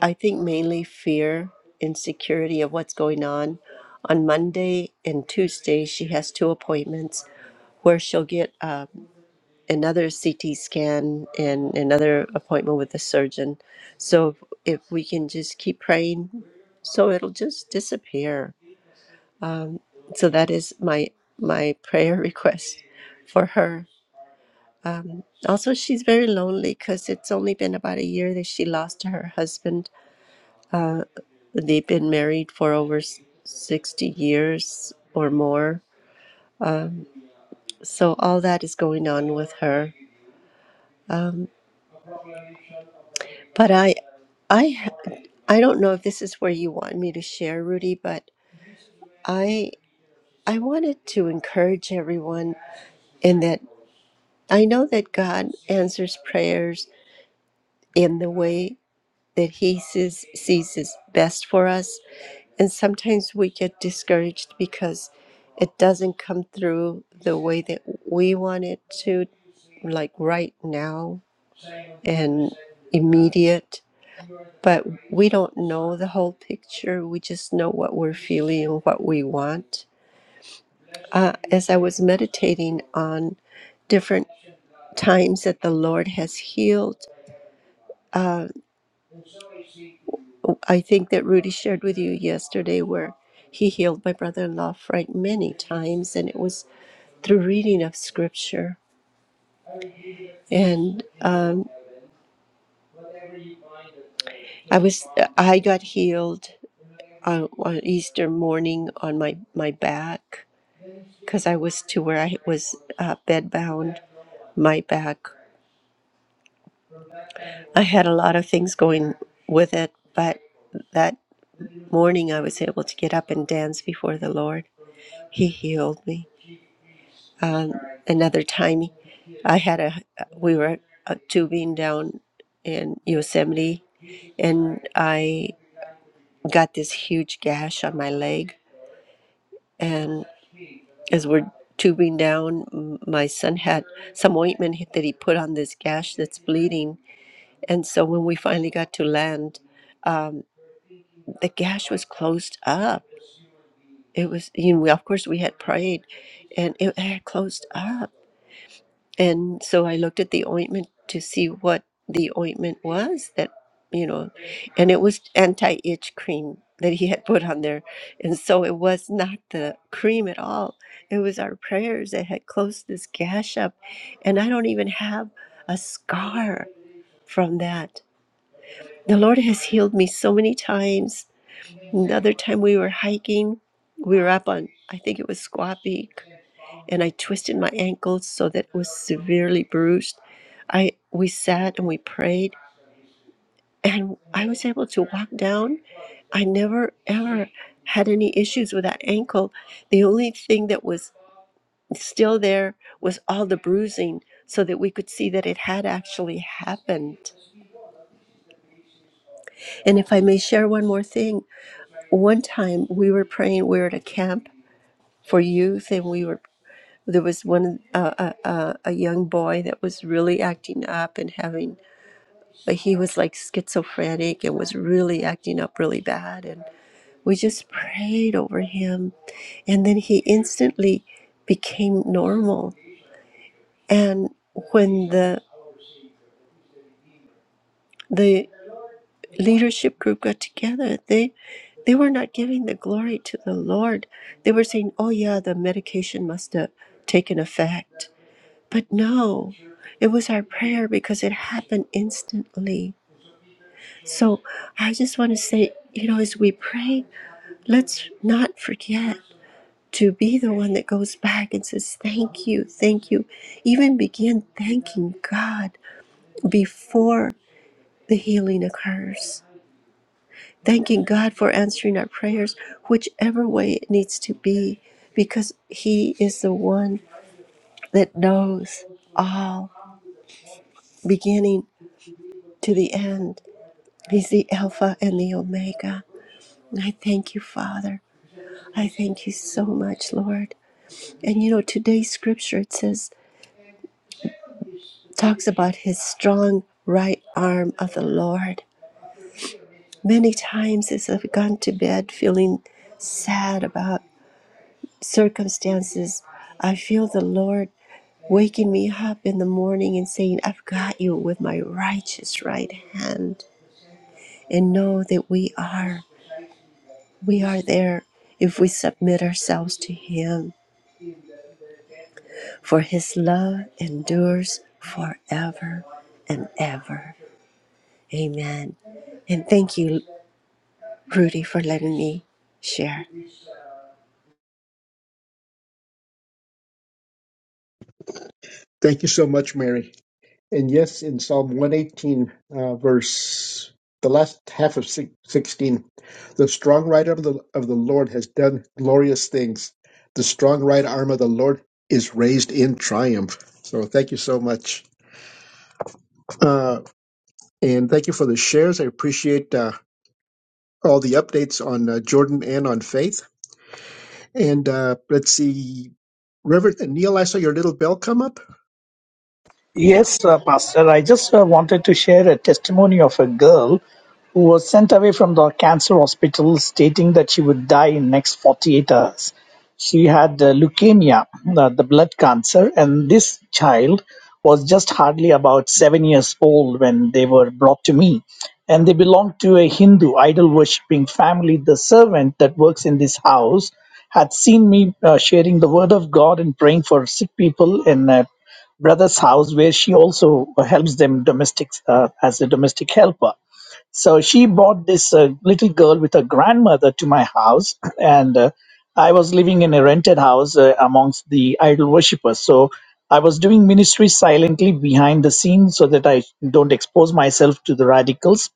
S12: I think, mainly fear, insecurity of what's going on. On Monday and Tuesday, she has two appointments where she'll get. Um, another CT scan and another appointment with the surgeon. So if if we can just keep praying, so it'll just disappear. So that is my my prayer request for her. Um, also, she's very lonely because it's only been about a year that she lost her husband. They've been married for over s- sixty years or more. So all that is going on with her. Um, But I, I, ha- I don't know if this is where you want me to share, Rudy, but I, I wanted to encourage everyone in that I know that God answers prayers in the way that He sees, sees is best for us. And sometimes we get discouraged because it doesn't come through the way that we want it to, like right now and immediate but we don't know the whole picture. We just know what we're feeling and what we want. Uh, as I was meditating on different times that the Lord has healed, uh, I think that Rudy shared with you yesterday where he healed my brother in law Frank many times, and it was through reading of scripture. And um, I was I got healed on, on Easter morning on my, my back because I was to where I was uh, bedbound, my back. I had a lot of things going with it, but that morning I was able to get up and dance before the Lord. He healed me. Um, another time, I had a we were uh, tubing down in Yosemite, and I got this huge gash on my leg. And as we're tubing down, m- my son had some ointment that he put on this gash that's bleeding, And so when we finally got to land, um, the gash was closed up. It was, you know, we, of course we had prayed and it had closed up. And so I looked at the ointment to see what the ointment was that, you know, and it was anti itch cream that he had put on there. And so it was not the cream at all. It was our prayers that had closed this gash up. And I don't even have a scar from that The Lord has healed me so many times. Another time we were hiking, we were up on, I think it was Squaw Peak, and I twisted my ankle so that it was severely bruised. I we sat and we prayed, and I was able to walk down. I never ever had any issues with that ankle. The only thing that was still there was all the bruising, so that we could see that it had actually happened. And if I may share one more thing, one time we were praying we were at a camp for youth and we were there was one uh, uh, uh, a young boy that was really acting up and having but he was like schizophrenic and was really acting up really bad and we just prayed over him and then he instantly became normal and when the the leadership group got together, they they were not giving the glory to the Lord. They were saying, "Oh yeah, the medication must have taken effect." But no, it was our prayer because it happened instantly. So I just want to say, you know, as we pray, let's not forget to be the one that goes back and says, Thank you, thank you. Even begin thanking God before the healing occurs thanking God for answering our prayers, whichever way it needs to be, because He is the one that knows all, beginning to the end. He's the Alpha and the Omega. And I thank you, Father. I thank you so much, Lord. And you know, today's scripture it says talks about his strong right arm of the Lord. Many times as I've gone to bed feeling sad about circumstances, I feel the Lord waking me up in the morning and saying, I've got you with my righteous right hand. And know that we are, we are there if we submit ourselves to Him. For His love endures forever and ever. Amen. And thank you, Rudy, for letting me share.
S2: Thank you so much, Mary. And yes, in Psalm 118, uh, verse the last half of six- 16, the strong right arm of the, of the Lord has done glorious things. The strong right arm of the Lord is raised in triumph. So thank you so much. Uh, and thank you for the shares. I appreciate uh, all the updates on uh, Jordan and on faith. And uh, let's see, Reverend Neil, I saw your little bell come up.
S6: Yes, uh, Pastor. I just uh, wanted to share a testimony of a girl who was sent away from the cancer hospital stating that she would die in next 48 hours. She had uh, leukemia, uh, the blood cancer, and this child was just hardly about seven years old when they were brought to me. And they belonged to a Hindu idol worshipping family. The servant that works in this house had seen me uh, sharing the word of God and praying for sick people in a brother's house where she also helps them domestic uh, as a domestic helper so she brought this uh, little girl with her grandmother to my house and uh, i was living in a rented house uh, amongst the idol worshippers so i was doing ministry silently behind the scenes so that i don't expose myself to the radicals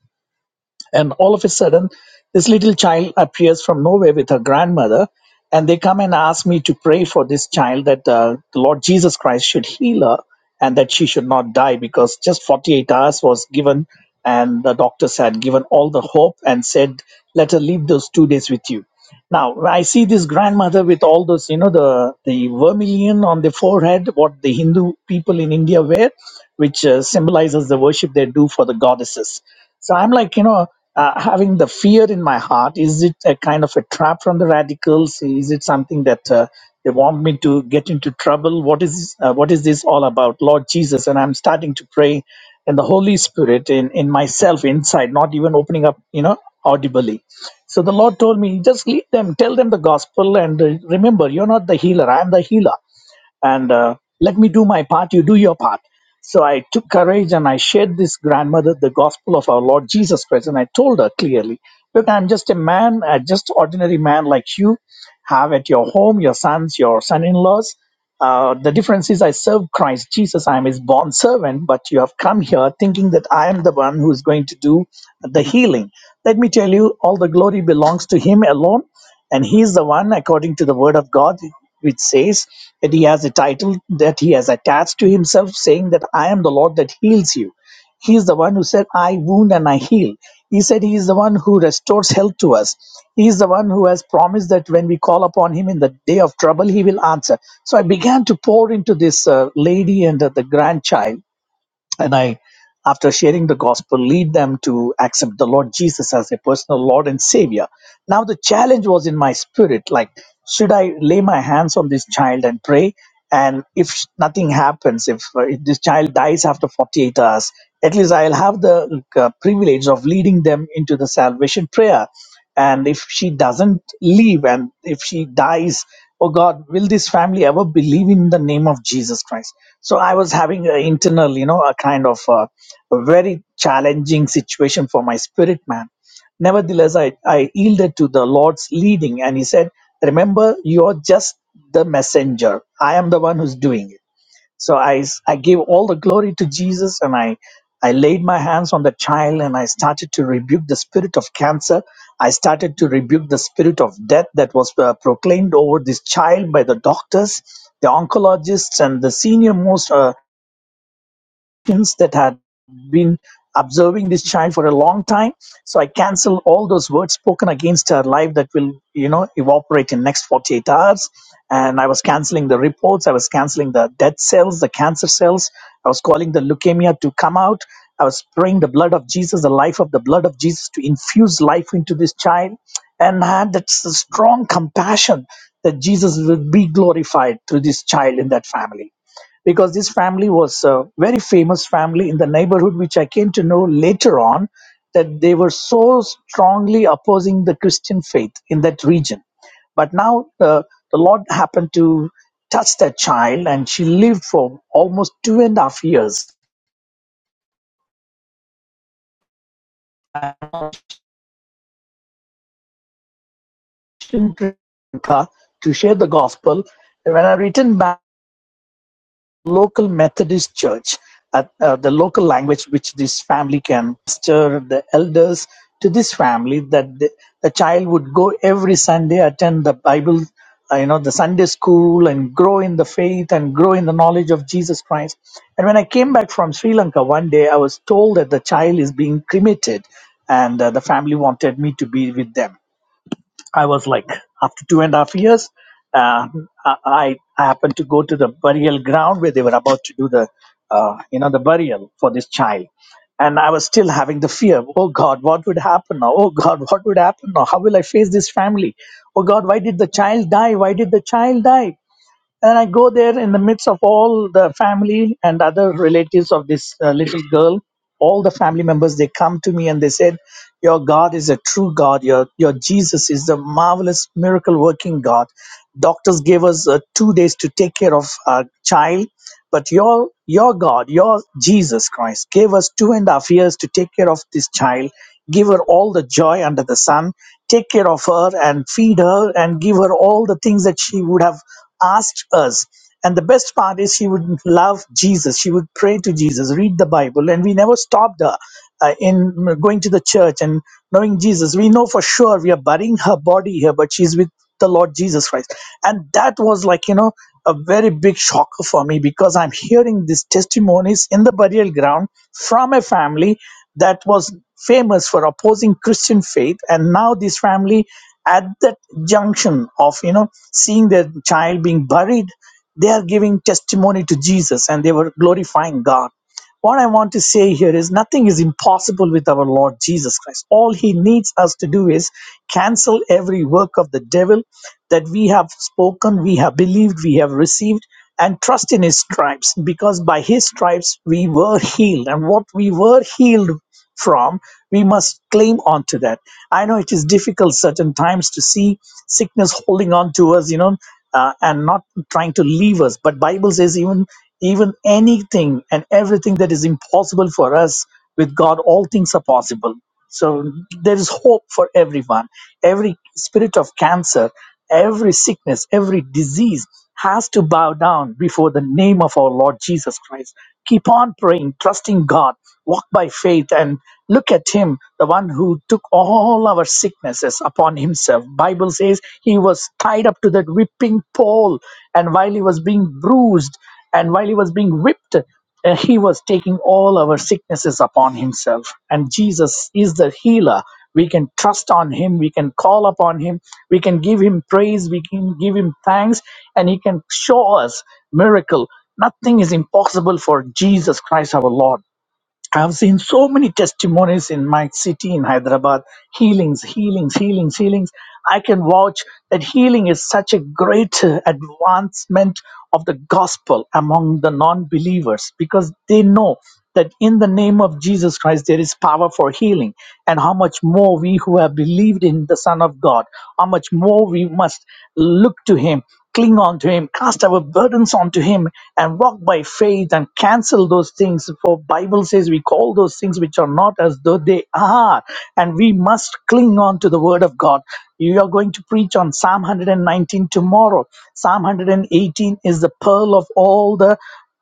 S6: and all of a sudden, this little child appears from nowhere with her grandmother, and they come and ask me to pray for this child that uh, the Lord Jesus Christ should heal her and that she should not die because just 48 hours was given, and the doctors had given all the hope and said, Let her live those two days with you. Now I see this grandmother with all those, you know, the the vermilion on the forehead, what the Hindu people in India wear, which uh, symbolizes the worship they do for the goddesses. So I'm like, you know, uh, having the fear in my heart. Is it a kind of a trap from the radicals? Is it something that uh, they want me to get into trouble? What is uh, what is this all about, Lord Jesus? And I'm starting to pray and the holy spirit in in myself inside not even opening up you know audibly so the lord told me just lead them tell them the gospel and uh, remember you're not the healer i'm the healer and uh, let me do my part, you do your part. So I took courage and I shared this grandmother the gospel of our Lord Jesus Christ. And I told her clearly, Look, I'm just a man, uh, just ordinary man like you, have at your home your sons, your son in laws. Uh, the difference is I serve Christ Jesus. I am his born servant, but you have come here thinking that I am the one who is going to do the healing. Let me tell you, all the glory belongs to him alone and he is the one, according to the word of God, which says that he has a title that he has attached to himself, saying that I am the Lord that heals you. He is the one who said, I wound and I heal. He said he is the one who restores health to us. He is the one who has promised that when we call upon him in the day of trouble, he will answer. So I began to pour into this uh, lady and uh, the grandchild and I, after sharing the gospel, lead them to accept the Lord Jesus as their personal Lord and Savior. Now, the challenge was in my spirit like, should I lay my hands on this child and pray? And if nothing happens, if, uh, if this child dies after 48 hours, at least I'll have the uh, privilege of leading them into the salvation prayer and if she doesn't leave and if she dies oh god will this family ever believe in the name of jesus christ so i was having an internal you know a kind of uh a very challenging situation for my spirit man nevertheless I, I yielded to the lord's leading and he said remember you're just the messenger i am the one who's doing it so I I gave all the glory to Jesus and I, I laid my hands on the child and I started to rebuke the spirit of cancer. I started to rebuke the spirit of death that was uh, proclaimed over this child by the doctors, the oncologists, and the senior most uh, patients that had been observing this child for a long time so i cancel all those words spoken against her life that will you know evaporate in next 48 hours and i was canceling the reports i was canceling the dead cells the cancer cells i was calling the leukemia to come out i was praying the blood of jesus the life of the blood of jesus to infuse life into this child and I had that s- strong compassion that jesus would be glorified through this child in that family because this family was a very famous family in the neighborhood, which I came to know later on that they were so strongly opposing the Christian faith in that region. But now uh, the Lord happened to touch that child, and she lived for almost two and a half years in Sri Lanka to share the gospel. And when I returned back, local Methodist church, at uh, the local language which this family can stir the elders to this family that the, the child would go every Sunday, attend the Bible, uh, you know, the Sunday school and grow in the faith and grow in the knowledge of Jesus Christ. And when I came back from Sri Lanka one day, I was told that the child is being cremated and uh, the family wanted me to be with them. I was like, after two and a half years, uh, I, I happened to go to the burial ground where they were about to do the, uh, you know, the burial for this child. And I was still having the fear. Oh God, what would happen now? Oh God, what would happen now? How will I face this family? Oh God, why did the child die? Why did the child die? And I go there in the midst of all the family and other relatives of this uh, little girl. All the family members, they come to me and they said, Your God is a true God. Your, your Jesus is the marvelous miracle working God. Doctors gave us uh, two days to take care of our child but your your God, your Jesus Christ, gave us two and a half years to take care of this child, give her all the joy under the sun, take care of her and feed her and give her all the things that she would have asked us. And the best part is she would love Jesus. She would pray to Jesus, read the Bible, and we never stopped her uh, in going to the church and knowing Jesus. We know for sure we are burying her body here, but she's with the Lord Jesus Christ. And that was like, you know, a very big shocker for me because I'm hearing these testimonies in the burial ground from a family that was famous for opposing Christian faith. And now this family, at that junction of, you know, seeing their child being buried, they are giving testimony to Jesus and they were glorifying God. What I want to say here is nothing is impossible with our Lord Jesus Christ. All he needs us to do is cancel every work of the devil that we have spoken, we have believed, we have received, and trust in his stripes because by his stripes we were healed. And what we were healed from, we must claim onto that. I know it is difficult certain times to see sickness holding on to us, you know, uh, and not trying to leave us. But Bible says even even anything and everything that is impossible for us with God, all things are possible. So there is hope for everyone. Every spirit of cancer, every sickness, every disease has to bow down before the name of our Lord Jesus Christ. Keep on praying, trusting God, walk by faith, and look at Him, the one who took all our sicknesses upon Himself. Bible says He was tied up to that whipping pole, and while He was being bruised, and while He was being whipped, uh, He was taking all our sicknesses upon himself. And Jesus is the healer. We can trust on him. We can call upon him. We can give him praise. We can give him thanks. And he can show us miracle. Nothing is impossible for Jesus Christ our Lord. I've seen so many testimonies in my city in Hyderabad healings, healings, healings, healings. I can vouch that healing is such a great uh, advancement of the gospel among the non believers because they know that in the name of Jesus Christ there is power for healing. And how much more we who have believed in the Son of God, how much more we must look to Him Cling on to Him, cast our burdens onto Him, and walk by faith and cancel those things. For Bible says we call those things which are not as though they are, and we must cling on to the Word of God. You are going to preach on Psalm 119 tomorrow. Psalm 118 is the pearl of all the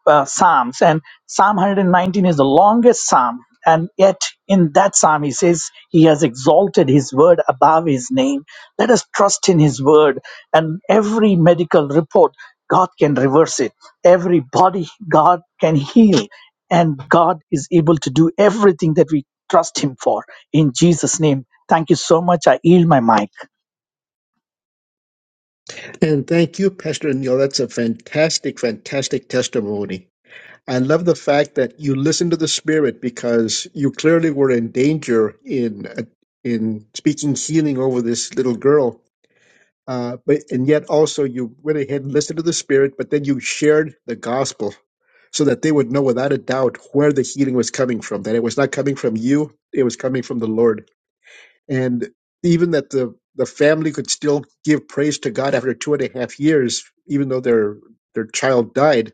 S6: uh, Psalms, and Psalm 119 is the longest Psalm. And yet, in that Psalm, he says he has exalted his word above his name. Let us trust in His word. And every medical report, God can reverse it. Every body, God can heal. And God is able to do everything that we trust Him for. In Jesus' name, thank you so much. I yield my mic.
S2: And thank you, Pastor Neil. That's a fantastic, fantastic testimony. I love the fact that you listened to the Spirit because you clearly were in danger in uh, in speaking healing over this little girl Uh, but and yet also you went ahead and listened to the Spirit, but then you shared the gospel so that they would know without a doubt where the healing was coming from. That it was not coming from you; it was coming from the Lord. And even that the the family could still give praise to God after two and a half years, even though their their child died.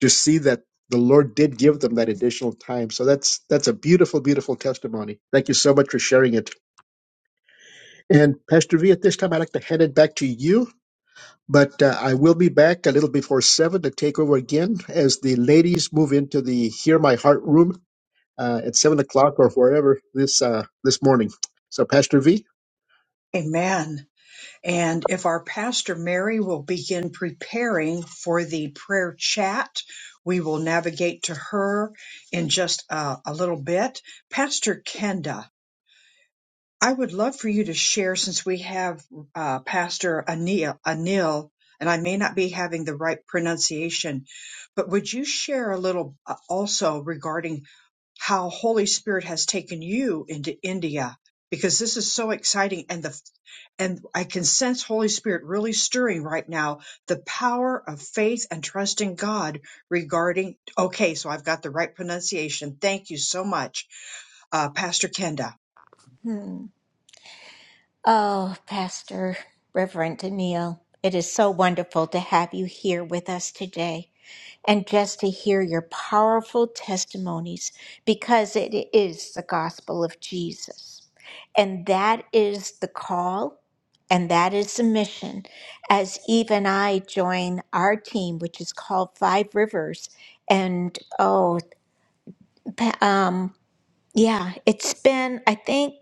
S2: To see that the Lord did give them that additional time. So that's that's a beautiful, beautiful testimony. Thank you so much for sharing it. And Pastor V, at this time, I'd like to hand it back to you but uh, I will be back a little before seven to take over again as the ladies move into the Hear My Heart room uh, at seven o'clock or wherever this uh, this morning. So, Pastor V.
S1: Amen. And if our Pastor Mary will begin preparing for the prayer chat, we will navigate to her in just uh, a little bit. Pastor Kenda, I would love for you to share since we have uh, Pastor Anil, Anil, and I may not be having the right pronunciation, but would you share a little uh, also regarding how Holy Spirit has taken you into India because this is so exciting and the and I can sense Holy Spirit really stirring right now the power of faith and trusting God regarding okay so I've got the right pronunciation thank you so much uh, Pastor Kenda
S3: Hmm. Oh, Pastor Reverend Daniel, it is so wonderful to have you here with us today. and just to hear your powerful testimonies because it is the gospel of Jesus. And that is the call and that is the mission as Eve and I join our team, which is called Five Rivers. And oh, pa- um, yeah, it's been, I think,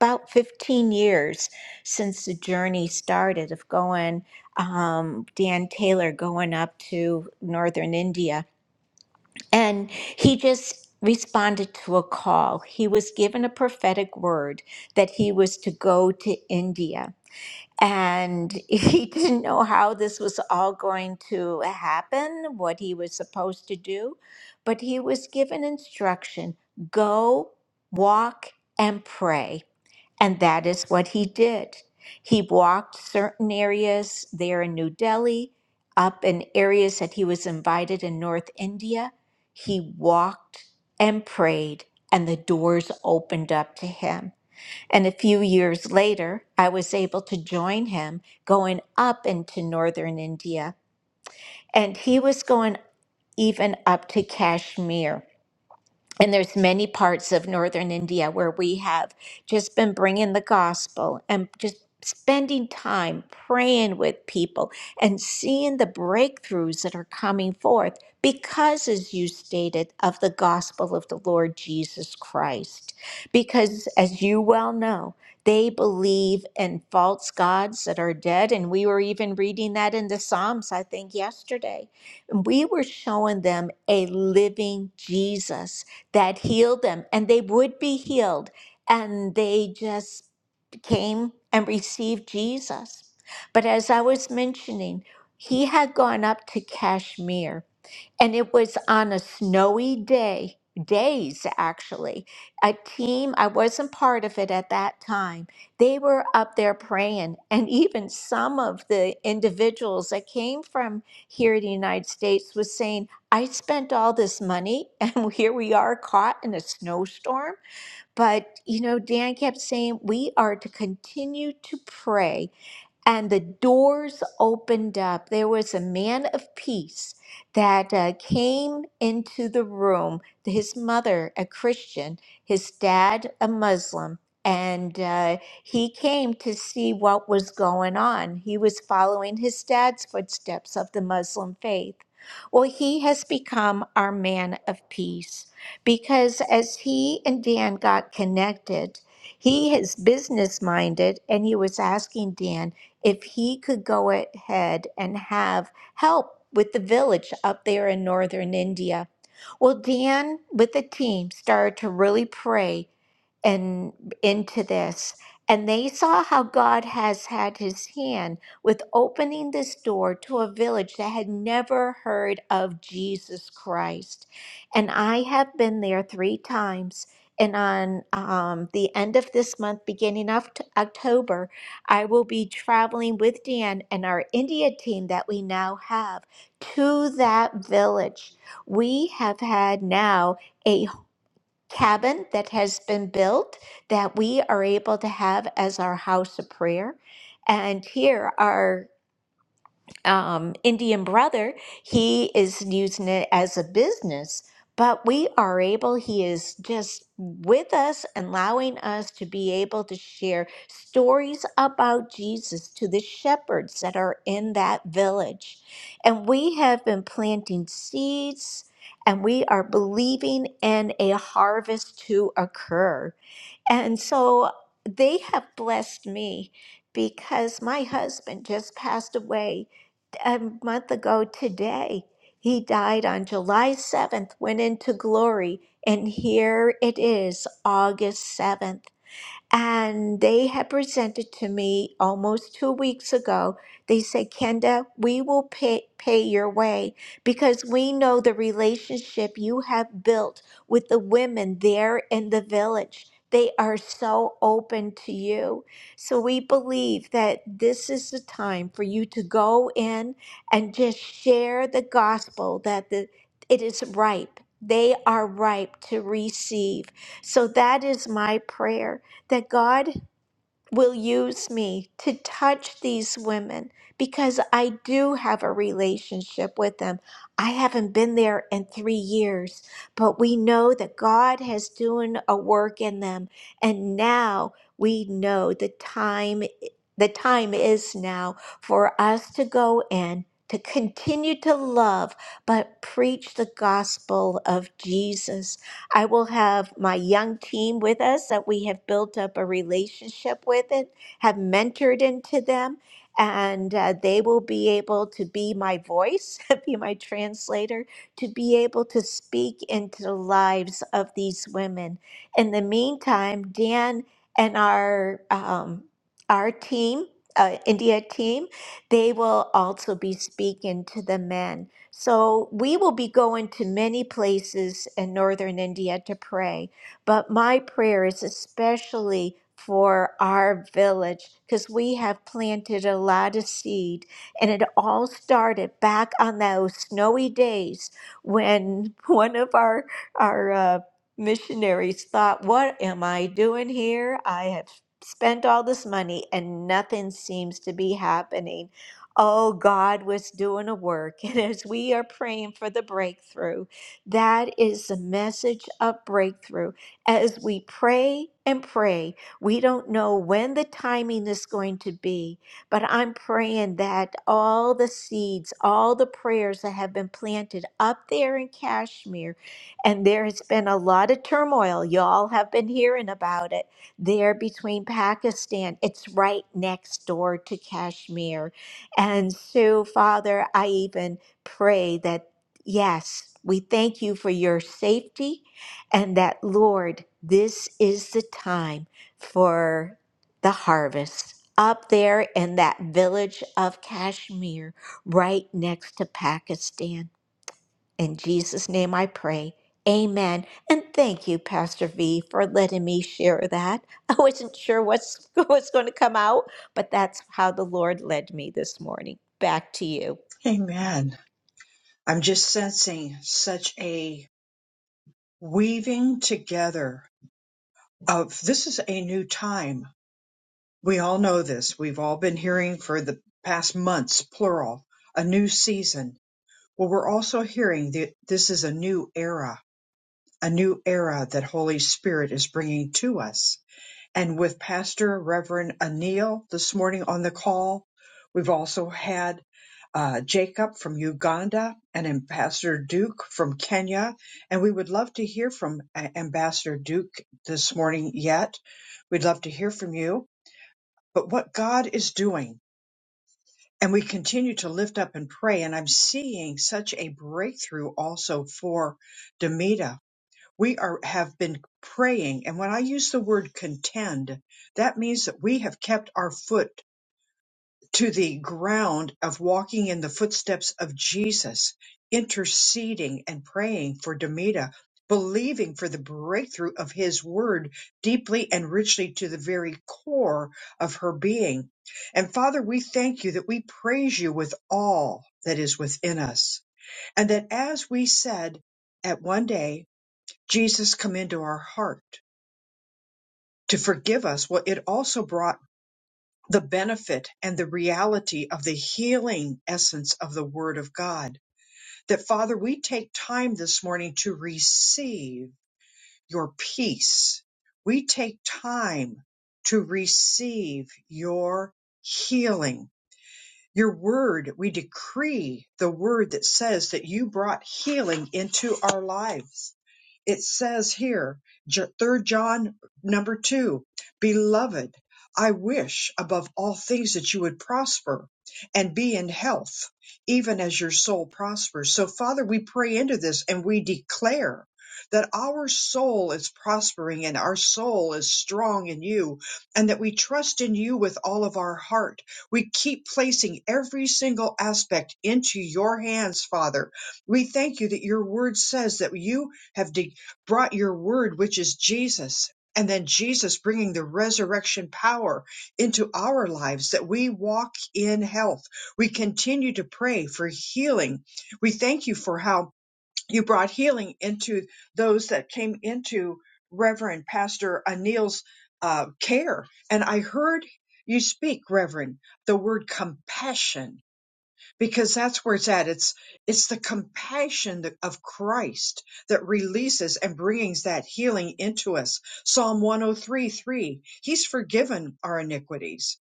S3: about 15 years since the journey started of going, um, Dan Taylor going up to northern India and he just responded to a call. He was given a prophetic word that he was to go to India and he didn't know how this was all going to happen, what he was supposed to do, but he was given instruction go, walk, and pray. And that is what he did. He walked certain areas there in New Delhi, up in areas that he was invited in North India. He walked and prayed, and the doors opened up to him. And a few years later, I was able to join him going up into northern India. And he was going even up to Kashmir and there's many parts of northern India where we have just been bringing the gospel and just spending time praying with people and seeing the breakthroughs that are coming forth because as you stated of the gospel of the Lord Jesus Christ because as you well know they believe in false gods that are dead and we were even reading that in the Psalms I think yesterday and we were showing them a living Jesus that healed them, and they would be healed. And they just came and received Jesus. But as I was mentioning, he had gone up to Kashmir and it was on a snowy day, days actually. A team, I wasn't part of it at that time, they were up there praying. And even some of the individuals that came from here in the United States was saying, I spent all this money and here we are caught in a snowstorm. But, you know, Dan kept saying, we are to continue to pray and the doors opened up. There was a man of peace that uh, came into the room, his mother, a Christian, his dad, a Muslim. And uh, he came to see what was going on. He was following his dad's footsteps of the Muslim faith. Well, he has become our man of peace because as he and Dan got connected, he is business minded and he was asking Dan if he could go ahead and have help with the village up there in northern India. Well, Dan with the team started to really pray and into this. And they saw how God has had his hand with opening this door to a village that had never heard of Jesus Christ. And I have been there three times. And on um, the end of this month, beginning of t- October, I will be traveling with Dan and our India team that we now have to that village. We have had now a cabin that has been built that we are able to have as our house of prayer. And here are um, Indian brother, he is using it as a business, but we are able, he is just with us, and allowing us to be able to share stories about Jesus to the shepherds that are in that village. And we have been planting seeds. And we are believing in a harvest to occur. And so they have blessed me because my husband just passed away a month ago today. He died on July 7th, went into glory, and here it is, August 7th. And they had presented to me almost two weeks ago. They said, Kenda, we will pay, pay your way because we know the relationship you have built with the women there in the village. They are so open to you. So we believe that this is the time for you to go in and just share the gospel that the, it is ripe. They are ripe to receive. So that is my prayer that God will use me to touch these women because I do have a relationship with them. I haven't been there in 3 years, but we know that God has doing a work in them and now we know the time the time is now for us to go in to continue to love but preach the gospel of Jesus I will have my young team with us that we have built up a relationship with and have mentored into them. And uh, they will be able to be my voice, be my translator, to be able to speak into the lives of these women. In the meantime, Dan and our um, our team, uh, India team, they will also be speaking to the men. So we will be going to many places in northern India to pray, but my prayer is especially for our village because we have planted a lot of seed and it all started back on those snowy days when one of our our uh, missionaries thought what am i doing here i have spent all this money and nothing seems to be happening Oh, God was doing a work. And as we are praying for the breakthrough, that is the message of breakthrough. As we pray and pray, we don't know when the timing is going to be, but I'm praying that all the seeds, all the prayers that have been planted up there in Kashmir, and there has been a lot of turmoil. Y'all have been hearing about it there between Pakistan. It's right next door to Kashmir and so, Father, I even pray that, yes, we thank you for your safety and that, Lord, this is the time for the harvest up there in that village of Kashmir right next to Pakistan. In Jesus' name I pray. Amen. And thank you, Pastor V, for letting me share that. I wasn't sure what's what's going to come out, but that's how the Lord led me this morning. Back to you.
S1: amen I'm just sensing such a weaving together of this is a new time. We all know this. We've all been hearing for the past months, plural, a new season. Well, we're also hearing that this is a new era, a new era that Holy Spirit is bringing to us and with Pastor Reverend Anil this morning on the call. We've also had uh, Jacob from Uganda and Ambassador Duke from Kenya. And we would love to hear from A- Ambassador Duke this morning yet. We'd love to hear from you. But what God is doing, and we continue to lift up and pray. And I'm seeing such a breakthrough also for Demita we are have been praying and when i use the word contend that means that we have kept our foot to the ground of walking in the footsteps of jesus interceding and praying for demita believing for the breakthrough of his word deeply and richly to the very core of her being and father we thank you that we praise you with all that is within us and that as we said at one day Jesus come into our heart to forgive us. Well, it also brought the benefit and the reality of the healing essence of the Word of God. That, Father, we take time this morning to receive your peace. We take time to receive your healing Your word, we decree the word that says that you brought healing into our lives. It says here, J- 3 John number 2, Beloved, I wish above all things that you would prosper and be in health, even as your soul prospers. So, Father, we pray into this and we declare that our soul is prospering and our soul is strong in you, and that we trust in you with all of our heart we keep placing every single aspect into your hands, Father. We thank you that your word says that you have de- brought your word, which is Jesus, and then Jesus bringing the resurrection power into our lives that we walk in health. We continue to pray for healing. We thank you for how you brought healing into those that came into Reverend Pastor Anil's uh, care. And I heard you speak, Reverend, the word compassion, because that's where it's at. It's it's the compassion that- of Christ that releases and brings that healing into us. Psalm one oh three three. He's forgiven our iniquities.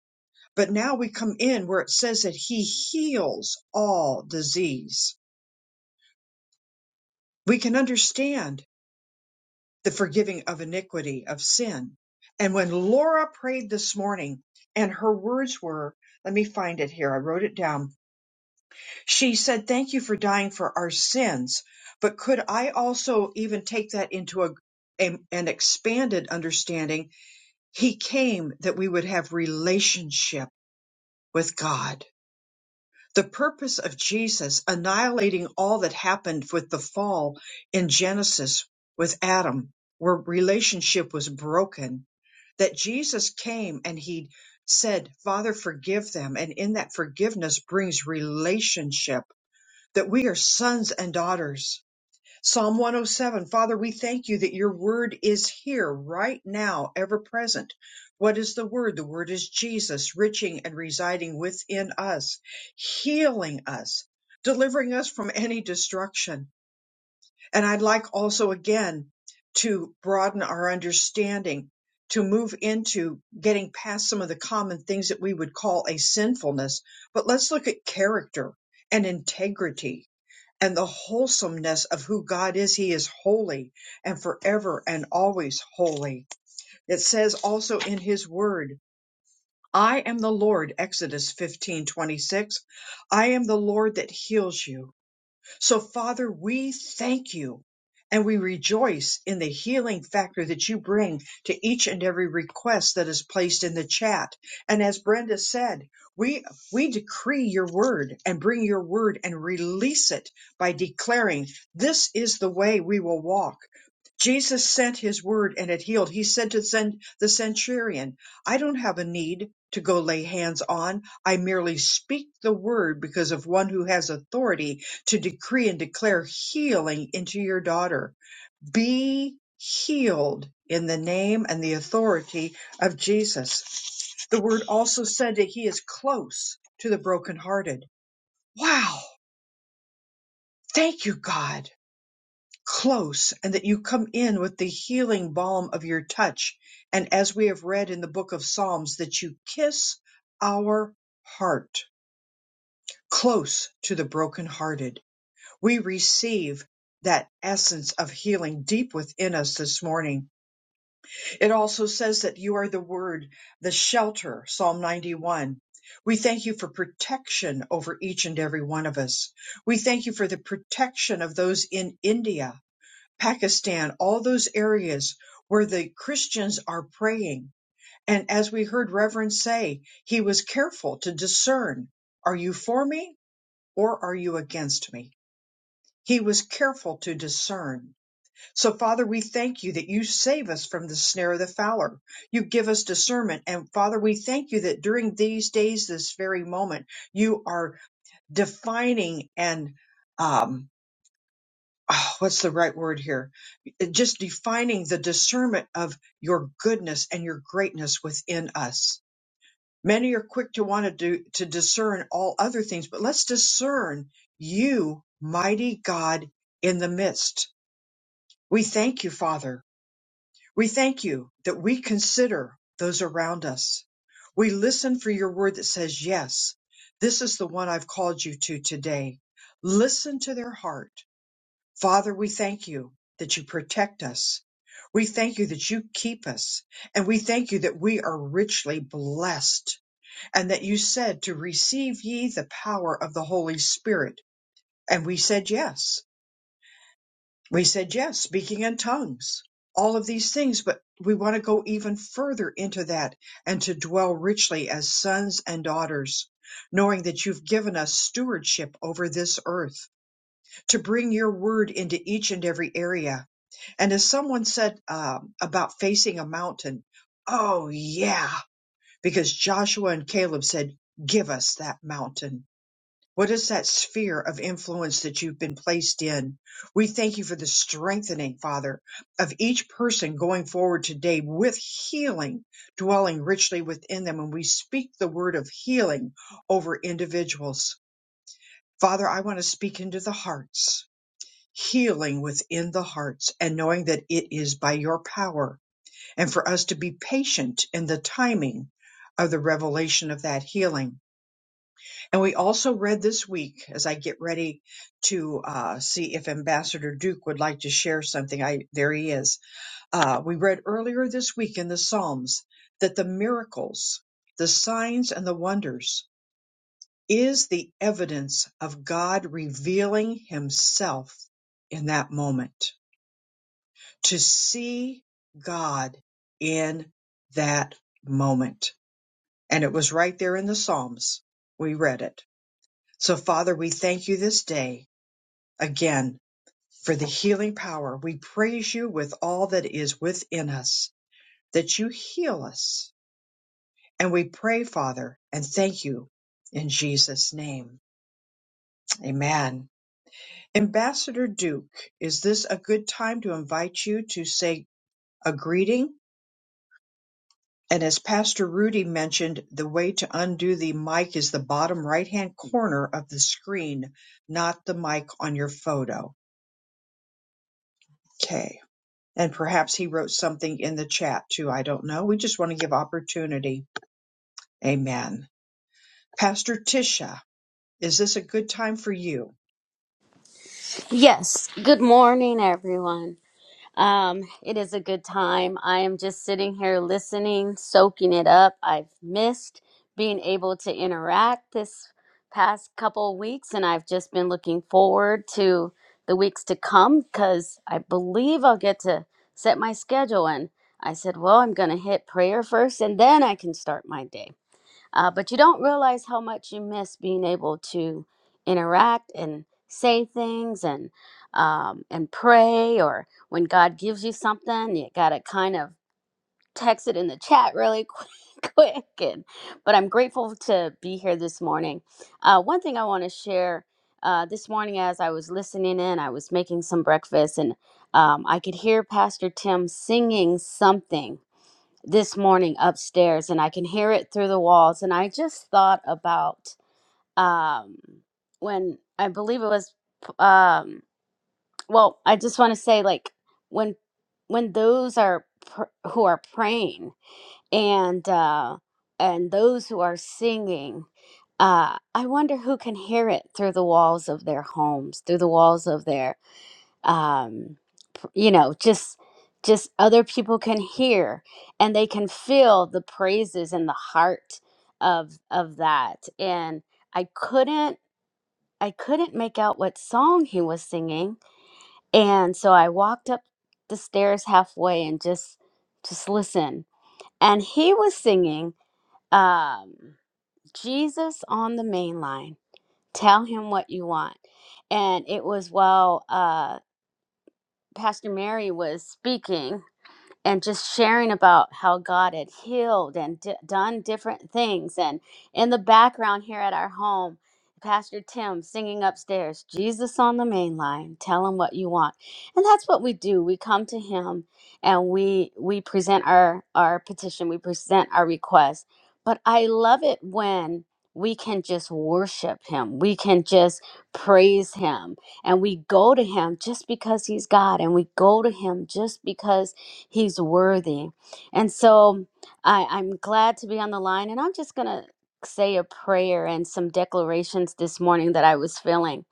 S1: But now we come in where it says that He heals all disease. We can understand the forgiving of iniquity, of sin. And when Laura prayed this morning, and her words were, let me find it here, I wrote it down. She said, Thank you for dying for our sins. But could I also even take that into a, a- an expanded understanding? He came that we would have relationship with God the purpose of Jesus annihilating all that happened with the fall in Genesis with Adam, where relationship was broken, that Jesus came and he said, Father, forgive them. And in that forgiveness brings relationship, that we are sons and daughters Psalm 107, Father, we thank you that your word is here right now, ever present. What is the word? The word is Jesus, riching and residing within us, healing us, delivering us from any destruction. And I'd like also again to broaden our understanding, to move into getting past some of the common things that we would call a sinfulness. But let's look at character and integrity and the wholesomeness of who God is. He is holy and forever and always holy. It says also in his word, I am the Lord, Exodus fifteen twenty six. I am the Lord that heals you. So, Father, we thank you and we rejoice in the healing factor that you bring to each and every request that is placed in the chat. And as Brenda said, we, we decree your word and bring your word and release it by declaring this is the way we will walk. Jesus sent his word and it healed. He said to send the centurion, I don't have a need to go lay hands on. I merely speak the word because of one who has authority to decree and declare healing into your daughter. Be healed in the name and the authority of Jesus. The word also said that he is close to the brokenhearted. Wow. Thank you, God. Close, and that you come in with the healing balm of your touch. And as we have read in the book of Psalms, that you kiss our heart close to the brokenhearted we receive that essence of healing deep within us this morning. It also says that you are the word, the shelter, Psalm 91. We thank you for protection over each and every one of us. We thank you for the protection of those in India, Pakistan, all those areas where the Christians are praying. And as we heard Reverend say, he was careful to discern, are you for me or are you against me? He was careful to discern. So, Father, we thank you that you save us from the snare of the fowler. You give us discernment. And, Father, we thank you that during these days, this very moment, you are defining and, um, oh, what's the right word here? Just defining the discernment of your goodness and your greatness within us. Many are quick to want to do, to discern all other things, but let's discern you, mighty God, in the midst. We thank you, Father. We thank you that we consider those around us. We listen for your word that says, Yes, this is the one I've called you to today. Listen to their heart. Father, we thank you that you protect us. We thank you that you keep us. And we thank you that we are richly blessed and that you said to receive ye the power of the Holy Spirit. And we said yes We said yes, speaking in tongues, all of these things, but we want to go even further into that and to dwell richly as sons and daughters, knowing that you've given us stewardship over this earth to bring your word into each and every area. And as someone said um, about facing a mountain, oh yeah, because Joshua and Caleb said, give us that mountain what is that sphere of influence that you've been placed in? We thank you for the strengthening, Father, of each person going forward today with healing dwelling richly within them. And we speak the word of healing over individuals. Father, I want to speak into the hearts, healing within the hearts, and knowing that it is by your power, and for us to be patient in the timing of the revelation of that healing and we also read this week, as I get ready to uh, see if Ambassador Duke would like to share something. I there he is. Uh, we read earlier this week in the Psalms that the miracles, the signs, and the wonders is the evidence of God revealing Himself in that moment. To see God in that moment, and it was right there in the Psalms. We read it. So, Father, we thank you this day again for the healing power. We praise you with all that is within us, that you heal us. And we pray, Father, and thank you in Jesus' name. Amen. Ambassador Duke, is this a good time to invite you to say a greeting? And as Pastor Rudy mentioned, the way to undo the mic is the bottom right hand corner of the screen, not the mic on your photo. Okay. And perhaps he wrote something in the chat too. I don't know. We just want to give opportunity. Amen. Pastor Tisha, is this a good time for you?
S13: Yes, good morning, everyone. Um, it is a good time. I am just sitting here listening, soaking it up. I've missed being able to interact this past couple of weeks, and I've just been looking forward to the weeks to come because I believe I'll get to set my schedule. And I said, Well, I'm going to hit prayer first, and then I can start my day. Uh, but you don't realize how much you miss being able to interact and say things and um, and pray or when God gives you something, you gotta kind of text it in the chat really quick. quick and, but I'm grateful to be here this morning. Uh, one thing I want to share uh, this morning as I was listening in, I was making some breakfast and um, I could hear Pastor Tim singing something this morning upstairs and I can hear it through the walls. And I just thought about um, when I believe it was, um, well, I just want to say like when when those are pr- who are praying and uh, and those who are singing. Uh, I wonder who can hear it through the walls of their homes, through the walls of their um pr- you know just just other people can hear and they can feel the praises in the heart of of that and i couldn't i couldn't make out what song he was singing and so i walked up the stairs halfway and just just listen and he was singing um jesus on the main line tell him what you want and it was while uh pastor mary was speaking and just sharing about how God had healed and d- done different things. And in the background here at our home, Pastor Tim singing upstairs, Jesus on the main line, tell him what you want. And that's what we do. We come to him and we we present our our petition, we present our request. But I love it when we can just worship him. We can just praise him. And we go to him just because he's God and we go to him just because He's worthy. And so I, I'm glad to be on the line, and I'm just going to say a prayer and some declarations this morning that I was feeling.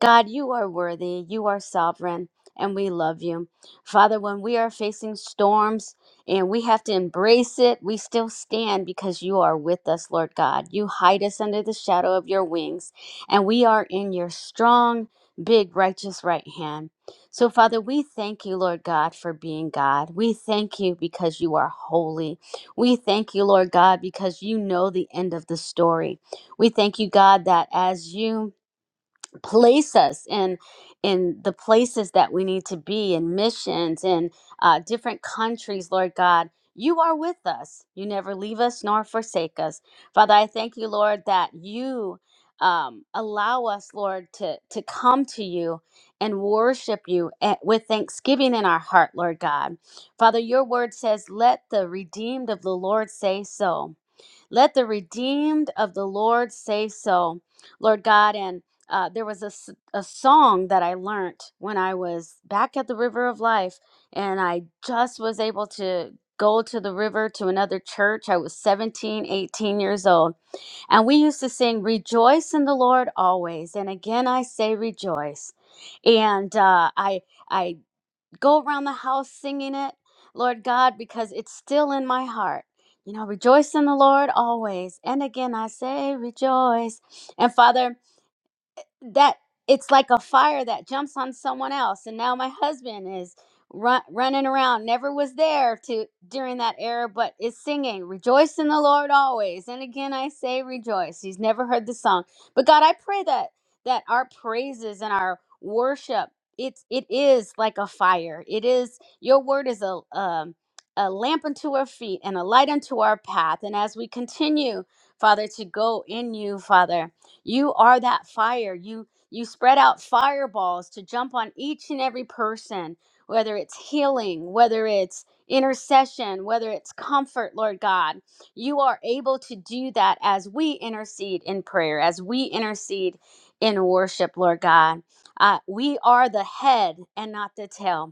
S13: God, you are worthy, you are sovereign, and we love you. Father, when we are facing storms, and we have to embrace it. We still stand because you are with us, Lord God. You hide us under the shadow of your wings, and we are in your strong, big, righteous right hand. So, Father, we thank you, Lord God, for being God. We thank you because you are holy. We thank you, Lord God, because you know the end of the story. We thank you, God, that as you place us in in the places that we need to be in missions in uh, different countries lord god you are with us you never leave us nor forsake us father i thank you lord that you um, allow us lord to to come to you and worship you at, with thanksgiving in our heart lord god father your word says let the redeemed of the lord say so let the redeemed of the Lord say so, Lord God. And uh, there was a, s- a song that I learned when I was back at the River of Life, and I just was able to go to the river to another church. I was 17, 18 years old. And we used to sing, Rejoice in the Lord always. And again, I say rejoice. And uh, I. I go around the house singing it, Lord God, because it's still in my heart. You know, rejoice in the Lord always. And again, I say rejoice. And Father, that it's like a fire that jumps on someone else and now my husband is run, running around never was there to during that era but is singing rejoice in the lord always and again i say rejoice he's never heard the song but god i pray that that our praises and our worship it's it is like a fire it is your word is a um a lamp unto our feet and a light unto our path and as we continue father to go in you father you are that fire. You you spread out fireballs to jump on each and every person, whether it's healing, whether it's intercession, whether it's comfort, Lord God. You are able to do that as we intercede in prayer, as we intercede in worship, Lord God. Uh, we are the head and not the tail.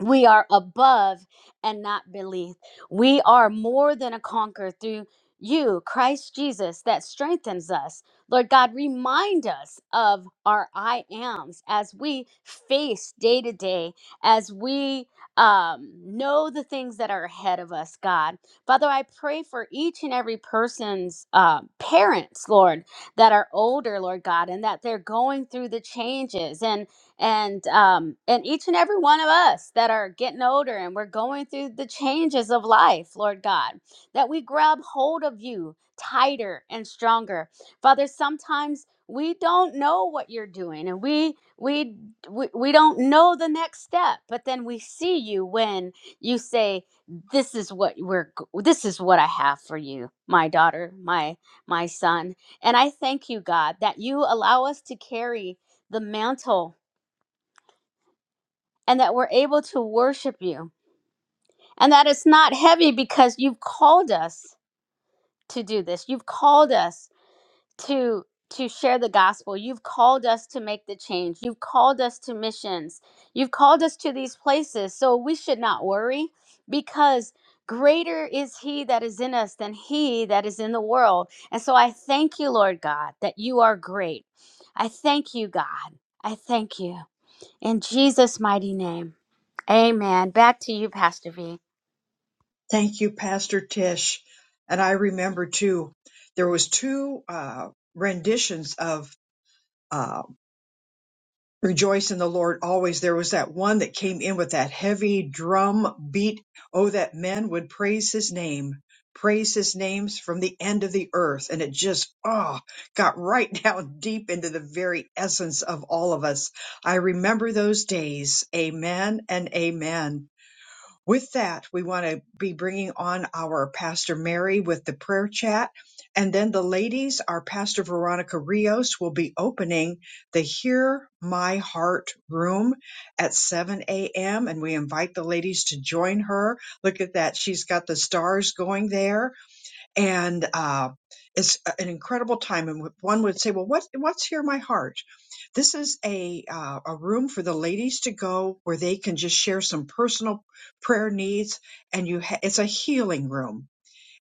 S13: We are above and not beneath. We are more than a conqueror through you, Christ Jesus, that strengthens us. Lord God, remind us of our I ams as we face day to day, as we um, know the things that are ahead of us, God. Father, I pray for each and every person's uh, parents, Lord, that are older, Lord God, and that they're going through the changes. and and um and each and every one of us that are getting older and we're going through the changes of life lord god that we grab hold of you tighter and stronger father sometimes we don't know what you're doing and we we we, we don't know the next step but then we see you when you say this is what we're g- this is what i have for you my daughter my my son and i thank you god that you allow us to carry the mantle and that we're able to worship you and that it's not heavy because you've called us to do this you've called us to to share the gospel you've called us to make the change you've called us to missions you've called us to these places so we should not worry because greater is he that is in us than he that is in the world and so i thank you lord god that you are great i thank you god i thank you in Jesus' mighty name. Amen. Back to you, Pastor V.
S1: Thank you, Pastor Tish. And I remember too, there was two uh, renditions of uh, Rejoice in the Lord always. There was that one that came in with that heavy drum beat. Oh, that men would praise his name, praise his names from the end of the earth. And it just, oh, got right down deep into the very essence of all of us. I remember those days. Amen and amen. With that, we want to be bringing on our Pastor Mary with the prayer chat. And then the ladies, our Pastor Veronica Rios will be opening the Hear My Heart room at 7 a.m. And we invite the ladies to join her. Look at that. She's got the stars going there and uh, it's an incredible time. And one would say, "Well, what what's here, my heart?" This is a uh, a room for the ladies to go where they can just share some personal prayer needs, and you ha- it's a healing room.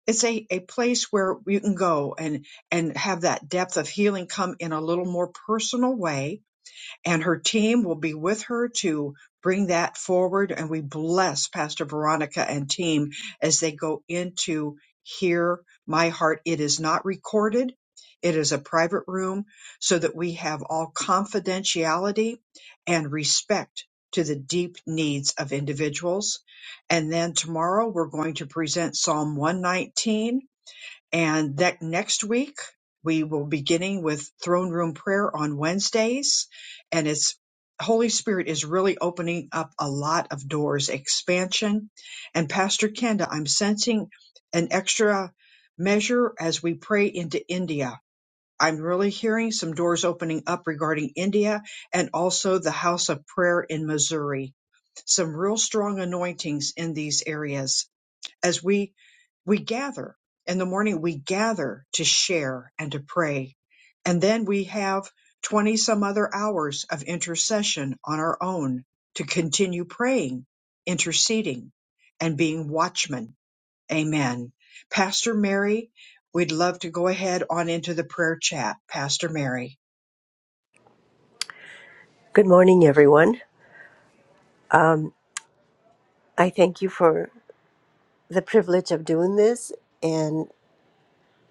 S1: It's a, a place where you can go and and have that depth of healing come in a little more personal way and her team will be with her to bring that forward. And we bless Pastor Veronica and team as they go into Hear My Heart. It is not recorded, it is a private room so that we have all confidentiality and respect to the deep needs of individuals. And then tomorrow we're going to present Psalm 119 and that next week, we will be beginning with throne room prayer on Wednesdays. And it's Holy Spirit is really opening up a lot of doors, expansion. And Pastor Kenda, I'm sensing an extra measure as we pray into India. I'm really hearing some doors opening up regarding India and also the house of prayer in Missouri. Some real strong anointings in these areas as we we gather in the morning we gather to share and to pray and then we have 20 some other hours of intercession on our own to continue praying interceding and being watchmen amen pastor mary we'd love to go ahead on into the prayer chat pastor mary
S12: Good morning, everyone. Um, I thank you for the privilege of doing this. And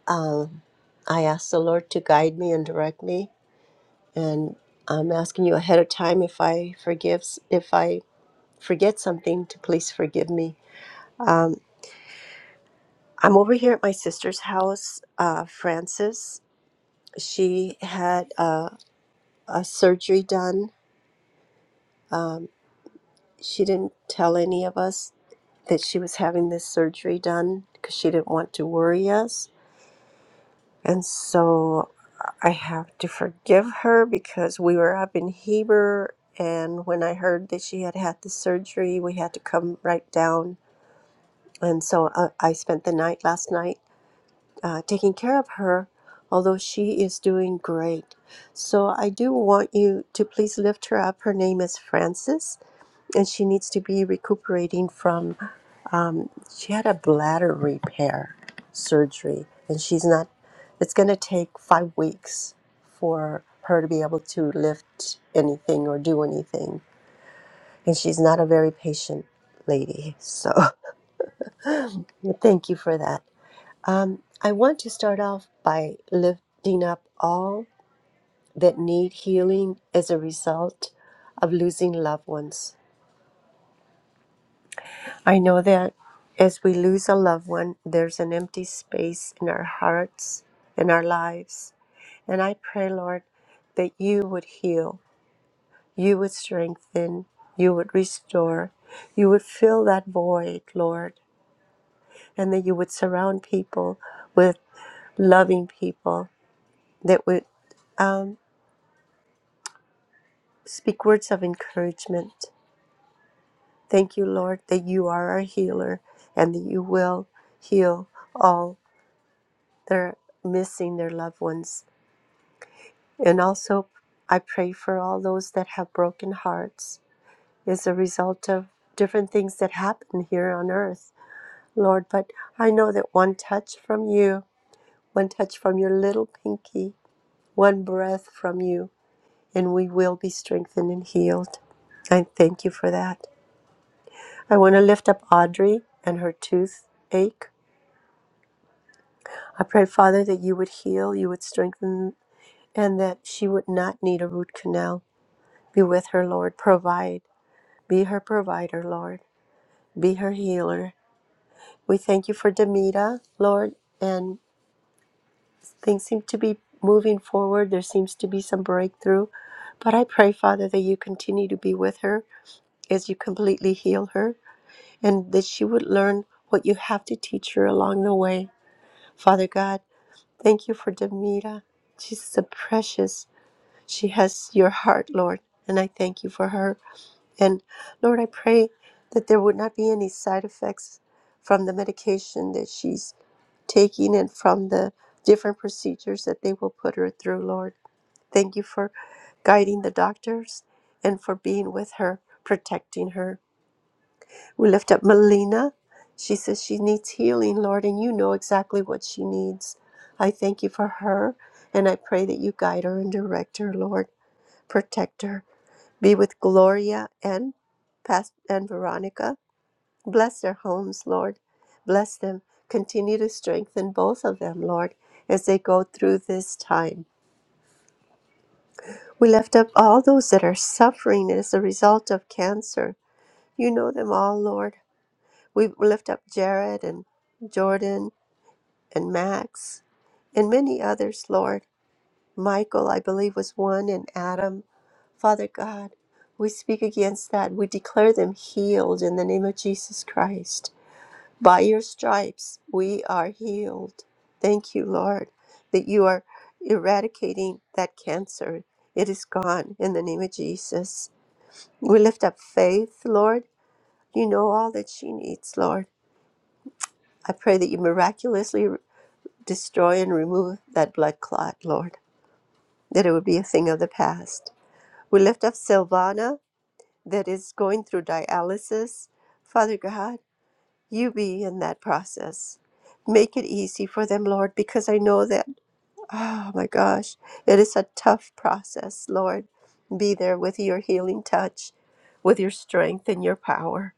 S12: um, I ask the Lord to guide me and direct me And I'm asking you ahead of time if I forgive, if I forget something, to please forgive me. Um, I'm over here at my sister's house, uh, Frances. She had uh, a surgery done. Um, she didn't tell any of us that she was having this surgery done because she didn't want to worry us And so I have to forgive her because we were up in Heber. And when I heard that she had had the surgery, we had to come right down. And so uh, I spent the night last night uh, taking care of her, although she is doing great. So I do want you to please lift her up. Her name is Frances, and she needs to be recuperating from um, she had a bladder repair surgery, and she's not, it's going to take five weeks for her to be able to lift anything or do anything. And she's not a very patient lady. So thank you for that. Um, I want to start off by lifting up all that need healing as a result of losing loved ones. I know that as we lose a loved one, there's an empty space in our hearts, in our lives. And I pray, Lord, that you would heal, you would strengthen, you would restore, you would fill that void, Lord, and that you would surround people with loving people that would um, speak words of encouragement. Thank you, Lord, that you are our healer and that you will heal all they're missing their loved ones. And also, I pray for all those that have broken hearts as a result of different things that happen here on earth, Lord. But I know that one touch from you, one touch from your little pinky, one breath from you, and we will be strengthened and healed. I thank you for that. I want to lift up Audrey and her toothache. I pray, Father, that you would heal, you would strengthen, and that she would not need a root canal Be with her, Lord. Provide. Be her provider, Lord. Be her healer. We thank you for Demita, Lord. And things seem to be moving forward. There seems to be some breakthrough. But I pray, Father, that you continue to be with her as you completely heal her and that she would learn what you have to teach her along the way. Father God, thank you for Demita. She's so precious. She has your heart, Lord. And I thank you for her. And Lord, I pray that there would not be any side effects from the medication that she's taking and from the different procedures that they will put her through, Lord. Thank you for guiding the doctors and for being with her, protecting her. We lift up Melina. She says she needs healing, Lord, and you know exactly what she needs. I thank you for her, and I pray that you guide her and direct her, Lord. Protect her. Be with Gloria and Past and Veronica. Bless their homes, Lord. Bless them. Continue to strengthen both of them, Lord, as they go through this time. We lift up all those that are suffering as a result of cancer. You know them all, Lord. We lift up Jared and Jordan and Max and many others, Lord. Michael, I believe, was one, and Adam. Father God, we speak against that. We declare them healed in the name of Jesus Christ. By your stripes, we are healed. Thank you, Lord, that you are eradicating that cancer. It is gone in the name of Jesus. We lift up faith, Lord. You know all that she needs, Lord. I pray that you miraculously destroy and remove that blood clot, Lord, that it would be a thing of the past. We lift up Silvana that is going through dialysis. Father God, you be in that process. Make it easy for them, Lord, because I know that, oh my gosh, it is a tough process, Lord. Be there with your healing touch, with your strength and your power.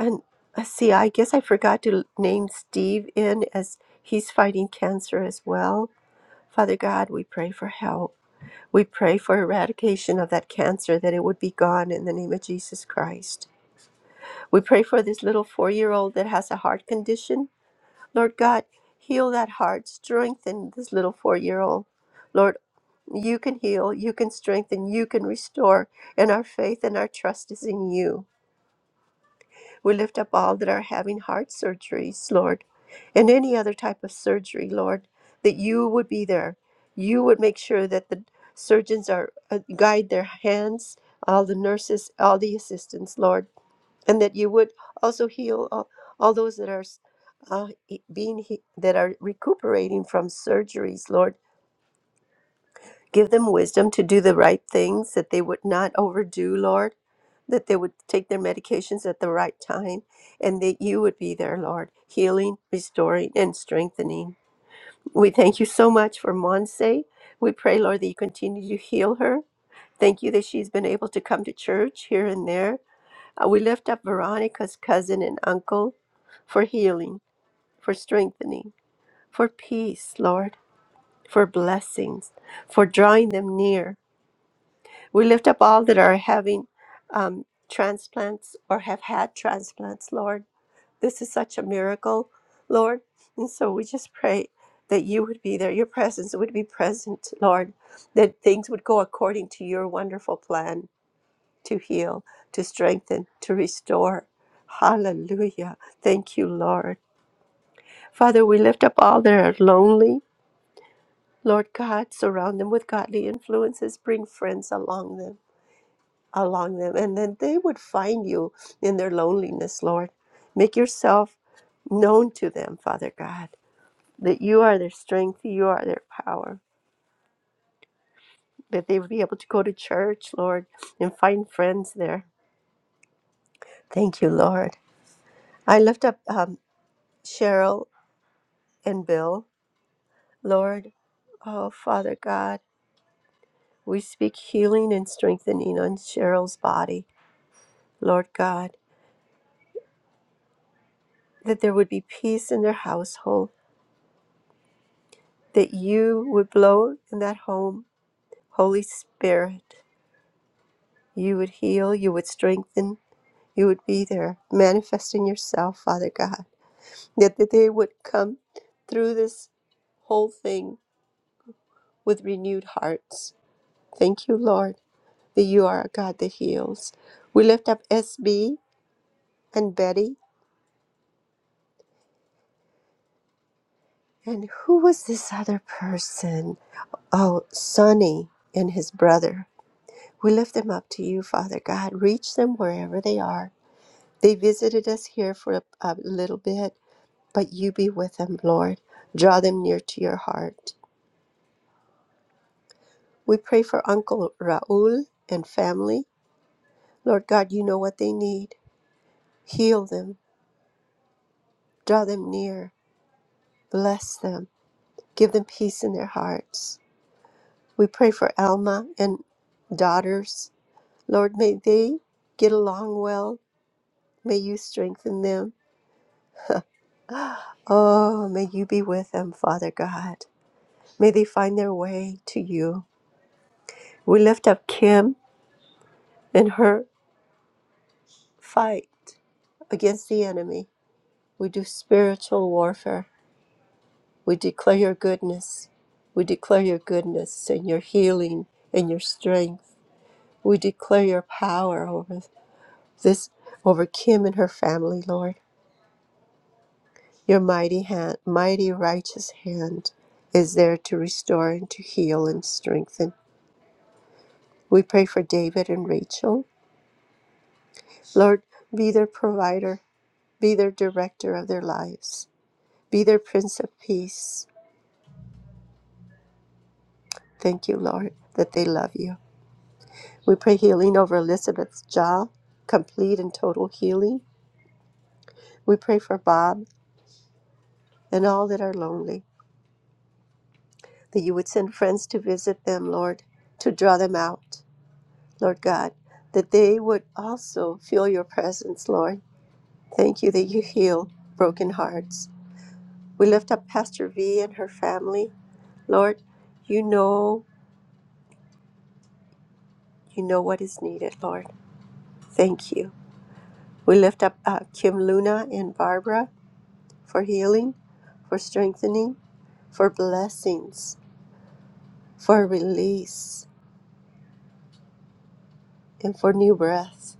S12: And uh, see, I guess I forgot to name Steve in as he's fighting cancer as well. Father God, we pray for help. We pray for eradication of that cancer, that it would be gone in the name of Jesus Christ. We pray for this little four year old that has a heart condition. Lord God, heal that heart, strengthen this little four year old. Lord, you can heal, you can strengthen, you can restore, and our faith and our trust is in you. We lift up all that are having heart surgeries, Lord, and any other type of surgery, Lord, that you would be there. You would make sure that the surgeons are uh, guide their hands, all the nurses, all the assistants, Lord, and that you would also heal all, all those that are uh, e- being he- that are recuperating from surgeries, Lord. Give them wisdom to do the right things, that they would not overdo, Lord, that they would take their medications at the right time, and that you would be there, Lord, healing, restoring, and strengthening. We thank you so much for Monse. We pray, Lord, that you continue to heal her. Thank you that she's been able to come to church here and there. Uh, we lift up Veronica's cousin and uncle for healing, for strengthening, for peace, Lord, for blessings, for drawing them near. We lift up all that are having um, transplants or have had transplants, Lord. This is such a miracle, Lord. And so we just pray that you would be there, your presence would be present, Lord, that things would go according to your wonderful plan to heal, to strengthen, to restore. Hallelujah. Thank you, Lord. Father, we lift up all that are lonely. Lord God, surround them with godly influences, bring friends along them. along them, and then they would find you in their loneliness, Lord. Make yourself known to them, Father God, that you are their strength, you are their power, that they would be able to go to church, Lord, and find friends there. Thank you, Lord. I lift up um, Cheryl and Bill, Lord. Oh, Father God, we speak healing and strengthening on Cheryl's body, Lord God, that there would be peace in their household that you would blow in that home. Holy Spirit, you would heal, you would strengthen, you would be there, manifesting yourself, Father God. That, that they would come through this whole thing with renewed hearts. Thank you, Lord, that you are a God that heals. We lift up SB and Betty. And who was this other person? Oh, Sonny and his brother. We lift them up to you, Father God. Reach them wherever they are They visited us here for a, a little bit, but you be with them, Lord. Draw them near to your heart. We pray for Uncle Raul and family. Lord God, you know what they need. Heal them, draw them near, bless them, give them peace in their hearts. We pray for Alma and daughters. Lord, may they get along well. May you strengthen them. Oh, may you be with them, Father God. May they find their way to you. We lift up Kim in her fight against the enemy. We do spiritual warfare. We declare your goodness. We declare your goodness and your healing and your strength. We declare your power over this, over Kim and her family, Lord. Your mighty hand, mighty righteous hand is there to restore and to heal and strengthen. We pray for David and Rachel. Lord, be their provider, be their director of their lives. Be their Prince of Peace. Thank you, Lord, that they love you. We pray healing over Elizabeth's jaw, complete and total healing. We pray for Bob and all that are lonely, that you would send friends to visit them, Lord, to draw them out, Lord God, that they would also feel your presence, Lord. Thank you that you heal broken hearts. We lift up Pastor V and her family. Lord, you know, you know what is needed, Lord. Thank you. We lift up uh, Kim Luna and Barbara for healing, for strengthening, for blessings, for release, and for new breath.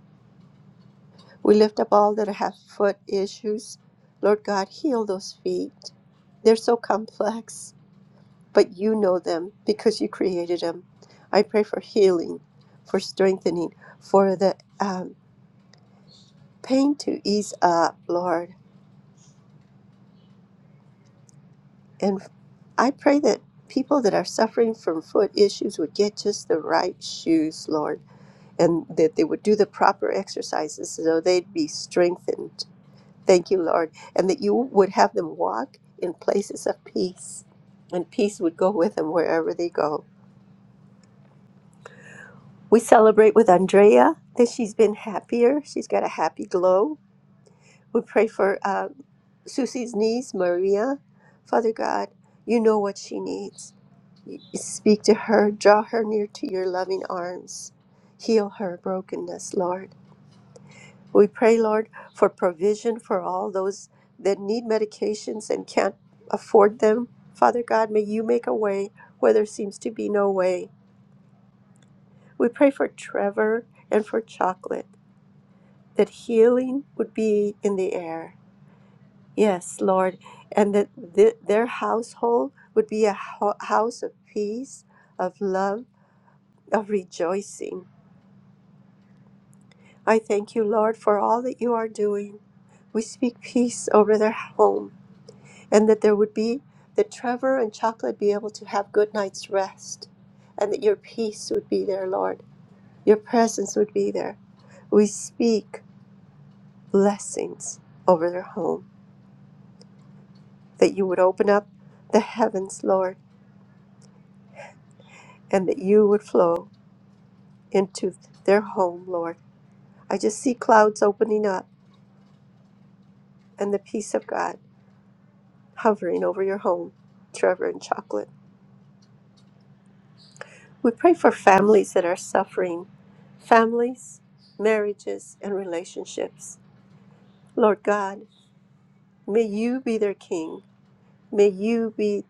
S12: We lift up all that have foot issues. Lord God, heal those feet. They're so complex, but you know them because you created them. I pray for healing, for strengthening, for the um, pain to ease up, Lord And I pray that people that are suffering from foot issues would get just the right shoes, Lord, and that they would do the proper exercises so they'd be strengthened. Thank you, Lord. And that you would have them walk in places of peace, and peace would go with them wherever they go. We celebrate with Andrea that she's been happier. She's got a happy glow. We pray for uh, Susie's niece, Maria. Father God, you know what she needs. Speak to her, draw her near to your loving arms. Heal her brokenness, Lord. We pray, Lord, for provision for all those that need medications and can't afford them. Father God, may you make a way where there seems to be no way. We pray for Trevor and for Chocolate, that healing would be in the air. Yes, Lord, and that th- their household would be a ho- house of peace, of love, of rejoicing. I thank you, Lord, for all that you are doing. We speak peace over their home and that there would be, that Trevor and Chocolate be able to have good night's rest and that your peace would be there, Lord. Your presence would be there. We speak blessings over their home, that you would open up the heavens, Lord, and that you would flow into their home, Lord. I just see clouds opening up and the peace of God hovering over your home, Trevor and Chocolate. We pray for families that are suffering, families, marriages, and relationships. Lord God, may you be their king. May you be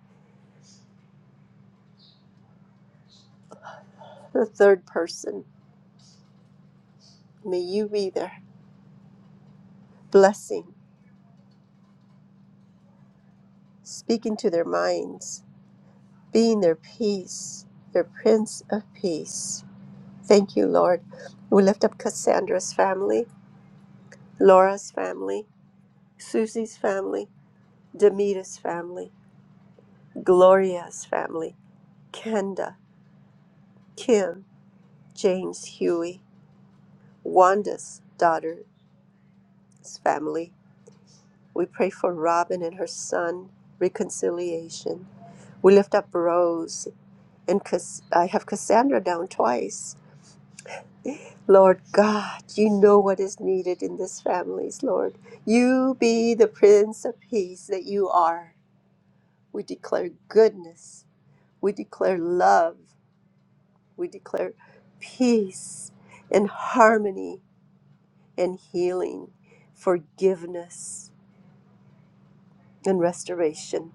S12: the third person. May you be their blessing, speaking to their minds, being their peace, their Prince of Peace. Thank you, Lord. We lift up Cassandra's family, Laura's family, Susie's family, Demita's family, Gloria's family, Kenda, Kim. James Huey, Wanda's daughter's family. We pray for Robin and her son, reconciliation. We lift up Rose, and Cass- I have Cassandra down twice. Lord God, you know what is needed in these families, Lord. You be the Prince of Peace that you are. We declare goodness. We declare love. We declare peace and harmony and healing, forgiveness. and restoration.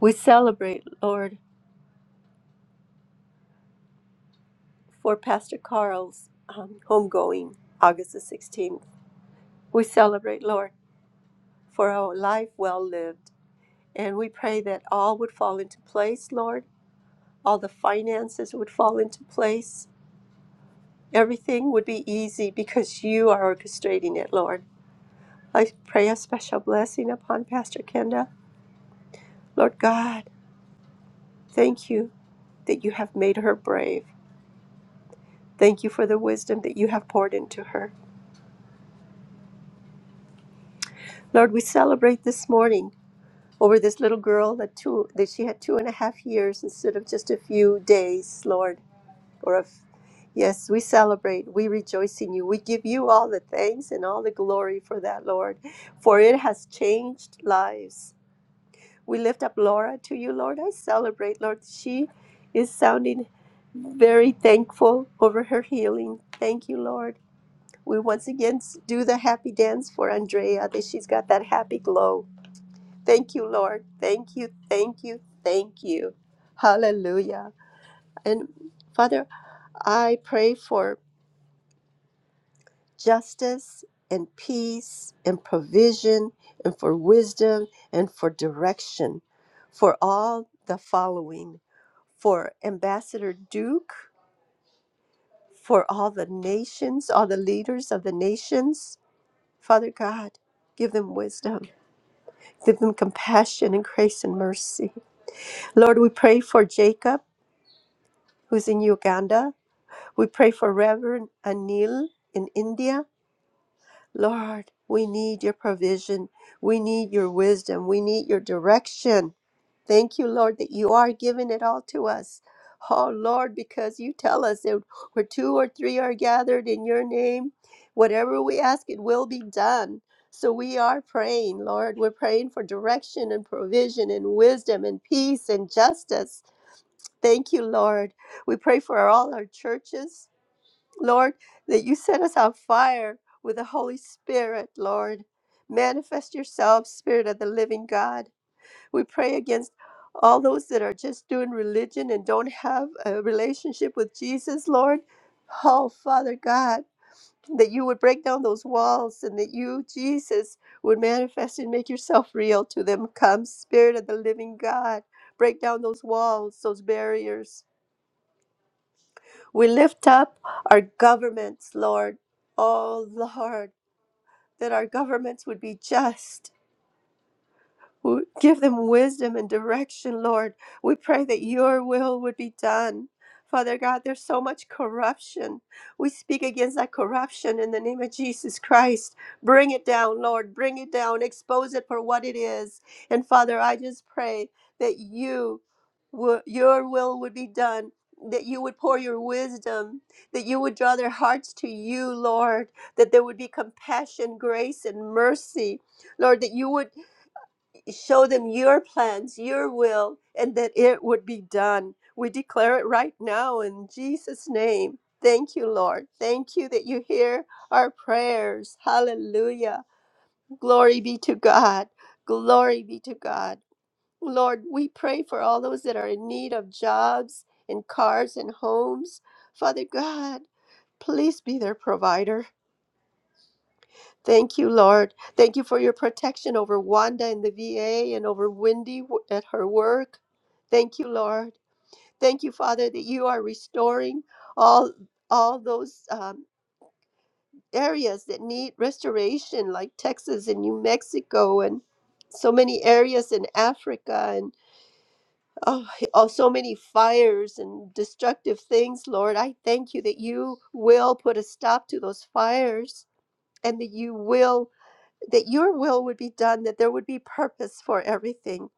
S12: We celebrate, Lord, for Pastor Carl's um, homegoing August the 16th. We celebrate, Lord, for our life well lived. And we pray that all would fall into place, Lord. All the finances would fall into place. Everything would be easy because you are orchestrating it, Lord. I pray a special blessing upon Pastor Kenda. Lord God, thank you that you have made her brave. Thank you for the wisdom that you have poured into her. Lord, we celebrate this morning over this little girl that two that she had two and a half years instead of just a few days, Lord, or of yes, we celebrate, we rejoice in you. We give you all the thanks and all the glory for that, Lord, for it has changed lives. We lift up Laura to you, Lord. I celebrate, Lord. She is sounding very thankful over her healing. Thank you, Lord. We once again s- do the happy dance for Andrea that she's got that happy glow. Thank you, Lord. Thank you, thank you, thank you. Hallelujah. And Father, I pray for justice and peace and provision and for wisdom and for direction for all the following for Ambassador Duke, for all the nations, all the leaders of the nations. Father God, give them wisdom, give them compassion and grace and mercy. Lord, we pray for Jacob. who's in Uganda. We pray for Reverend Anil in India. Lord, we need your provision. We need your wisdom. We need your direction. Thank you, Lord, that you are giving it all to us. Oh, Lord, because you tell us that where two or three are gathered in your name, whatever we ask, it will be done. So we are praying, Lord. We're praying for direction and provision and wisdom and peace and justice. Thank you, Lord. We pray for all our churches, Lord, that you set us on fire with the Holy Spirit, Lord. Manifest yourself, Spirit of the living God. We pray against all those that are just doing religion and don't have a relationship with Jesus, Lord. Oh, Father God, that you would break down those walls and that you, Jesus, would manifest and make yourself real to them. Come, Spirit of the living God, break down those walls, those barriers. We lift up our governments, Lord. Oh, Lord, that our governments would be just W- Give them wisdom and direction, Lord. We pray that your will would be done. Father God, there's so much corruption. We speak against that corruption in the name of Jesus Christ. Bring it down, Lord. Bring it down. Expose it for what it is. And Father, I just pray that you wo- your will would be done, that you would pour your wisdom, that you would draw their hearts to you, Lord, that there would be compassion, grace, and mercy. Lord, that you would show them your plans, your will, and that it would be done. We declare it right now in Jesus' name. Thank you, Lord. Thank you that you hear our prayers. Hallelujah. Glory be to God. Glory be to God. Lord, we pray for all those that are in need of jobs and cars and homes. Father God, please be their provider. Thank you, Lord. Thank you for your protection over Wanda and the VA and over Wendy w- at her work. Thank you, Lord. Thank you, Father, that you are restoring all all those um, areas that need restoration, like Texas and New Mexico, and so many areas in Africa, and oh, oh, so many fires and destructive things, Lord. I thank you that you will put a stop to those fires and that you will that your will would be done, that there would be purpose for everything.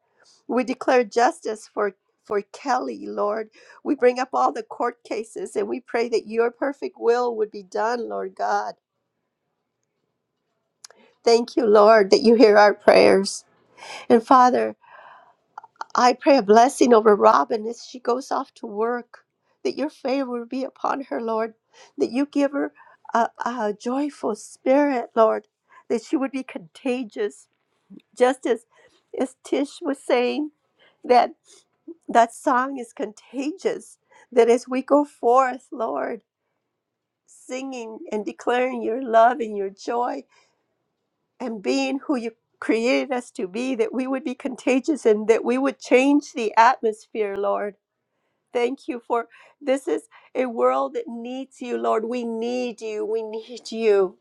S12: We declare justice for for Kelly, Lord. We bring up all the court cases and we pray that your perfect will would be done, Lord God. Thank you, Lord, that you hear our prayers. And Father, I pray a blessing over Robin as she goes off to work, that your favor would be upon her, Lord, that you give her a, a joyful spirit, Lord, that she would be contagious Just as, as Tish was saying, that that song is contagious. That as we go forth, Lord, singing and declaring your love and your joy and being who you created us to be, that we would be contagious and that we would change the atmosphere, Lord. Thank you for this is a world that needs you, Lord. We need you. We need you.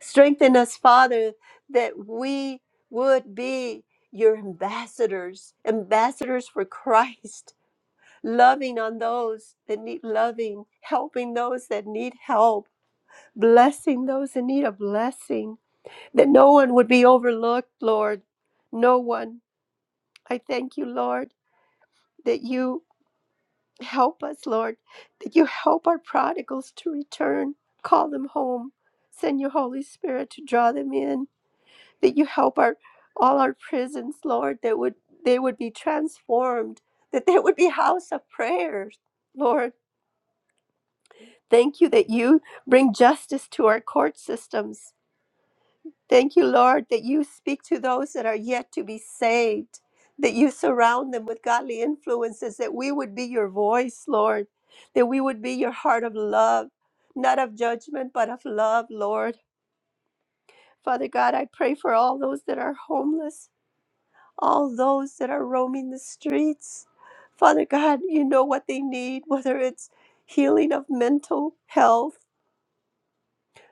S12: Strengthen us, Father, that we would be your ambassadors, ambassadors for Christ, loving on those that need loving, helping those that need help, blessing those in need of blessing, that no one would be overlooked, Lord. No one. I thank you, Lord, that you help us, Lord, that you help our prodigals to return, call them home, send your Holy Spirit to draw them in. that you help our all our prisons, Lord, that would they would be transformed, that they would be house of prayers, Lord. Thank you that you bring justice to our court systems. Thank you, Lord, that you speak to those that are yet to be saved, that you surround them with godly influences, that we would be your voice, Lord, that we would be your heart of love, not of judgment, but of love, Lord. Father God, I pray for all those that are homeless. all those that are roaming the streets. Father God, you know what they need, whether it's healing of mental health,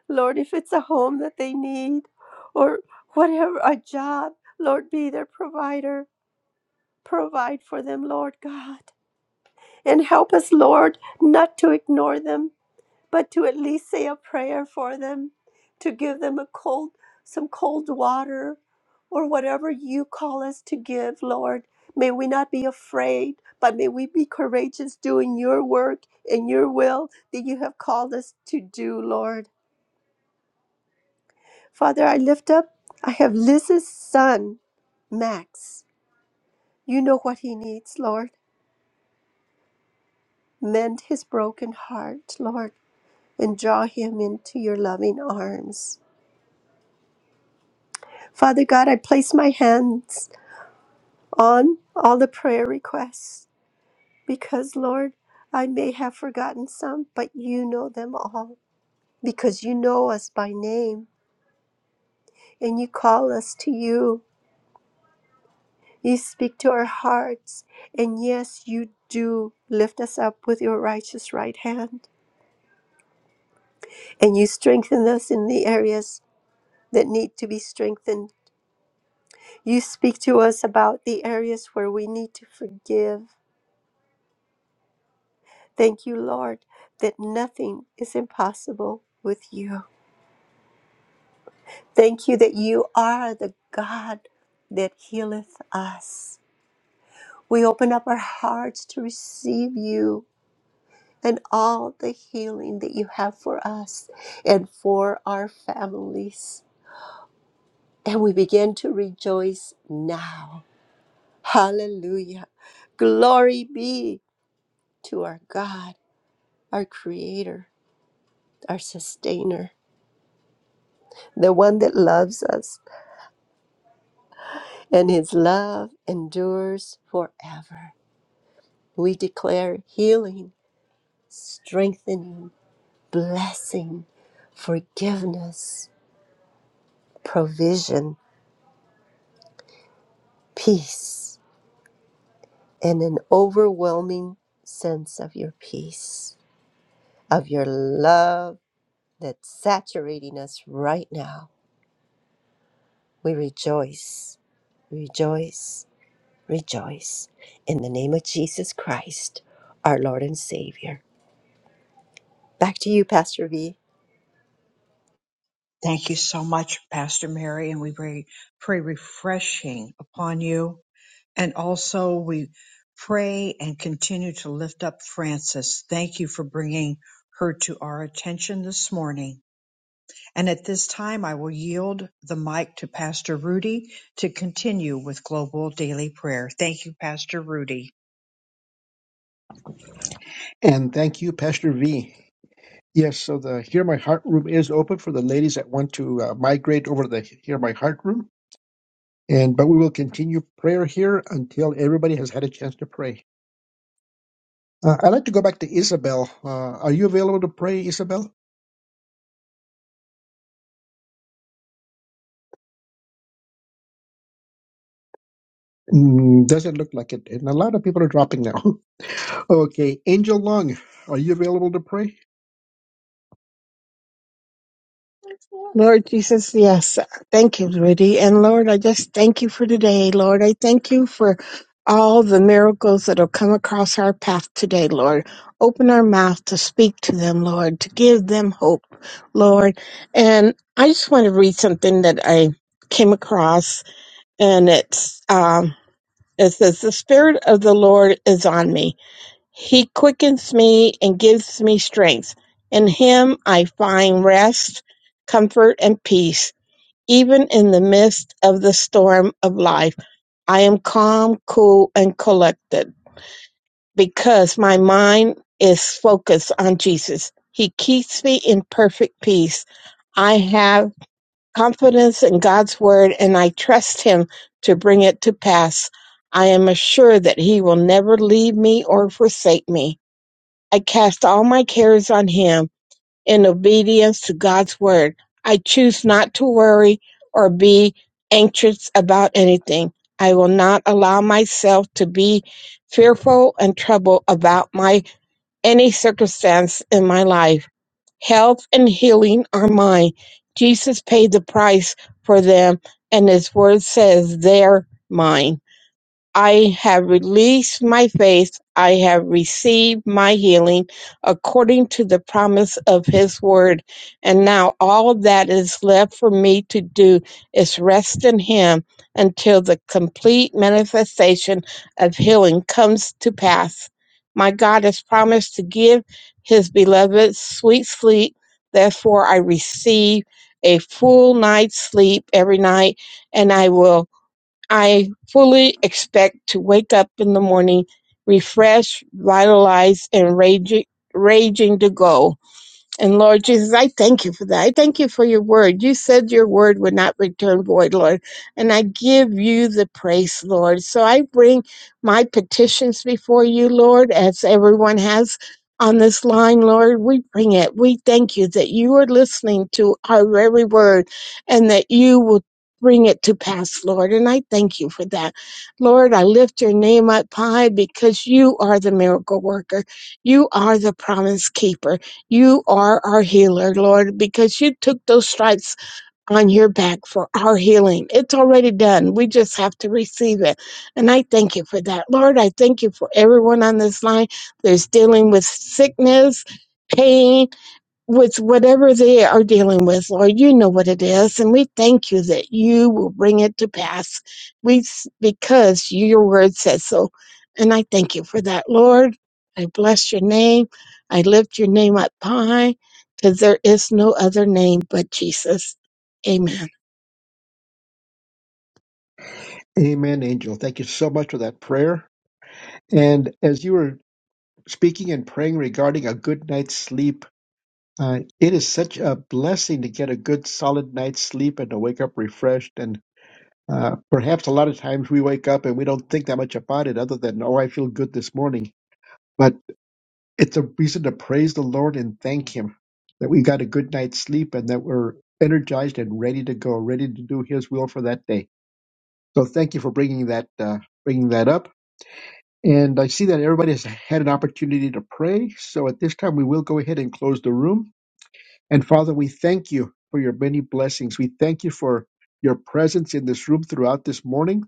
S12: Lord, if it's a home that they need, or whatever, a job, Lord, be their provider. Provide for them, Lord God. And help us, Lord, not to ignore them, but to at least say a prayer for them, to give them a cold, some cold water, or whatever you call us to give, Lord. May we not be afraid, but may we be courageous doing your work and your will that you have called us to do, Lord. Father, I lift up, I have Liz's son, Max. You know what he needs, Lord. Mend his broken heart, Lord, and draw him into your loving arms. Father God, I place my hands on all the prayer requests because, Lord, I may have forgotten some, but you know them all because you know us by name and you call us to you. You speak to our hearts, and yes, you do lift us up with your righteous right hand, and you strengthen us in the areas that need to be strengthened. You speak to us about the areas where we need to forgive Thank you, Lord, that nothing is impossible with you. Thank you that you are the God that healeth us. We open up our hearts to receive you and all the healing that you have for us and for our families. And we begin to rejoice now. Hallelujah. Glory be to our God, our Creator, our Sustainer, the one that loves us and his love endures forever. We declare healing, strengthening, blessing, forgiveness, provision, peace, and an overwhelming sense of your peace, of your love that's saturating us right now. We rejoice, rejoice, rejoice in the name of Jesus Christ, our Lord and Savior. Back to you, Pastor V.
S1: thank you so much pastor mary and we pray, pray refreshing upon you And also, we pray and continue to lift up Frances. Thank you for bringing her to our attention this morning. And at this time, I will yield the mic to Pastor Rudy to continue with Global Daily Prayer. Thank you, Pastor Rudy.
S2: And thank you, Pastor V. Yes, so the Hear My Heart room is open for the ladies that want to uh, migrate over to the Hear My Heart room. And but we will continue prayer here until everybody has had a chance to pray. Uh, I'd like to go back to Isabel. Uh, are you available to pray, Isabel? Mm, doesn't look like it. And a lot of people are dropping now. okay, Angel Lung, are you available to pray?
S14: Lord Jesus, thank us today for all the miracles that have come across our path today, Lord. Open our mouth to speak to them, Lord, to give them hope, Lord. And I just want to read something that I came across, and it's um, it says, "The Spirit of the Lord is on me. He quickens me and gives me strength. In Him I find rest, comfort, and peace." Even in the midst of the storm of life. I am calm, cool, and collected because my mind is focused on Jesus. He keeps me in perfect peace. I have confidence in God's word and I trust Him to bring it to pass. I am assured that He will never leave me or forsake me. I cast all my cares on Him in obedience to God's word. I choose not to worry or be anxious about anything. I will not allow myself to be fearful and troubled about my any circumstance in my life. Health and healing are mine. Jesus paid the price for them and his word says they're mine. I have released my faith. I have received my healing according to the promise of his word. And now all that is left for me to do is rest in him until the complete manifestation of healing comes to pass. My God has promised to give his beloved sweet sleep. Therefore, I receive a full night's sleep every night and I will I fully expect to wake up in the morning refreshed, vitalized, and raging, raging to go. And Lord Jesus, I thank you for that. I thank you for your word. You said your word would not return void, Lord. And I give you the praise, Lord. So I bring my petitions before you, Lord, as everyone has on this line, Lord. We bring it. We thank you that you are listening to our very word and that you will bring it to pass, Lord. And I thank you for that. Lord, I lift your name up high because you are the miracle worker. You are the promise keeper. You are our healer, Lord, because you took those stripes on your back for our healing. It's already done. We just have to receive it. And I thank you for that. Lord, I thank you for everyone on this line that's dealing with sickness, pain, with whatever they are dealing with, Lord, you know what it is, and we thank you that you will bring it to pass. We because you, your word says so, and I thank you for that, Lord. I bless your name. I lift your name up high, because there is no other name but Jesus. Amen.
S2: Amen, Angel. Thank you so much for that prayer. And as you were speaking and praying regarding a good night's sleep, uh, it is such a blessing to get a good, solid night's sleep and to wake up refreshed. and. Uh, perhaps a lot of times we wake up and we don't think that much about it other than, oh, I feel good this morning. But it's a reason to praise the Lord and thank Him that we got a good night's sleep and that we're energized and ready to go, ready to do His will for that day. So thank you for bringing that, uh, bringing that up. And I see that everybody has had an opportunity to pray. So at this time, we will go ahead and close the room. And Father, we thank you for your many blessings. We thank you for your presence in this room throughout this morning.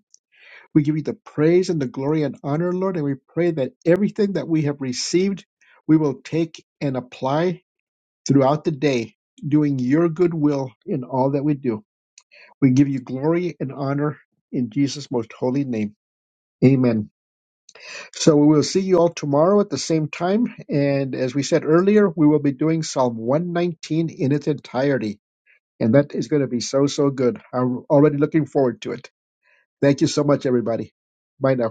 S2: We give you the praise and the glory and honor, Lord, and we pray that everything that we have received, we will take and apply throughout the day, doing your good will in all that we do. We give you glory and honor in Jesus' most holy name. Amen. So we will see you all tomorrow at the same time. And as we said earlier, we will be doing Psalm 119 in its entirety. And that is going to be so, so good. I'm already looking forward to it. Thank you so much, everybody. Bye now.